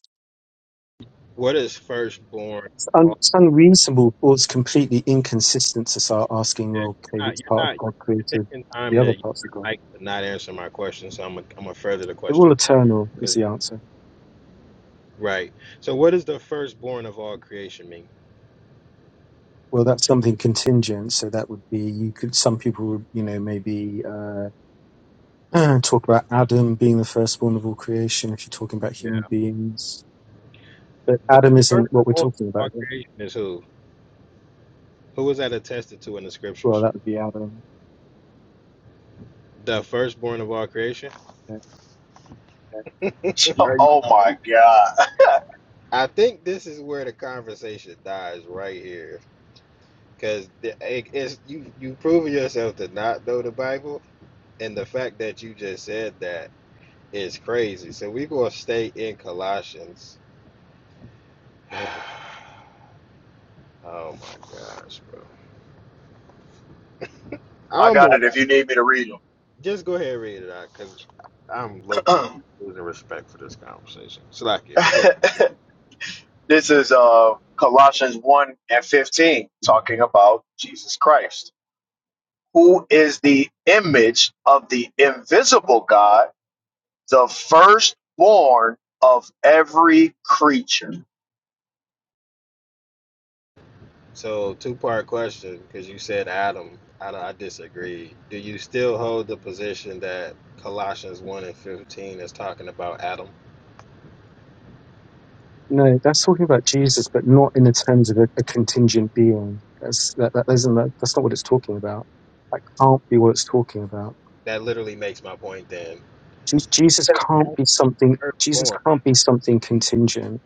[SPEAKER 6] What is firstborn?
[SPEAKER 7] it's,
[SPEAKER 6] of
[SPEAKER 7] un, it's unreasonable or it's completely inconsistent to start asking,
[SPEAKER 6] Yeah,
[SPEAKER 7] well,
[SPEAKER 6] you're
[SPEAKER 7] okay,
[SPEAKER 6] not,
[SPEAKER 7] which
[SPEAKER 6] you're
[SPEAKER 7] part of
[SPEAKER 6] not
[SPEAKER 7] God
[SPEAKER 6] you're
[SPEAKER 7] created
[SPEAKER 6] taking
[SPEAKER 7] the
[SPEAKER 6] time
[SPEAKER 7] other
[SPEAKER 6] to
[SPEAKER 7] parts of God?
[SPEAKER 6] like not answer my question, so I'm gonna I'm gonna further the
[SPEAKER 7] They're all
[SPEAKER 6] question.
[SPEAKER 7] eternal is
[SPEAKER 6] 'Cause-
[SPEAKER 7] the answer.
[SPEAKER 6] right. So, what does the firstborn of all creation mean?
[SPEAKER 7] Well, that's something contingent, so that would be you could some people would you know maybe uh, (clears throat) talk about Adam being the firstborn of all creation if you're talking about
[SPEAKER 6] Yeah,
[SPEAKER 7] human beings, but
[SPEAKER 6] the
[SPEAKER 7] Adam isn't what we're
[SPEAKER 6] firstborn
[SPEAKER 7] talking
[SPEAKER 6] of
[SPEAKER 7] about
[SPEAKER 6] all
[SPEAKER 7] here.
[SPEAKER 6] creation is who? Who was that attested to in the
[SPEAKER 7] Well,
[SPEAKER 6] scriptures?
[SPEAKER 7] that would be Adam
[SPEAKER 6] The firstborn of all creation.
[SPEAKER 10] (laughs)
[SPEAKER 6] (laughs) Are you-
[SPEAKER 10] oh my god.
[SPEAKER 6] I think this is where the conversation dies right here, because it's you you proving yourself to not know the Bible, and the fact that you just said that is crazy. So we are gonna stay in Colossians (sighs) oh my gosh, bro.
[SPEAKER 10] I
[SPEAKER 6] I'm
[SPEAKER 10] got
[SPEAKER 6] a,
[SPEAKER 10] it if you need me to read
[SPEAKER 6] just go ahead and read it out because I'm low key
[SPEAKER 10] them.
[SPEAKER 6] losing respect for this conversation. Slacky, but go ahead.
[SPEAKER 10] (clears throat) This is uh, Colossians 1 and 15, talking about Jesus Christ, who is the image of the invisible God, the firstborn of every creature,
[SPEAKER 6] So, two part question because you said Adam. I, I disagree. Do you still hold the position that Colossians 1 and 15 is talking about Adam?
[SPEAKER 7] No, that's talking about Jesus, but not in the terms of a, a contingent being. That's that, that isn't that, that's not what it's talking about. That can't be what it's talking about.
[SPEAKER 6] That literally makes my point then.
[SPEAKER 7] Je- Jesus
[SPEAKER 6] Because he
[SPEAKER 7] can't be something. Jesus
[SPEAKER 6] firstborn.
[SPEAKER 7] can't be something contingent.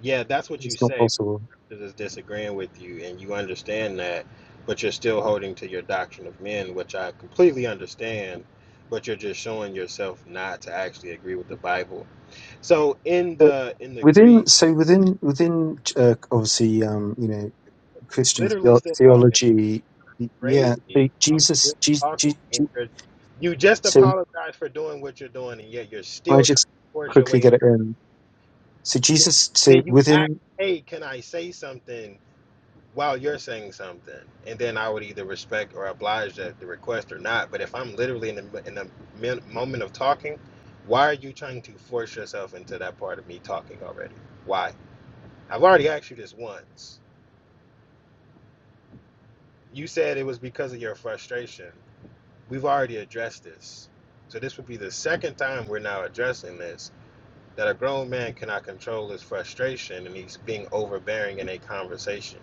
[SPEAKER 6] Yeah, that's what you
[SPEAKER 7] It's not
[SPEAKER 6] say,
[SPEAKER 7] possible.
[SPEAKER 6] that is disagreeing with you and you understand that, but you're still holding to your doctrine of men, which I completely understand, but you're just showing yourself not to actually agree with the Bible. So in
[SPEAKER 7] But
[SPEAKER 6] the in the
[SPEAKER 7] within
[SPEAKER 6] Greek,
[SPEAKER 7] so within within uh, obviously um, you know Christian
[SPEAKER 6] literally
[SPEAKER 7] theo-
[SPEAKER 6] still talking
[SPEAKER 7] theology, y- yeah.
[SPEAKER 6] crazy.
[SPEAKER 7] So
[SPEAKER 6] I'm
[SPEAKER 7] Jesus,
[SPEAKER 6] still
[SPEAKER 7] Je-
[SPEAKER 6] talking
[SPEAKER 7] Je-
[SPEAKER 6] and
[SPEAKER 7] Je-
[SPEAKER 6] you're, you just
[SPEAKER 7] so
[SPEAKER 6] apologize for doing what you're doing and yet you're
[SPEAKER 7] can I
[SPEAKER 6] still trying
[SPEAKER 7] just
[SPEAKER 6] to force your
[SPEAKER 7] quickly
[SPEAKER 6] way.
[SPEAKER 7] get it in? So Jesus, so
[SPEAKER 6] Then you
[SPEAKER 7] within
[SPEAKER 6] act, hey, can I say something? while you're saying something, and then I would either respect or oblige that the request or not. But if I'm literally in the in the min- moment of talking, why are you trying to force yourself into that part of me talking already? Why? I've already asked you this once. You said it was because of your frustration. We've already addressed this. So this would be the second time we're now addressing this that a grown man cannot control his frustration and he's being overbearing in a conversation.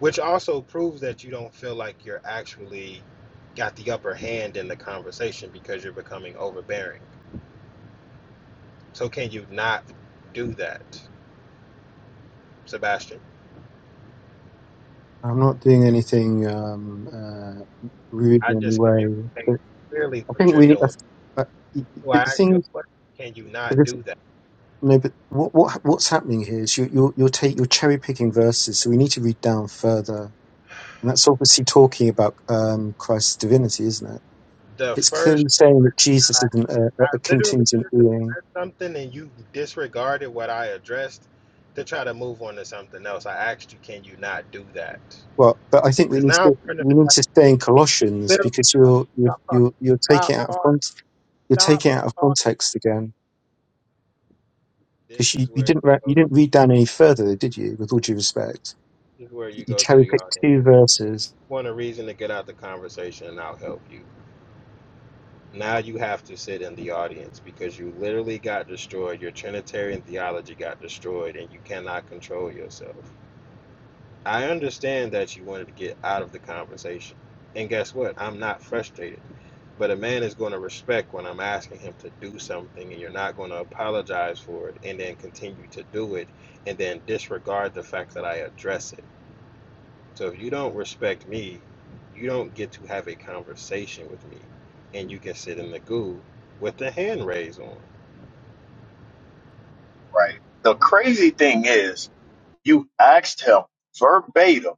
[SPEAKER 6] which also proves that you don't feel like you're actually got the upper hand in the conversation because you're becoming overbearing. So can you not do that, Sebastian?
[SPEAKER 7] I'm not doing anything um, uh, rude
[SPEAKER 6] I
[SPEAKER 7] in any
[SPEAKER 6] just
[SPEAKER 7] way,
[SPEAKER 6] communicate
[SPEAKER 7] but
[SPEAKER 6] clearly
[SPEAKER 7] I
[SPEAKER 6] what
[SPEAKER 7] think
[SPEAKER 6] you're
[SPEAKER 7] we. I,
[SPEAKER 6] doing.
[SPEAKER 7] I,
[SPEAKER 6] Well,
[SPEAKER 7] but the
[SPEAKER 6] I asked you
[SPEAKER 7] thing,
[SPEAKER 6] a question. Can you
[SPEAKER 7] but
[SPEAKER 6] not
[SPEAKER 7] it's-
[SPEAKER 6] do that?
[SPEAKER 7] no, but what, what what's happening here is you you're, you're take you're cherry picking verses, so we need to read down further, and that's obviously talking about um, Christ's divinity, isn't it?
[SPEAKER 6] The
[SPEAKER 7] It's
[SPEAKER 6] first,
[SPEAKER 7] clearly saying that Jesus
[SPEAKER 6] I,
[SPEAKER 7] isn't a,
[SPEAKER 6] I
[SPEAKER 7] a
[SPEAKER 6] literally
[SPEAKER 7] contingent
[SPEAKER 6] just
[SPEAKER 7] being.
[SPEAKER 6] addressed something and you disregarded what I addressed to try to move on to something else. I asked you, can you not do that?
[SPEAKER 7] Well, but I think we
[SPEAKER 6] Because
[SPEAKER 7] need
[SPEAKER 6] now I'm
[SPEAKER 7] to
[SPEAKER 6] trying to
[SPEAKER 7] we
[SPEAKER 6] feel
[SPEAKER 7] need
[SPEAKER 6] like
[SPEAKER 7] to stay
[SPEAKER 6] you
[SPEAKER 7] in Colossians
[SPEAKER 6] literally
[SPEAKER 7] because
[SPEAKER 6] stop,
[SPEAKER 7] you're you're
[SPEAKER 6] stop talking.
[SPEAKER 7] you're, you're taking
[SPEAKER 6] Stop
[SPEAKER 7] it out of
[SPEAKER 6] talking.
[SPEAKER 7] context. You're
[SPEAKER 6] stop
[SPEAKER 7] taking it out of
[SPEAKER 6] talking.
[SPEAKER 7] context again
[SPEAKER 6] This
[SPEAKER 7] Because you,
[SPEAKER 6] is
[SPEAKER 7] you
[SPEAKER 6] where you
[SPEAKER 7] didn't re-
[SPEAKER 6] go
[SPEAKER 7] you
[SPEAKER 6] to,
[SPEAKER 7] didn't read down any further, did you? With all due respect,
[SPEAKER 6] this is where you
[SPEAKER 7] you
[SPEAKER 6] go to
[SPEAKER 7] cherry
[SPEAKER 6] the
[SPEAKER 7] picked
[SPEAKER 6] audience.
[SPEAKER 7] two verses
[SPEAKER 6] You Want a reason to get out the conversation, and I'll help you. Now you have to sit in the audience because you literally got destroyed. Your Trinitarian theology got destroyed, and you cannot control yourself. I understand that you wanted to get out of the conversation. And guess what? I'm not frustrated. But a man is going to respect when I'm asking him to do something, and you're not going to apologize for it and then continue to do it and then disregard the fact that I address it. So if you don't respect me, you don't get to have a conversation with me. And you can sit in the goo with the hand raised on.
[SPEAKER 10] right? The crazy thing is, you asked him verbatim,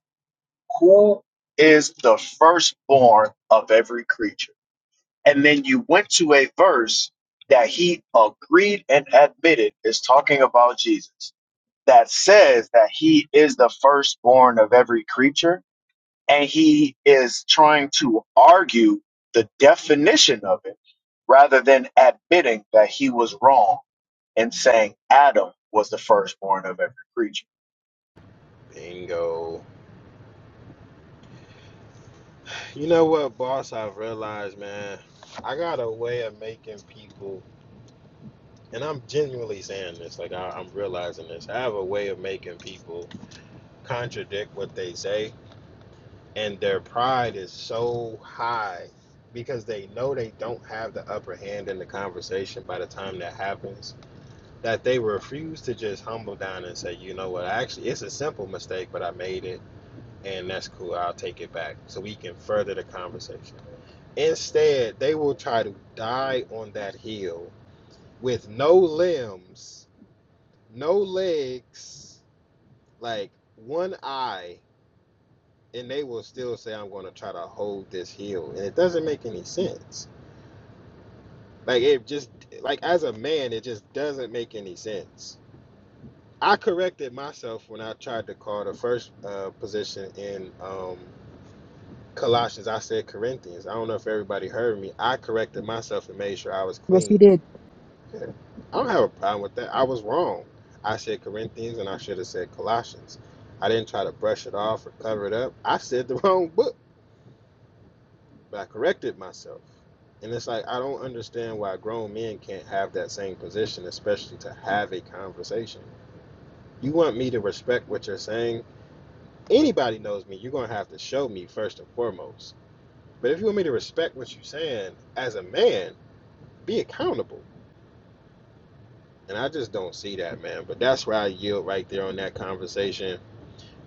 [SPEAKER 10] who is the firstborn of every creature? And then you went to a verse that he agreed and admitted is talking about Jesus that says that he is the firstborn of every creature, and he is trying to argue the definition of it rather than admitting that he was wrong and saying Adam was the firstborn of every creature.
[SPEAKER 6] Bingo. You know what, boss, I've realized, man, I got a way of making people, and I'm genuinely saying this, like I, I'm realizing this. I have a way of making people contradict what they say, and their pride is so high because they know they don't have the upper hand in the conversation by the time that happens that they refuse to just humble down and say, you know what, actually, it's a simple mistake, but I made it, and that's cool. I'll take it back so we can further the conversation. Instead, they will try to die on that hill with no limbs, no legs, like one eye, and they will still say, I'm going to try to hold this hill. And it doesn't make any sense. Like, it just, like, as a man, it just doesn't make any sense I corrected myself when I tried to call the first uh, position in um, Colossians. I said Corinthians. I don't know if everybody heard me. I corrected myself and made sure I was
[SPEAKER 3] Yes,
[SPEAKER 6] clean.
[SPEAKER 3] you did.
[SPEAKER 6] I don't have a problem with that. I was wrong. I said Corinthians and I should have said Colossians. I didn't try to brush it off or cover it up. I said the (laughs) wrong book, but I corrected myself. And it's like, I don't understand why grown men can't have that same position, especially to have a conversation. You want me to respect what you're saying anybody knows me, you're gonna have to show me first and foremost. But if you want me to respect what you're saying as a man, be accountable. And I just don't see that, man. But that's where I yield right there on that conversation.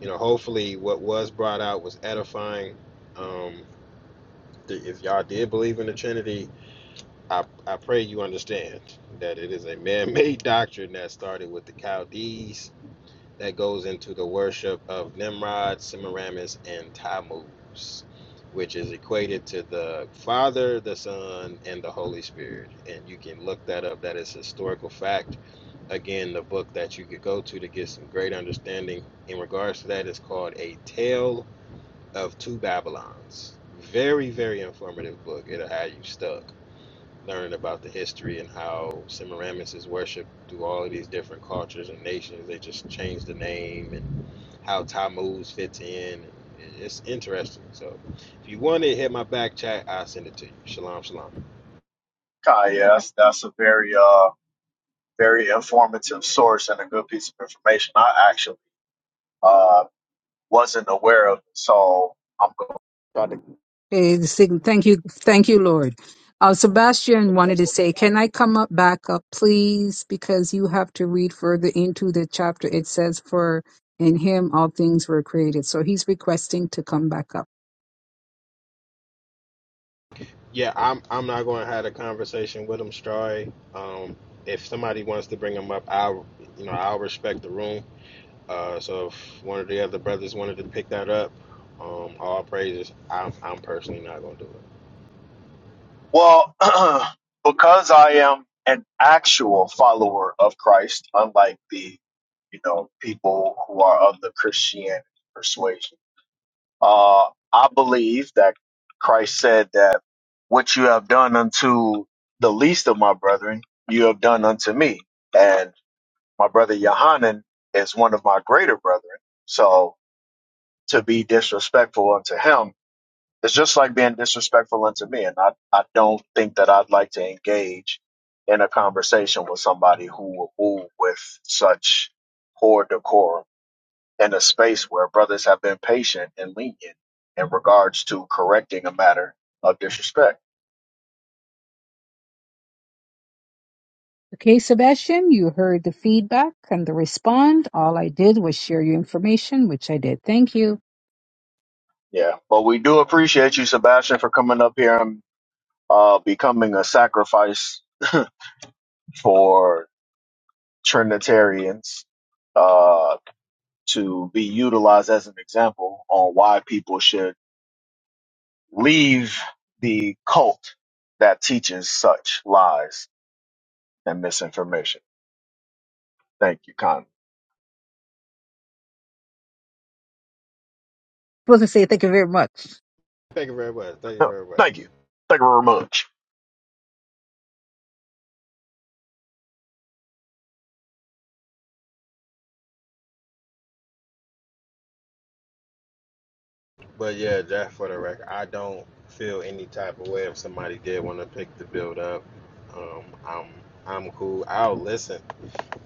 [SPEAKER 6] You know, hopefully what was brought out was edifying. Um, if y'all did believe in the Trinity, I, I pray you understand that it is a man made (laughs) doctrine that started with the Chaldees that goes into the worship of Nimrod, Semiramis, and Tammuz, which is equated to the Father, the Son, and the Holy Spirit. And you can look that up. That is a historical fact. Again, the book that you could go to to get some great understanding in regards to that is called A Tale of Two Babylons. Very, very informative book. It'll have you stuck learning about the history and how Semiramis is worshipped through all of these different cultures and nations. They just changed the name and how Ty moves fits in. It's interesting. So if you want it, hit my back chat. I'll send it to you. Shalom, shalom.
[SPEAKER 10] Kai, yeah, that's, that's a very uh very informative source and a good piece of information. I actually uh wasn't aware of it, so I'm going Trying to
[SPEAKER 3] Eh, the sig- Thank you, thank you,
[SPEAKER 10] try
[SPEAKER 3] Lord. Uh,
[SPEAKER 10] to
[SPEAKER 3] Sebastian wanted
[SPEAKER 10] jump
[SPEAKER 3] to
[SPEAKER 10] on
[SPEAKER 3] say, "Can I come up back up, please? Because you have to read further into the chapter. It says, "For in Him all things were created." So he's requesting to come back up.
[SPEAKER 6] Yeah, I'm I'm not going to have a conversation with him, Stroy. Um, if somebody wants to bring him up, I'll you know I'll respect the room. Uh, so if one of the other brothers wanted to pick that up, um, all praises. I'm I'm personally not going to do it.
[SPEAKER 10] Well, (clears throat) because I am an actual follower of Christ, unlike the you know people who are of the Christian persuasion, uh, I believe that Christ said that what you have done unto the least of my brethren, you have done unto me, and my brother Yohanan is one of my greater brethren. So to be disrespectful unto him it's just like being disrespectful unto me, and I, I don't think that I'd like to engage in a conversation with somebody who will move with such poor decorum in a space where brothers have been patient and lenient in regards to correcting a matter of disrespect.
[SPEAKER 3] Okay, Sebastian, you heard the feedback and the respond. All I did was share your information, which I did. Thank you.
[SPEAKER 10] Yeah, but we do appreciate you, Sebastian, for coming up here and uh, becoming a sacrifice (laughs) for Trinitarians uh, to be utilized as an example on why people should leave the cult that teaches such lies and misinformation. Thank you, Con.
[SPEAKER 3] Supposed to say thank you very much.
[SPEAKER 6] Thank you very much. Thank you very
[SPEAKER 10] (laughs) Thank
[SPEAKER 6] much.
[SPEAKER 10] you. Thank you very much.
[SPEAKER 6] But yeah, Jack, for the record, I don't feel any type of way if somebody did want to pick the build up. Um, I'm I'm cool. I'll listen.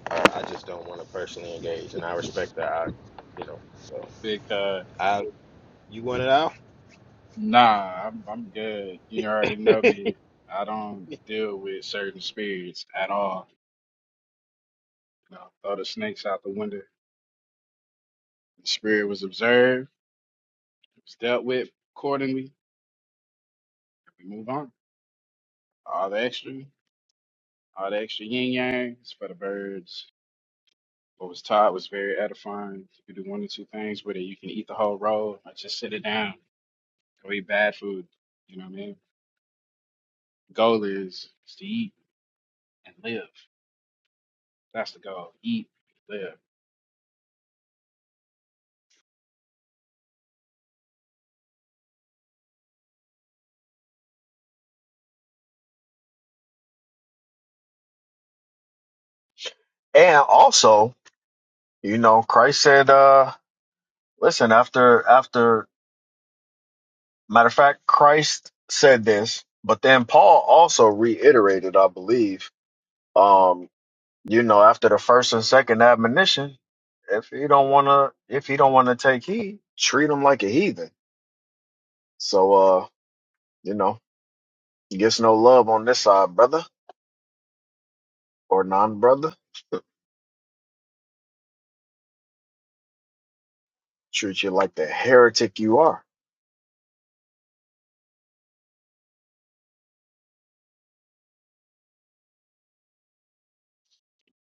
[SPEAKER 6] Uh, I just don't want to personally engage, and I respect that. I, you know, so
[SPEAKER 1] Because
[SPEAKER 6] I you want it out,
[SPEAKER 1] nah, I'm I'm good. You already know me. I don't deal with certain spirits at all. You know, throw the snakes out the window. The spirit was observed, it was dealt with accordingly. We move on. All the extra. All the extra yin yangs for the birds. What was taught was very edifying. You can do one or two things with it. You can eat the whole roll or just sit it down. Go eat bad food. You know what I mean? Goal is, is to eat and live. That's the goal. Eat, live.
[SPEAKER 10] And also, you know, Christ said, uh, listen, after, after, matter of fact, Christ said this, but then Paul also reiterated, I believe, um, you know, after the first and second admonition, if he don't want to, if he don't want to take heed, treat him like a heathen. So, uh, you know, Gets no love on this side, brother or non-brother. Treat you like the heretic you are.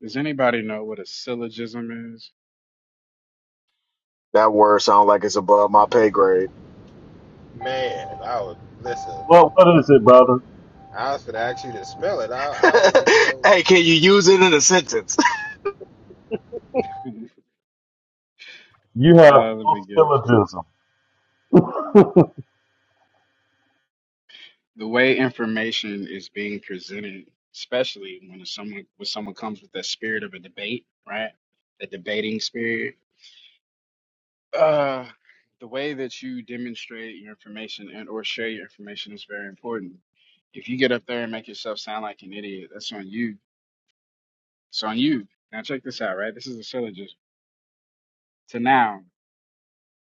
[SPEAKER 1] Does anybody know what a syllogism is?
[SPEAKER 10] That word sounds like it's above my pay grade.
[SPEAKER 6] man? I would listen.
[SPEAKER 2] Well, what is it, brother?
[SPEAKER 6] I was gonna ask you to spell it. I
[SPEAKER 10] (laughs)
[SPEAKER 6] I don't even know.
[SPEAKER 10] hey, can you use it in a sentence? (laughs)
[SPEAKER 1] (laughs)
[SPEAKER 2] You have
[SPEAKER 1] uh, let me
[SPEAKER 2] full
[SPEAKER 1] get it for you.
[SPEAKER 2] syllogism. (laughs)
[SPEAKER 1] The way information is being presented, especially when it's someone when someone comes with that spirit of a debate, right? The debating spirit Uh, the way that you demonstrate your information and or share your information is very important. If you get up there and make yourself sound like an idiot, that's on you. It's on you. Now check this out, right? This is a syllogism. To noun,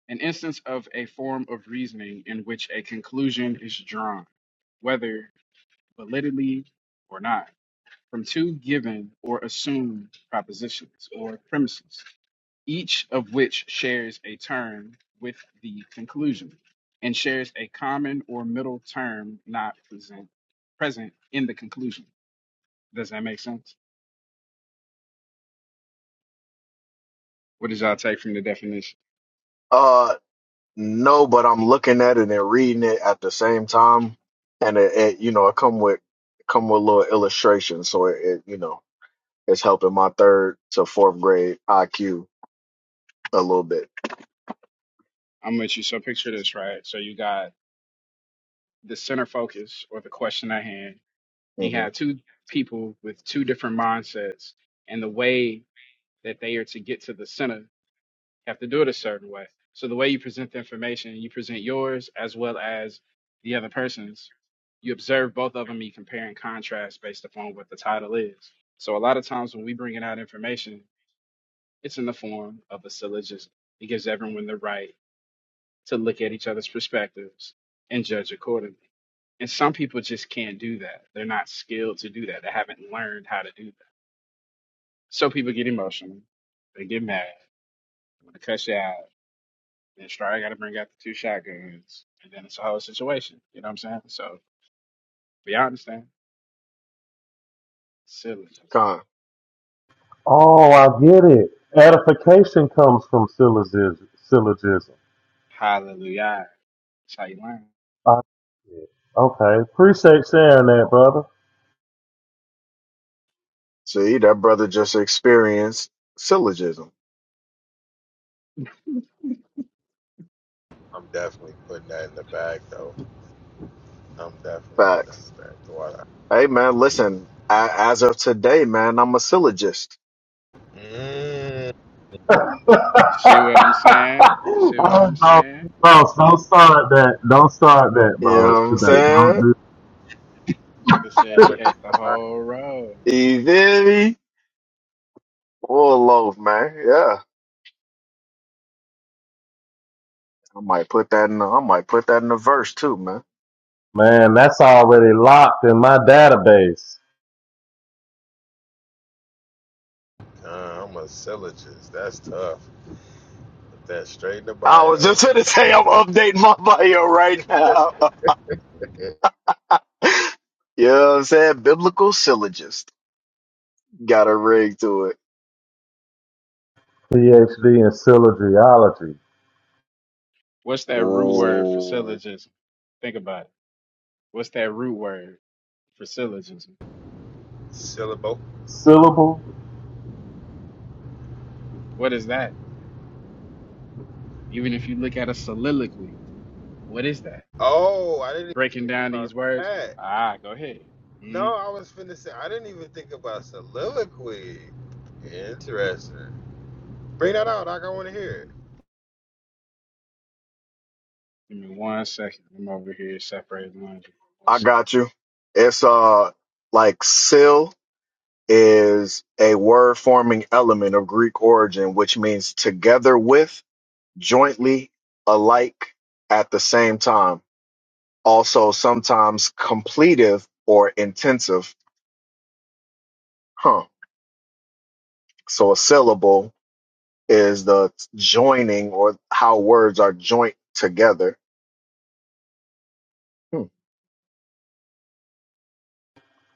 [SPEAKER 1] an instance of a form of reasoning in which a conclusion is drawn, whether validly or not, from two given or assumed propositions or premises. each of which shares a term with the conclusion and shares a common or middle term not present present in the conclusion. Does that make sense? What did y'all take from the definition?
[SPEAKER 10] Uh, no, but I'm looking at it and reading it at the same time, and it, it you know, it come with come with little illustrations, so it, it you know, it's helping my third to fourth grade IQ a little bit.
[SPEAKER 1] I'm with you. So picture this, right? So you got the center focus or the question at hand. You
[SPEAKER 10] hmm
[SPEAKER 1] have two people with two different mindsets, and the way that they are to get to the center You have to do it a certain way. So the way you present the information, you present yours as well as the other person's. You observe both of them, you compare and contrast based upon what the title is. So a lot of times when we bringing out information, it's in the form of a syllogism. It gives everyone the right to look at each other's perspectives and judge accordingly. And some people just can't do that. They're not skilled to do that. They haven't learned how to do that. So people get emotional. They get mad. They want to cuss you out. Then Stry got to bring out the two shotguns, and then it's a whole situation. You know what I'm saying? So, but y'all understand? Syllogism.
[SPEAKER 10] Con,
[SPEAKER 2] oh, I get it. Edification comes from syllogism.
[SPEAKER 1] Hallelujah. That's how you learn.
[SPEAKER 2] Uh, okay. Appreciate sharing that, brother.
[SPEAKER 10] see that brother just experienced syllogism.
[SPEAKER 6] I'm definitely putting that in the bag, though. I'm definitely putting that
[SPEAKER 10] Facts.
[SPEAKER 6] in the bag. The water.
[SPEAKER 10] Hey man, listen, a- as of today, man, I'm a syllogist.
[SPEAKER 6] Mm.
[SPEAKER 2] (laughs)
[SPEAKER 1] You see what I'm saying? You see what
[SPEAKER 2] oh,
[SPEAKER 1] I'm
[SPEAKER 2] no,
[SPEAKER 1] saying?
[SPEAKER 2] bro, don't start that. Don't start that,
[SPEAKER 10] You know
[SPEAKER 2] bro.
[SPEAKER 10] what I'm
[SPEAKER 2] Today, don't
[SPEAKER 10] saying?
[SPEAKER 2] do.
[SPEAKER 1] Brother
[SPEAKER 6] Yeah,
[SPEAKER 1] said
[SPEAKER 2] (laughs)
[SPEAKER 1] he ate the
[SPEAKER 6] but
[SPEAKER 1] whole road.
[SPEAKER 10] You feel me? Full loaf, man. Yeah. I might put that in the, I might put that in the verse too, man.
[SPEAKER 2] Man, that's already locked in my database.
[SPEAKER 6] Uh, I'm a syllogist. That's tough. Put that straight in the
[SPEAKER 10] I was
[SPEAKER 6] bio.
[SPEAKER 10] just (laughs) gonna say I'm updating my bio right now.
[SPEAKER 6] It,
[SPEAKER 10] (laughs) you know what I'm saying? Biblical syllogist. Got a ring to it.
[SPEAKER 2] PhD in syllogiology.
[SPEAKER 1] What's that root word for
[SPEAKER 10] Ooh.
[SPEAKER 1] syllogism? Think about it. What's that root word for syllogism?
[SPEAKER 6] syllable.
[SPEAKER 2] Syllable
[SPEAKER 1] What is that? Even if you look at a soliloquy, what is that?
[SPEAKER 6] Oh, I didn't even
[SPEAKER 1] Breaking
[SPEAKER 6] think
[SPEAKER 1] down
[SPEAKER 6] about
[SPEAKER 1] these words.
[SPEAKER 6] that.
[SPEAKER 1] Ah, go ahead.
[SPEAKER 6] No, I was finna say I didn't even think about soliloquy. Interesting. Bring that out. Doc. I want to hear it.
[SPEAKER 1] Give me one second. I'm over here separating laundry. One
[SPEAKER 10] I
[SPEAKER 1] second.
[SPEAKER 10] got you. It's uh like is a word forming element of Greek origin, which means together with, jointly, alike, at the same time. Also, sometimes completive or intensive. Huh. So a syllable is the joining or how words are joint together. Hmm.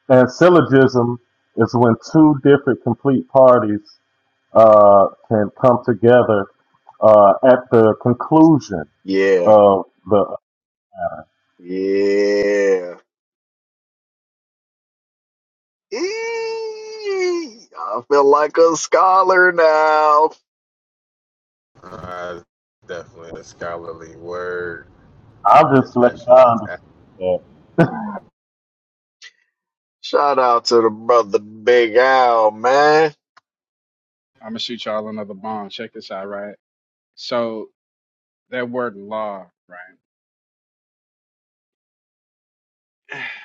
[SPEAKER 2] and syllogism is when two different complete parties uh, can come together uh, at the conclusion
[SPEAKER 10] Yeah.
[SPEAKER 2] of the.
[SPEAKER 10] Yeah. Eee! I feel like a scholar now.
[SPEAKER 6] Uh, definitely a scholarly word,
[SPEAKER 2] I'll just let
[SPEAKER 6] especially
[SPEAKER 2] I
[SPEAKER 6] in its act.
[SPEAKER 2] understand
[SPEAKER 10] Shout out to the brother Big Al, man
[SPEAKER 1] I'm gonna shoot y'all another bomb. Check this out, right? So that word law, right?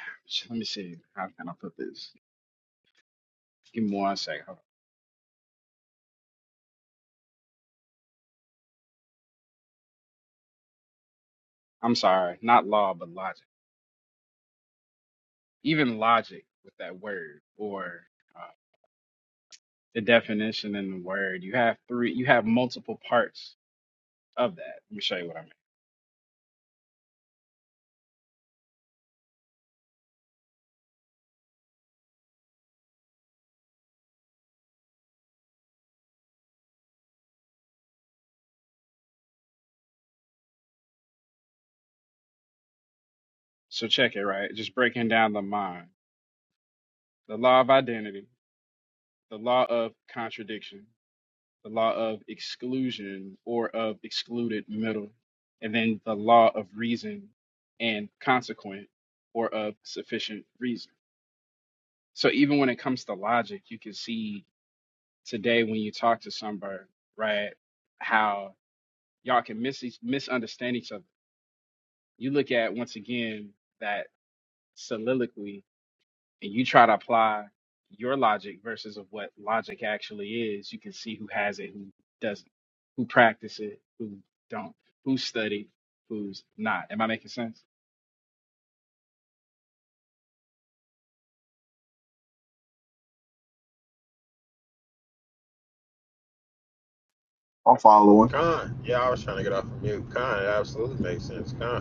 [SPEAKER 1] (sighs) Let me see. How can I put this? Give me one second. Hold on. I'm sorry, not law, but logic. Even logic with that word or uh, the definition in the word, you have three. You have multiple parts of that. Let me show you what I mean. So check it, right? Just breaking down the mind, the law of identity, the law of contradiction, the law of exclusion or of excluded middle, and then the law of reason and consequent or of sufficient reason. So even when it comes to logic, you can see today when you talk to somebody, right, how y'all can mis- misunderstand each other. You look at once again that soliloquy and you try to apply your logic versus of what logic actually is, you can see who has it, who doesn't, who practice it, who don't, who studied, who's not. Am I making sense?
[SPEAKER 10] I'm following.
[SPEAKER 6] Con. Yeah, I was trying to get off of mute. Con. It absolutely makes sense. Con.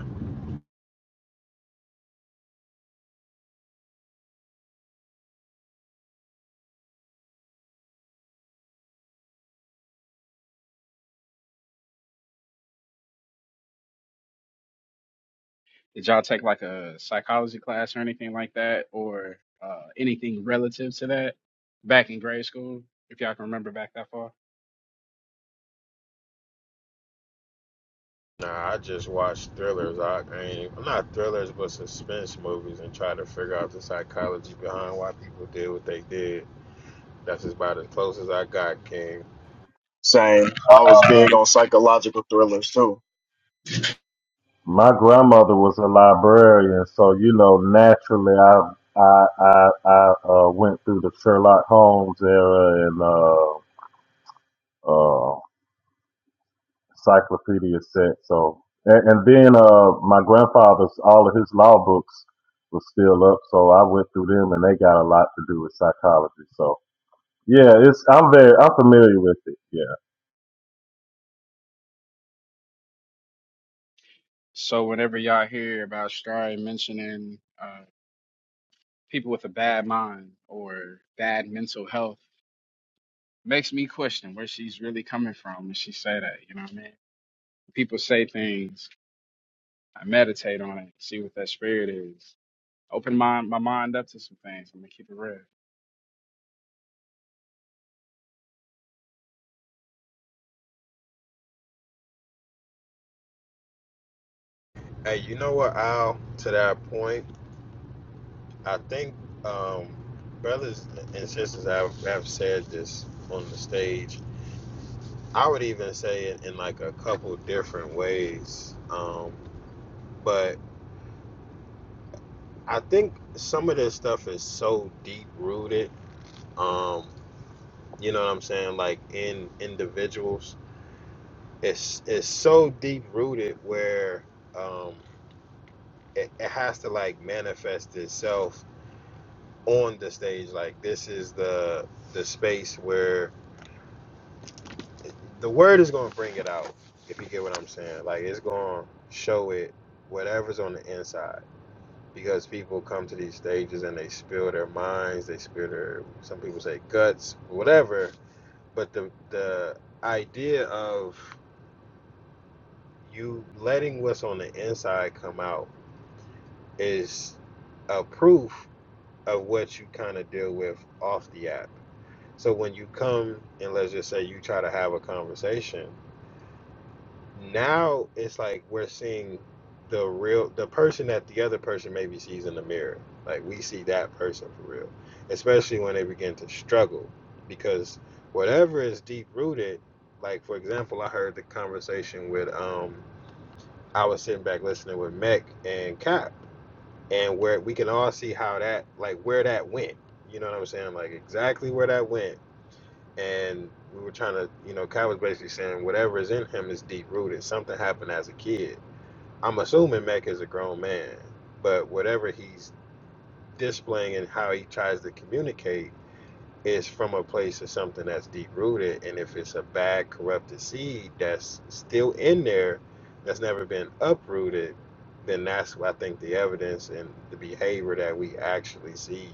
[SPEAKER 1] Did y'all take like a psychology class or anything like that, or uh, anything relative to that back in grade school, if y'all can remember back that far?
[SPEAKER 6] Nah, I just watch thrillers. I, I ain't not thrillers, but suspense movies, and try to figure out the psychology behind why people did what they did. That's about as close as I got, King.
[SPEAKER 10] Same. I was big on psychological thrillers too.
[SPEAKER 2] My grandmother was a librarian, so you know, naturally, I I I, I uh, went through the Sherlock Holmes era and uh, uh, encyclopedia set. So, and, and then uh, my grandfather's all of his law books were still up, so I went through them, and they got a lot to do with psychology. So, yeah, it's I'm very I'm familiar with it. Yeah,
[SPEAKER 1] So whenever y'all hear about Stray mentioning uh, people with a bad mind or bad mental health makes me question where she's really coming from when she say that. You know what I mean? People say things. I meditate on it, see what that spirit is. Open my my mind up to some things. I'm gonna keep it real.
[SPEAKER 6] Hey, you know what, Al? To that point, I think um, brothers and sisters have, have said this on the stage. I would even say it in like a couple different ways, um, but I think some of this stuff is so deep rooted. um. you know what i'm saying like in individuals it's it's so deep rooted where um it, it has to like manifest itself on the stage like this is the the space where the word is going to bring it out if you get what i'm saying like it's going to show it whatever's on the inside because people come to these stages and they spill their minds they spill their some people say guts whatever but the the idea of you letting what's on the inside come out is a proof of what you kind of deal with off the app. So when you come and let's just say you try to have a conversation, now it's like we're seeing the real the person that the other person maybe sees in the mirror. Like we see that person for real, especially when they begin to struggle because whatever is deep rooted. Like for example, I heard the conversation with um I was sitting back listening with Mech and Cap, and where we can all see how that, like where that went. You know what I'm saying? Like exactly where that went. And we were trying to, you know, Cap was basically saying whatever is in him is deep rooted. Something happened as a kid. I'm assuming Mech is a grown man, but whatever he's displaying and how he tries to communicate is from a place of something that's deep rooted. And if it's a bad, corrupted seed that's still in there, that's never been uprooted, then that's what I think the evidence and the behavior that we actually see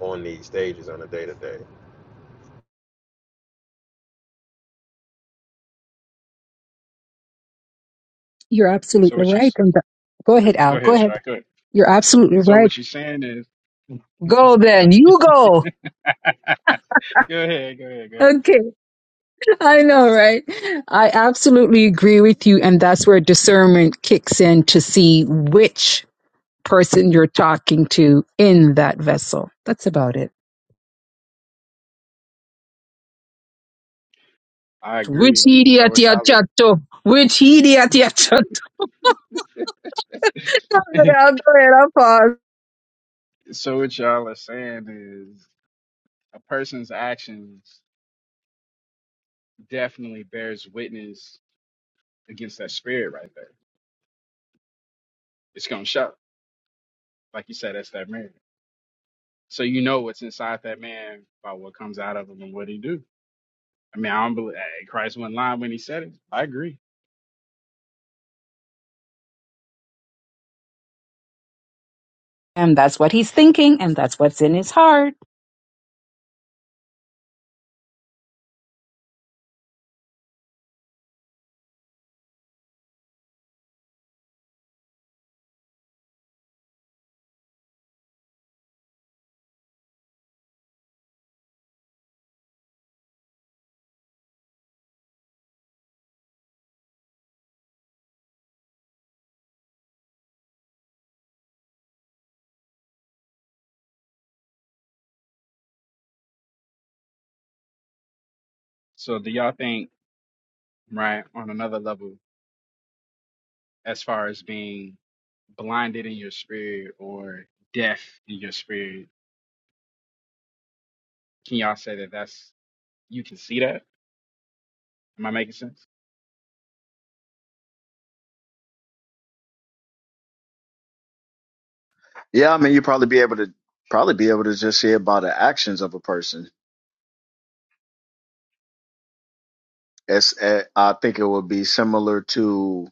[SPEAKER 6] on these stages on a day to day.
[SPEAKER 3] You're
[SPEAKER 1] So
[SPEAKER 3] absolutely
[SPEAKER 1] what you
[SPEAKER 3] right.
[SPEAKER 1] s-
[SPEAKER 3] And the- go
[SPEAKER 1] go
[SPEAKER 3] ahead,
[SPEAKER 1] go
[SPEAKER 3] Al. Go
[SPEAKER 1] ahead,
[SPEAKER 3] ahead.
[SPEAKER 1] Strike. Go ahead.
[SPEAKER 3] You're absolutely
[SPEAKER 1] So
[SPEAKER 3] right.
[SPEAKER 1] what you're saying is, (laughs) go
[SPEAKER 3] Go
[SPEAKER 1] ahead,
[SPEAKER 3] then.
[SPEAKER 1] Strike.
[SPEAKER 3] You go.
[SPEAKER 1] (laughs) go ahead, go ahead, go ahead.
[SPEAKER 3] Okay. I know, right? I absolutely agree with you. And that's where discernment kicks in to see which person you're talking to in that vessel. That's about it.
[SPEAKER 1] I
[SPEAKER 3] Which
[SPEAKER 1] agree. So
[SPEAKER 3] idiot
[SPEAKER 1] what
[SPEAKER 3] ya
[SPEAKER 1] y'all
[SPEAKER 3] chatto? Which idiot ya chatto? (laughs) Go
[SPEAKER 1] are,
[SPEAKER 3] ahead, I'll go ahead, I'll pause.
[SPEAKER 1] (laughs) so what y'all are saying is a person's actions definitely bears witness against that spirit right there. It's gonna show. Like you said, that's that man. So you know what's inside that man by what comes out of him and what he do. I mean, I don't believe eh, Christ not lying when he said it. I agree.
[SPEAKER 3] (laughs) And that's what he's thinking, and that's what's in his heart.
[SPEAKER 1] So do y'all think, right, on another level, as far as being blinded in your spirit or deaf in your spirit, can y'all say that that's you can see that? Am I making sense?
[SPEAKER 10] Yeah, I mean, you probably be able to probably be able to just hear about the actions of a person. It's, eh, I think it would be similar to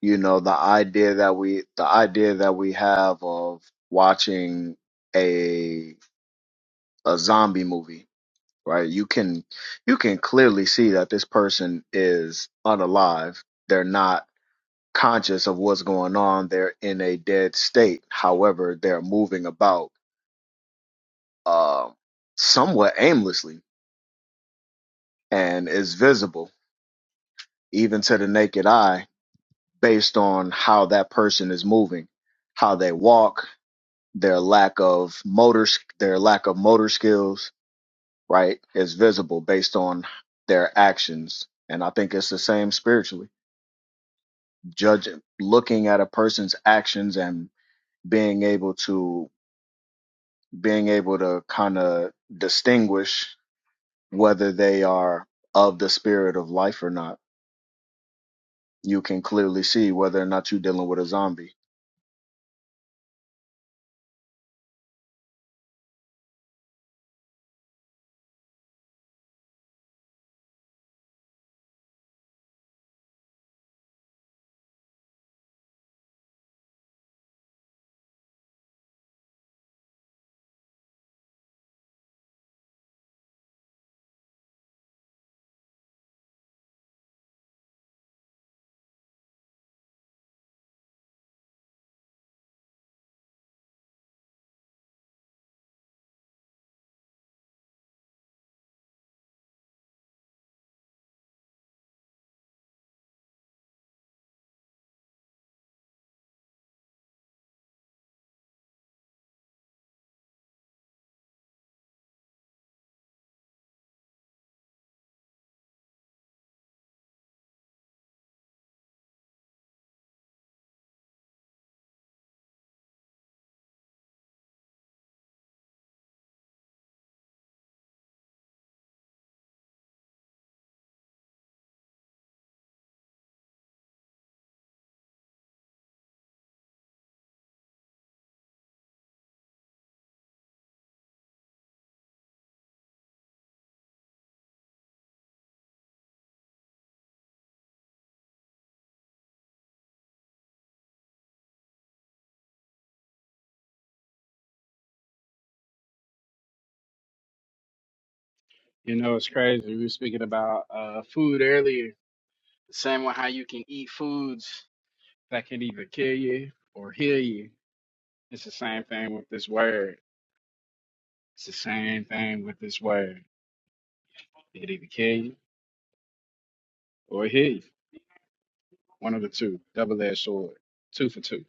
[SPEAKER 10] you know the idea that we the idea that we have of watching a a zombie movie, right? You can you can clearly see that this person is unalive. They're not con. They're in a dead state. However, they're moving about uh, somewhat aimlessly and is visible even to the naked eye based on how that person is moving, how they walk, their lack of motor, their lack of motor skills, right, is visible based on their actions. And I think it's the same spiritually. Judging, looking at a person's actions and being able to, being able to kind of distinguish whether they are of the spirit of life or not you can clearly see whether or not you're dealing with a zombie.
[SPEAKER 1] You know, it's crazy. We were speaking about uh food earlier. Same with how you can eat foods that can either kill you or heal you. It's the same thing with this word. It's the same thing with this word. It either kill you or it hit you. One of the two. Double edged sword. Two for two.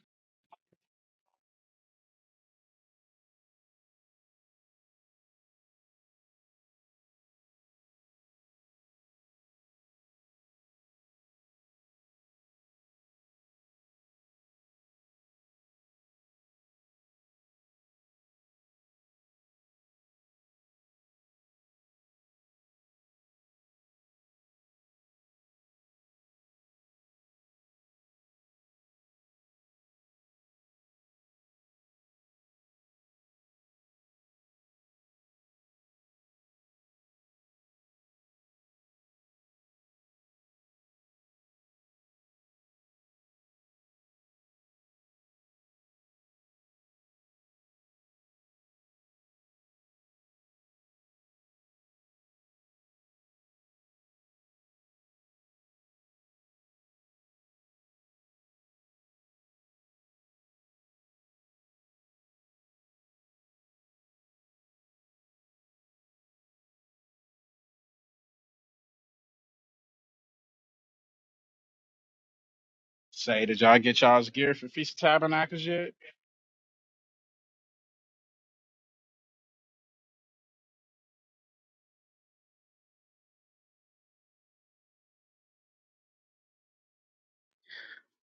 [SPEAKER 1] Say, did y'all get y'all's gear for Feast of Tabernacles yet?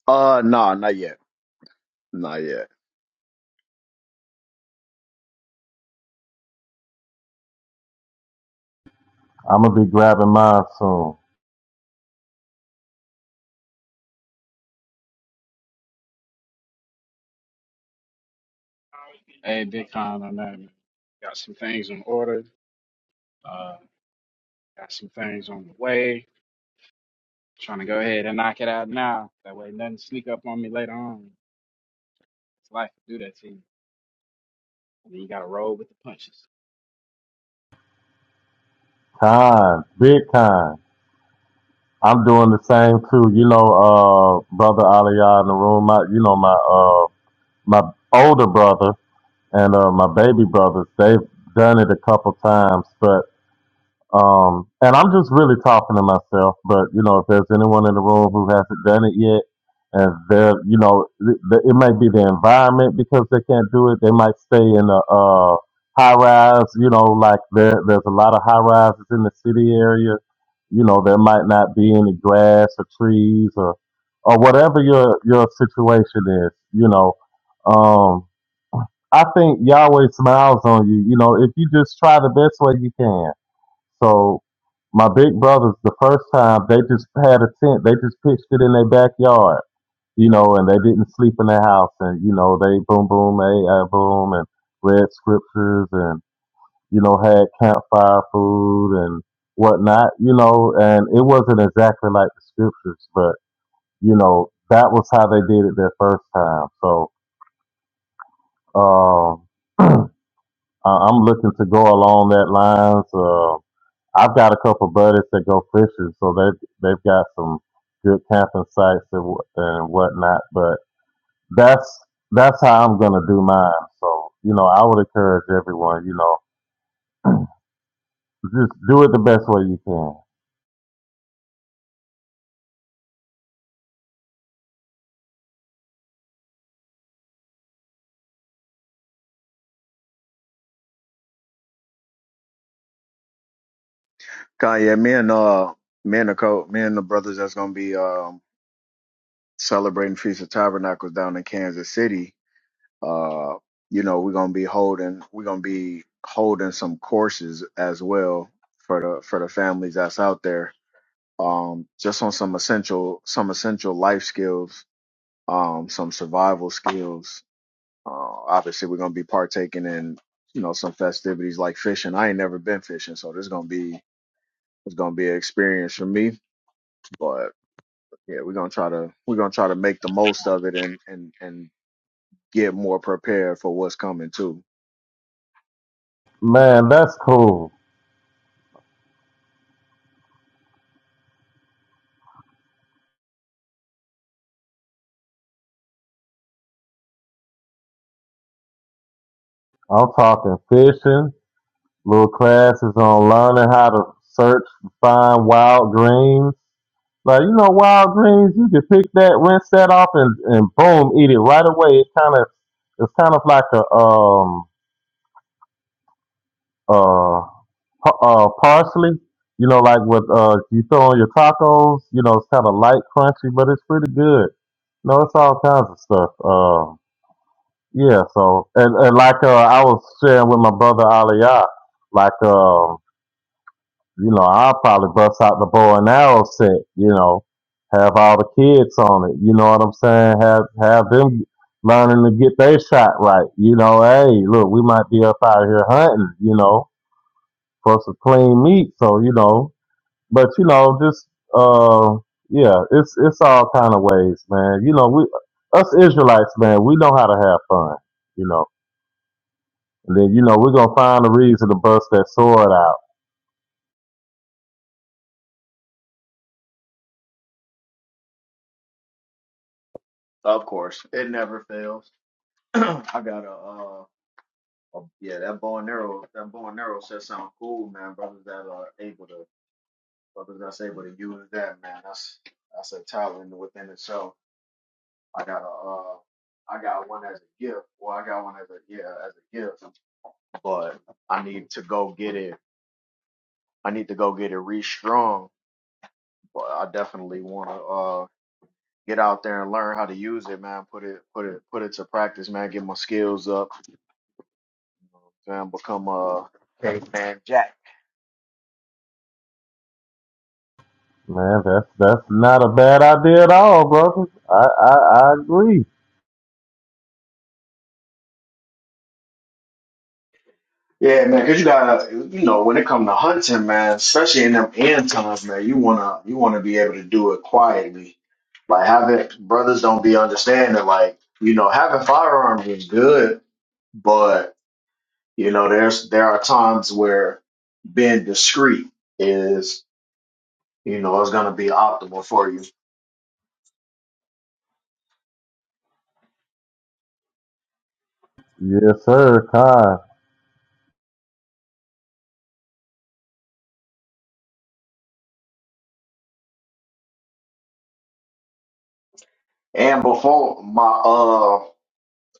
[SPEAKER 10] Uh, nah, not yet, not yet.
[SPEAKER 2] I'm gonna be grabbing mine soon.
[SPEAKER 1] Hey, big con on that. man. Got some things in order. Uh, got some things on the way. Trying to go ahead and knock it out now. That way, nothing sneak up on me later on. It's life to do that to you. And then you got to roll with the punches.
[SPEAKER 2] Kind, big kind. I'm doing the same too. You know, uh, brother Aliyah in the room. My, you know, my uh, my older brother and uh, my baby brothers. They've done it a couple times, but. Um, and I'm just really talking to myself, but you know, if there's anyone in the room who hasn't done it yet, and they're, you know, th- th- it might be the environment because they can't do it. They might stay in a uh, high rise, you know, like there, there's a lot of high rises in the city area. You know, there might not be any grass or trees or, or whatever your, your situation is, you know. Um, I think Yahweh smiles on you, you know, if you just try the best way you can so my big brothers, the first time they just had a tent, they just pitched it in their backyard, you know, and they didn't sleep in their house, and you know they boom boom a uh, boom and read scriptures and you know had campfire food and whatnot, you know, and it wasn't exactly like the scriptures, but you know that was how they did it their first time. So um, (clears throat) I- I'm looking to go along that lines. Uh, I've got a couple buddies that go fishing, so they they've got some good camping sites and wha- and whatnot. But that's that's how I'm gonna do mine. So you know, I would encourage everyone. You know, just do it the best way you can.
[SPEAKER 10] Kanye, me and uh, me and the co, me and the brothers that's gonna be um celebrating Feast of Tabernacles down in Kansas City. Uh, you know we're gonna be holding we're gonna be holding some courses as well for the for the families that's out there. Um, just on some essential some essential life skills, um, some survival skills, Uh, obviously, we're gonna be partaking in you know some festivities like fishing. I ain't never been fishing, so this gonna be it's gonna be an experience for me. But yeah, we're gonna try to we're gonna try to make the most of it and and and get more prepared for what's coming too.
[SPEAKER 2] Man, that's cool. I'm talking fishing. Little classes on learning how to search and find wild greens. Like, you know, wild greens, you can pick that, rinse that off, and, and boom, eat it right away. It's kind of, it's kind of like a um uh pa- uh parsley, you know, like with uh you throw on your tacos. You know, it's kind of light, crunchy, but it's pretty good. No, it's all kinds of stuff. Um, yeah. So and, and like uh, I was sharing with my brother Aliyah, like um You know, I'll probably bust out the bow and arrow set. You know, have all the kids on it. You know what I'm saying? Have have them learning to get their shot right. You know, hey, look, we might be up out here hunting. You know, for some clean meat. So you know, but you know, just uh, yeah, it's it's all kind of ways, man. You know, we us Israelites, man, we know how to have fun. You know, and then you know we're gonna find a reason to bust that sword out
[SPEAKER 10] Of course, it never fails. (clears throat) I got a, uh, a yeah, that bow and arrow, that bow and arrow shit sound cool, man. Brothers that are able to, brothers that's able to use that, man, that's that's a talent within itself. I got a, uh, I got one as a gift. Well, I got one as a yeah, as a gift, but I need to go get it. I need to go get it restrung. But I definitely want to uh get out there and learn how to use it, man. Put it, put it, put it to practice, man. Get my skills up, man. Become a caveman Jack.
[SPEAKER 2] Man, that's that's not a bad idea at all, brother. I I, I agree.
[SPEAKER 10] Yeah, man, because you gotta, you know, when it come to hunting, man, especially in them end times, man, you wanna you wanna be able to do it quietly. Like having brothers don't be understanding, like, you know, having firearms is good, but you know, there's there are times where being discreet is, you know, is gonna be optimal for you.
[SPEAKER 2] Yes, sir. Time,
[SPEAKER 10] And before my uh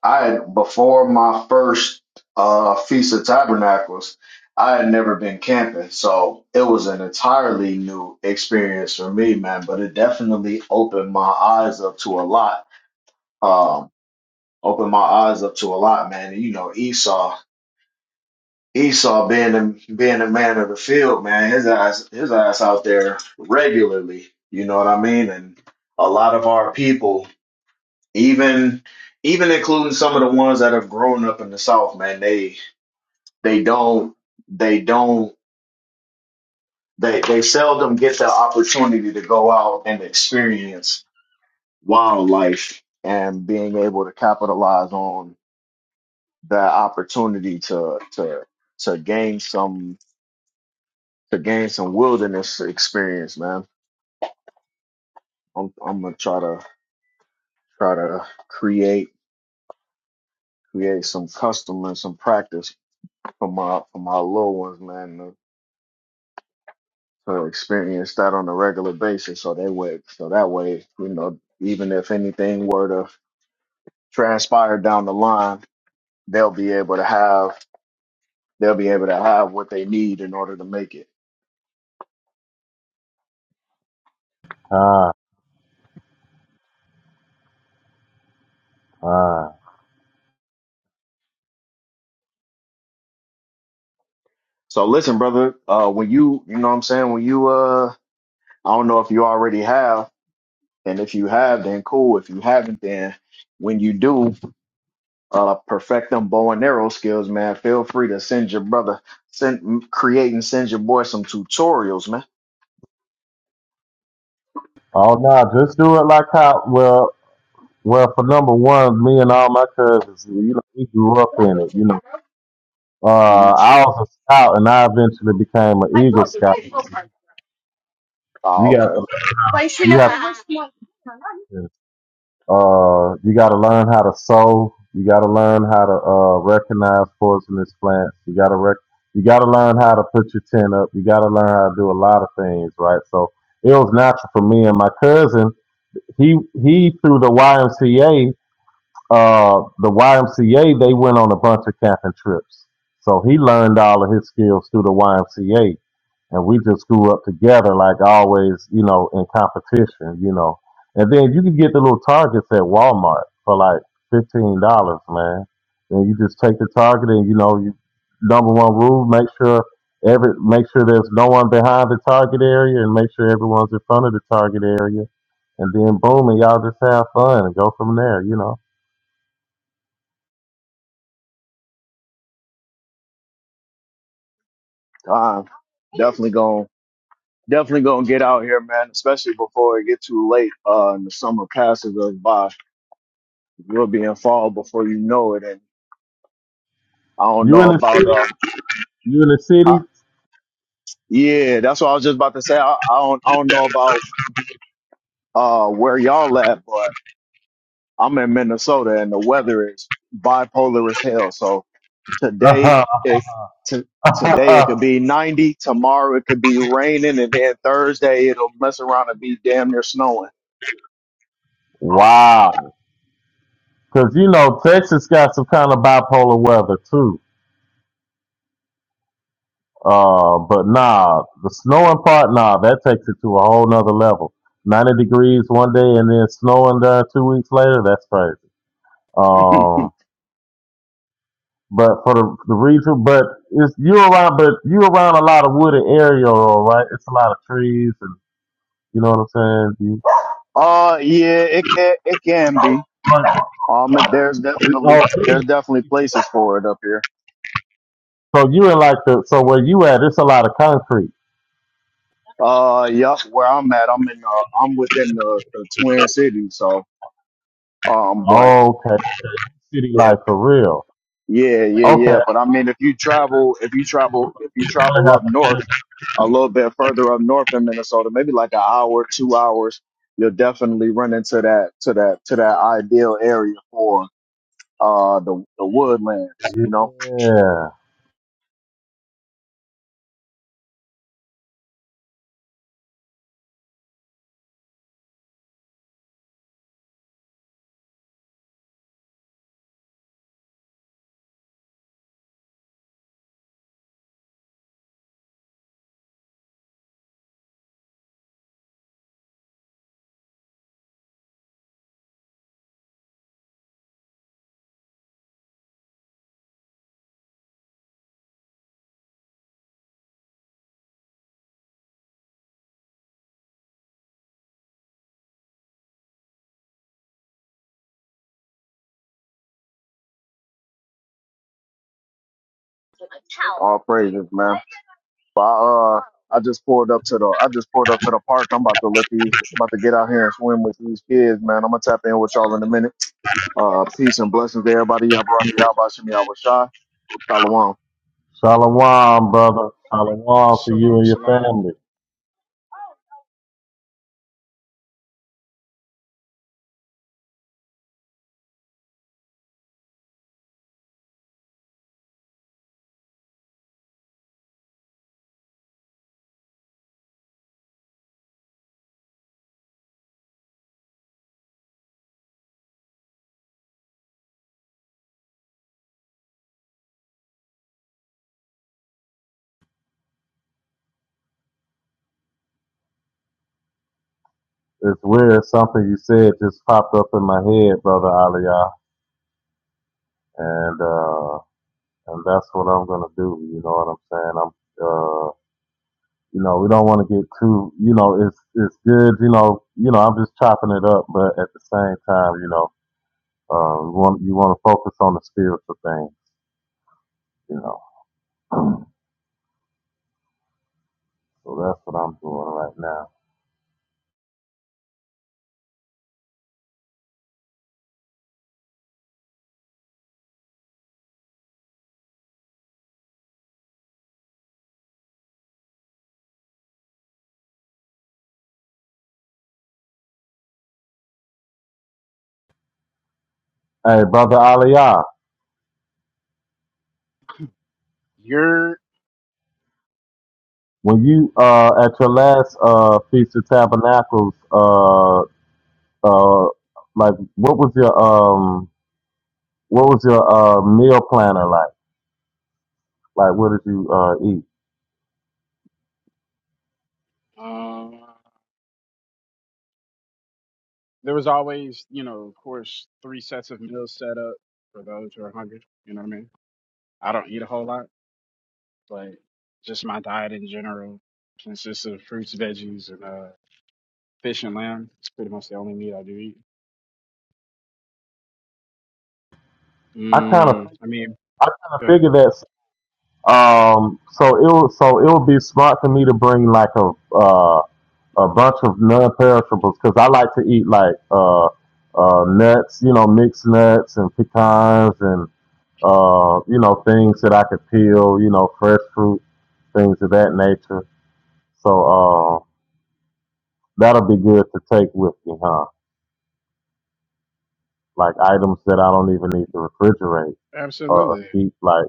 [SPEAKER 10] I had, before my first uh, Feast of Tabernacles, I had never been camping, so it was an entirely new experience for me, man. But it definitely opened my eyes up to a lot. Um, opened my eyes up to a lot, man. And, you know, Esau, Esau being the, being the man of the field, man, his ass, his ass out there regularly. You know what I mean? And a lot of our people, even even including some of the ones that have grown up in the South, man, they they don't they don't they they seldom get the opportunity to go out and experience wildlife and being able to capitalize on that opportunity to to to gain some to gain some wilderness experience man i'm i'm going to try to try to create create some custom and some practice for my for my little ones man to experience that on a regular basis. So they would, so that way, you know, even if anything were to transpire down the line, they'll be able to have, they'll be able to have what they need in order to make it.
[SPEAKER 2] time, time.
[SPEAKER 10] So listen, brother, uh, when you, you know what I'm saying? When you, uh, I don't know if you already have, and if you have, then cool. If you haven't, then when you do, uh, perfect them bow and arrow skills, man, feel free to send your brother, send, create and send your boy some tutorials, man.
[SPEAKER 2] Oh no, just do it like how. Well, well, for number one, me and all my cousins, you know, we grew up in it. You know, uh,
[SPEAKER 10] Mhm.
[SPEAKER 2] I was a scout, and I eventually became an Eagle Scout. You
[SPEAKER 10] Oh,
[SPEAKER 2] got
[SPEAKER 10] okay.
[SPEAKER 2] the you have to. Uh, you got to learn how to sow. You got to learn how to uh, recognize poisonous plants. You got to rec- you got to learn how to put your tent up. You got to learn how to do a lot of things, right? So it was natural for me and my cousin. He he through the YMCA uh, the YMCA, they went on a bunch of camping trips. So he learned all of his skills through the YMCA. And we just grew up together, like always, you know, in competition, you know. And then you can get the little targets at Walmart for like $15, man. And you just take the target and, you know, you, number one rule, make sure every, make sure there's no one behind the target area and make sure everyone's in front of the target area. And then boom, and y'all just have fun and go from there, you know.
[SPEAKER 10] I'm definitely going definitely gonna get out here, man, especially before it get too late, uh and the summer passes us by. We'll be in fall before you know it. And I don't
[SPEAKER 2] You
[SPEAKER 10] know
[SPEAKER 2] in the
[SPEAKER 10] about
[SPEAKER 2] city?
[SPEAKER 10] uh
[SPEAKER 2] You in the
[SPEAKER 10] I,
[SPEAKER 2] city?
[SPEAKER 10] yeah, that's what I was just about to say. I, I don't I don't know about uh where y'all at, but I'm in Minnesota and the weather is bipolar as hell. So today
[SPEAKER 2] Uh-huh.
[SPEAKER 10] it to Today it could be 90. Tomorrow it could be raining, and then Thursday it'll mess around and be damn near snowing.
[SPEAKER 2] (laughs) wow. Because, you know, Texas got some kind of bipolar weather, too. Uh, but nah, the snowing part, nah, that takes it to a whole nother level. 90 degrees one day and then snowing there two weeks later, that's crazy.
[SPEAKER 10] (laughs)
[SPEAKER 2] Um, but for the, the reason, but it's, you around, but you around a lot of wooded area, all right? It's a lot of trees and, you know what I'm saying? You,
[SPEAKER 10] Uh, yeah, it can it can be.
[SPEAKER 2] Right.
[SPEAKER 10] Um, there's definitely there's definitely
[SPEAKER 2] Oh,
[SPEAKER 10] places for it up here.
[SPEAKER 2] So you in like the so where you at? It's a lot of concrete.
[SPEAKER 10] Uh, yup, where I'm at, I'm in uh, I'm within the, the Twin Cities, so um, but
[SPEAKER 2] Okay, city
[SPEAKER 10] yeah,
[SPEAKER 2] life for real.
[SPEAKER 10] yeah, yeah,
[SPEAKER 2] Okay,
[SPEAKER 10] yeah. But I mean, if you travel, if you travel, if you
[SPEAKER 2] that's what
[SPEAKER 10] travel up north, a little bit further up north in Minnesota, maybe like an hour, two hours, you'll definitely run into that to that to that ideal area for uh the the woodlands. You
[SPEAKER 2] happened.
[SPEAKER 10] know,
[SPEAKER 2] Yeah,
[SPEAKER 10] all praises, man. But, I, uh. I just pulled up to the I just pulled up to the park. I'm about to let these about to get out here and swim with these kids, man. I'm gonna tap in with y'all in a minute. Uh peace and blessings to everybody. Y'all Baraka Yabashim Yahweh Shah. Shalom.
[SPEAKER 2] shalom, brother. Shalom to you
[SPEAKER 1] Shalom,
[SPEAKER 2] and your
[SPEAKER 1] shalom.
[SPEAKER 2] family. It's weird. Something you said just popped up in my head, brother Aliyah, and uh, and that's what I'm gonna do. You know what I'm saying? I'm uh, you know, we don't want to get too. You know, it's it's good. You know, you know, I'm just chopping it up, but at the same time, you know, uh, you want you want to focus on the spiritual thing. you know. (clears throat) So that's what I'm doing right now. Hey, brother Aliyah,
[SPEAKER 1] You're.
[SPEAKER 2] when you uh at your last uh feast of tabernacles, uh uh like what was your um what was your uh meal planner like? Like what did you uh eat?
[SPEAKER 1] uh. There was always, you know, of course, three sets of meals set up for those who are hungry. You know what I mean? I don't eat a whole lot, but just my diet in general consists of fruits, veggies, and uh, fish and lamb. It's pretty much the only meat I do eat.
[SPEAKER 2] I kind of
[SPEAKER 1] Mm, I mean,
[SPEAKER 2] I kind of
[SPEAKER 1] good.
[SPEAKER 2] figured that um so it was so it would be smart for me to bring like a uh. a bunch of non-perishables because I like to eat like uh, uh, nuts, you know, mixed nuts and pecans and uh, you know things that I could peel, you know, fresh fruit, things of that nature. So uh, that'll be good to take with me, huh? Like items that I don't even need to refrigerate or
[SPEAKER 1] Absolutely.
[SPEAKER 2] keep. Like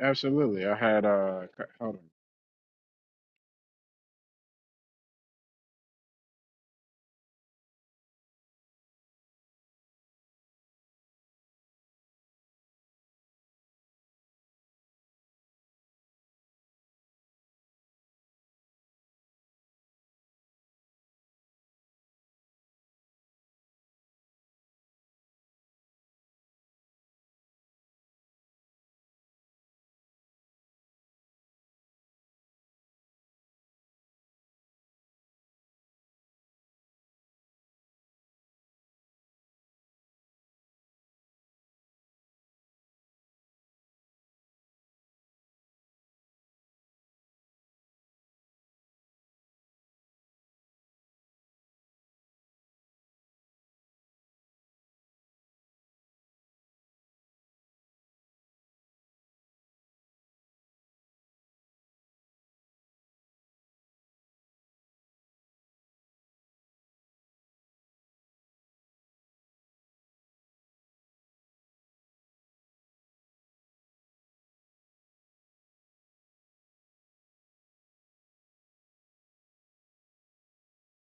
[SPEAKER 1] Absolutely. I had, uh, c- hold on.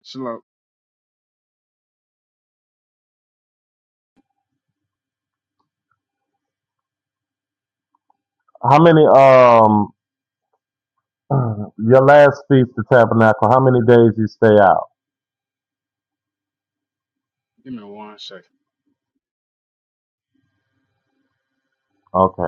[SPEAKER 1] Slow.
[SPEAKER 2] how many um (clears throat) your last feast, the tabernacle? How many days you stay out?
[SPEAKER 1] Give me one second.
[SPEAKER 2] Okay.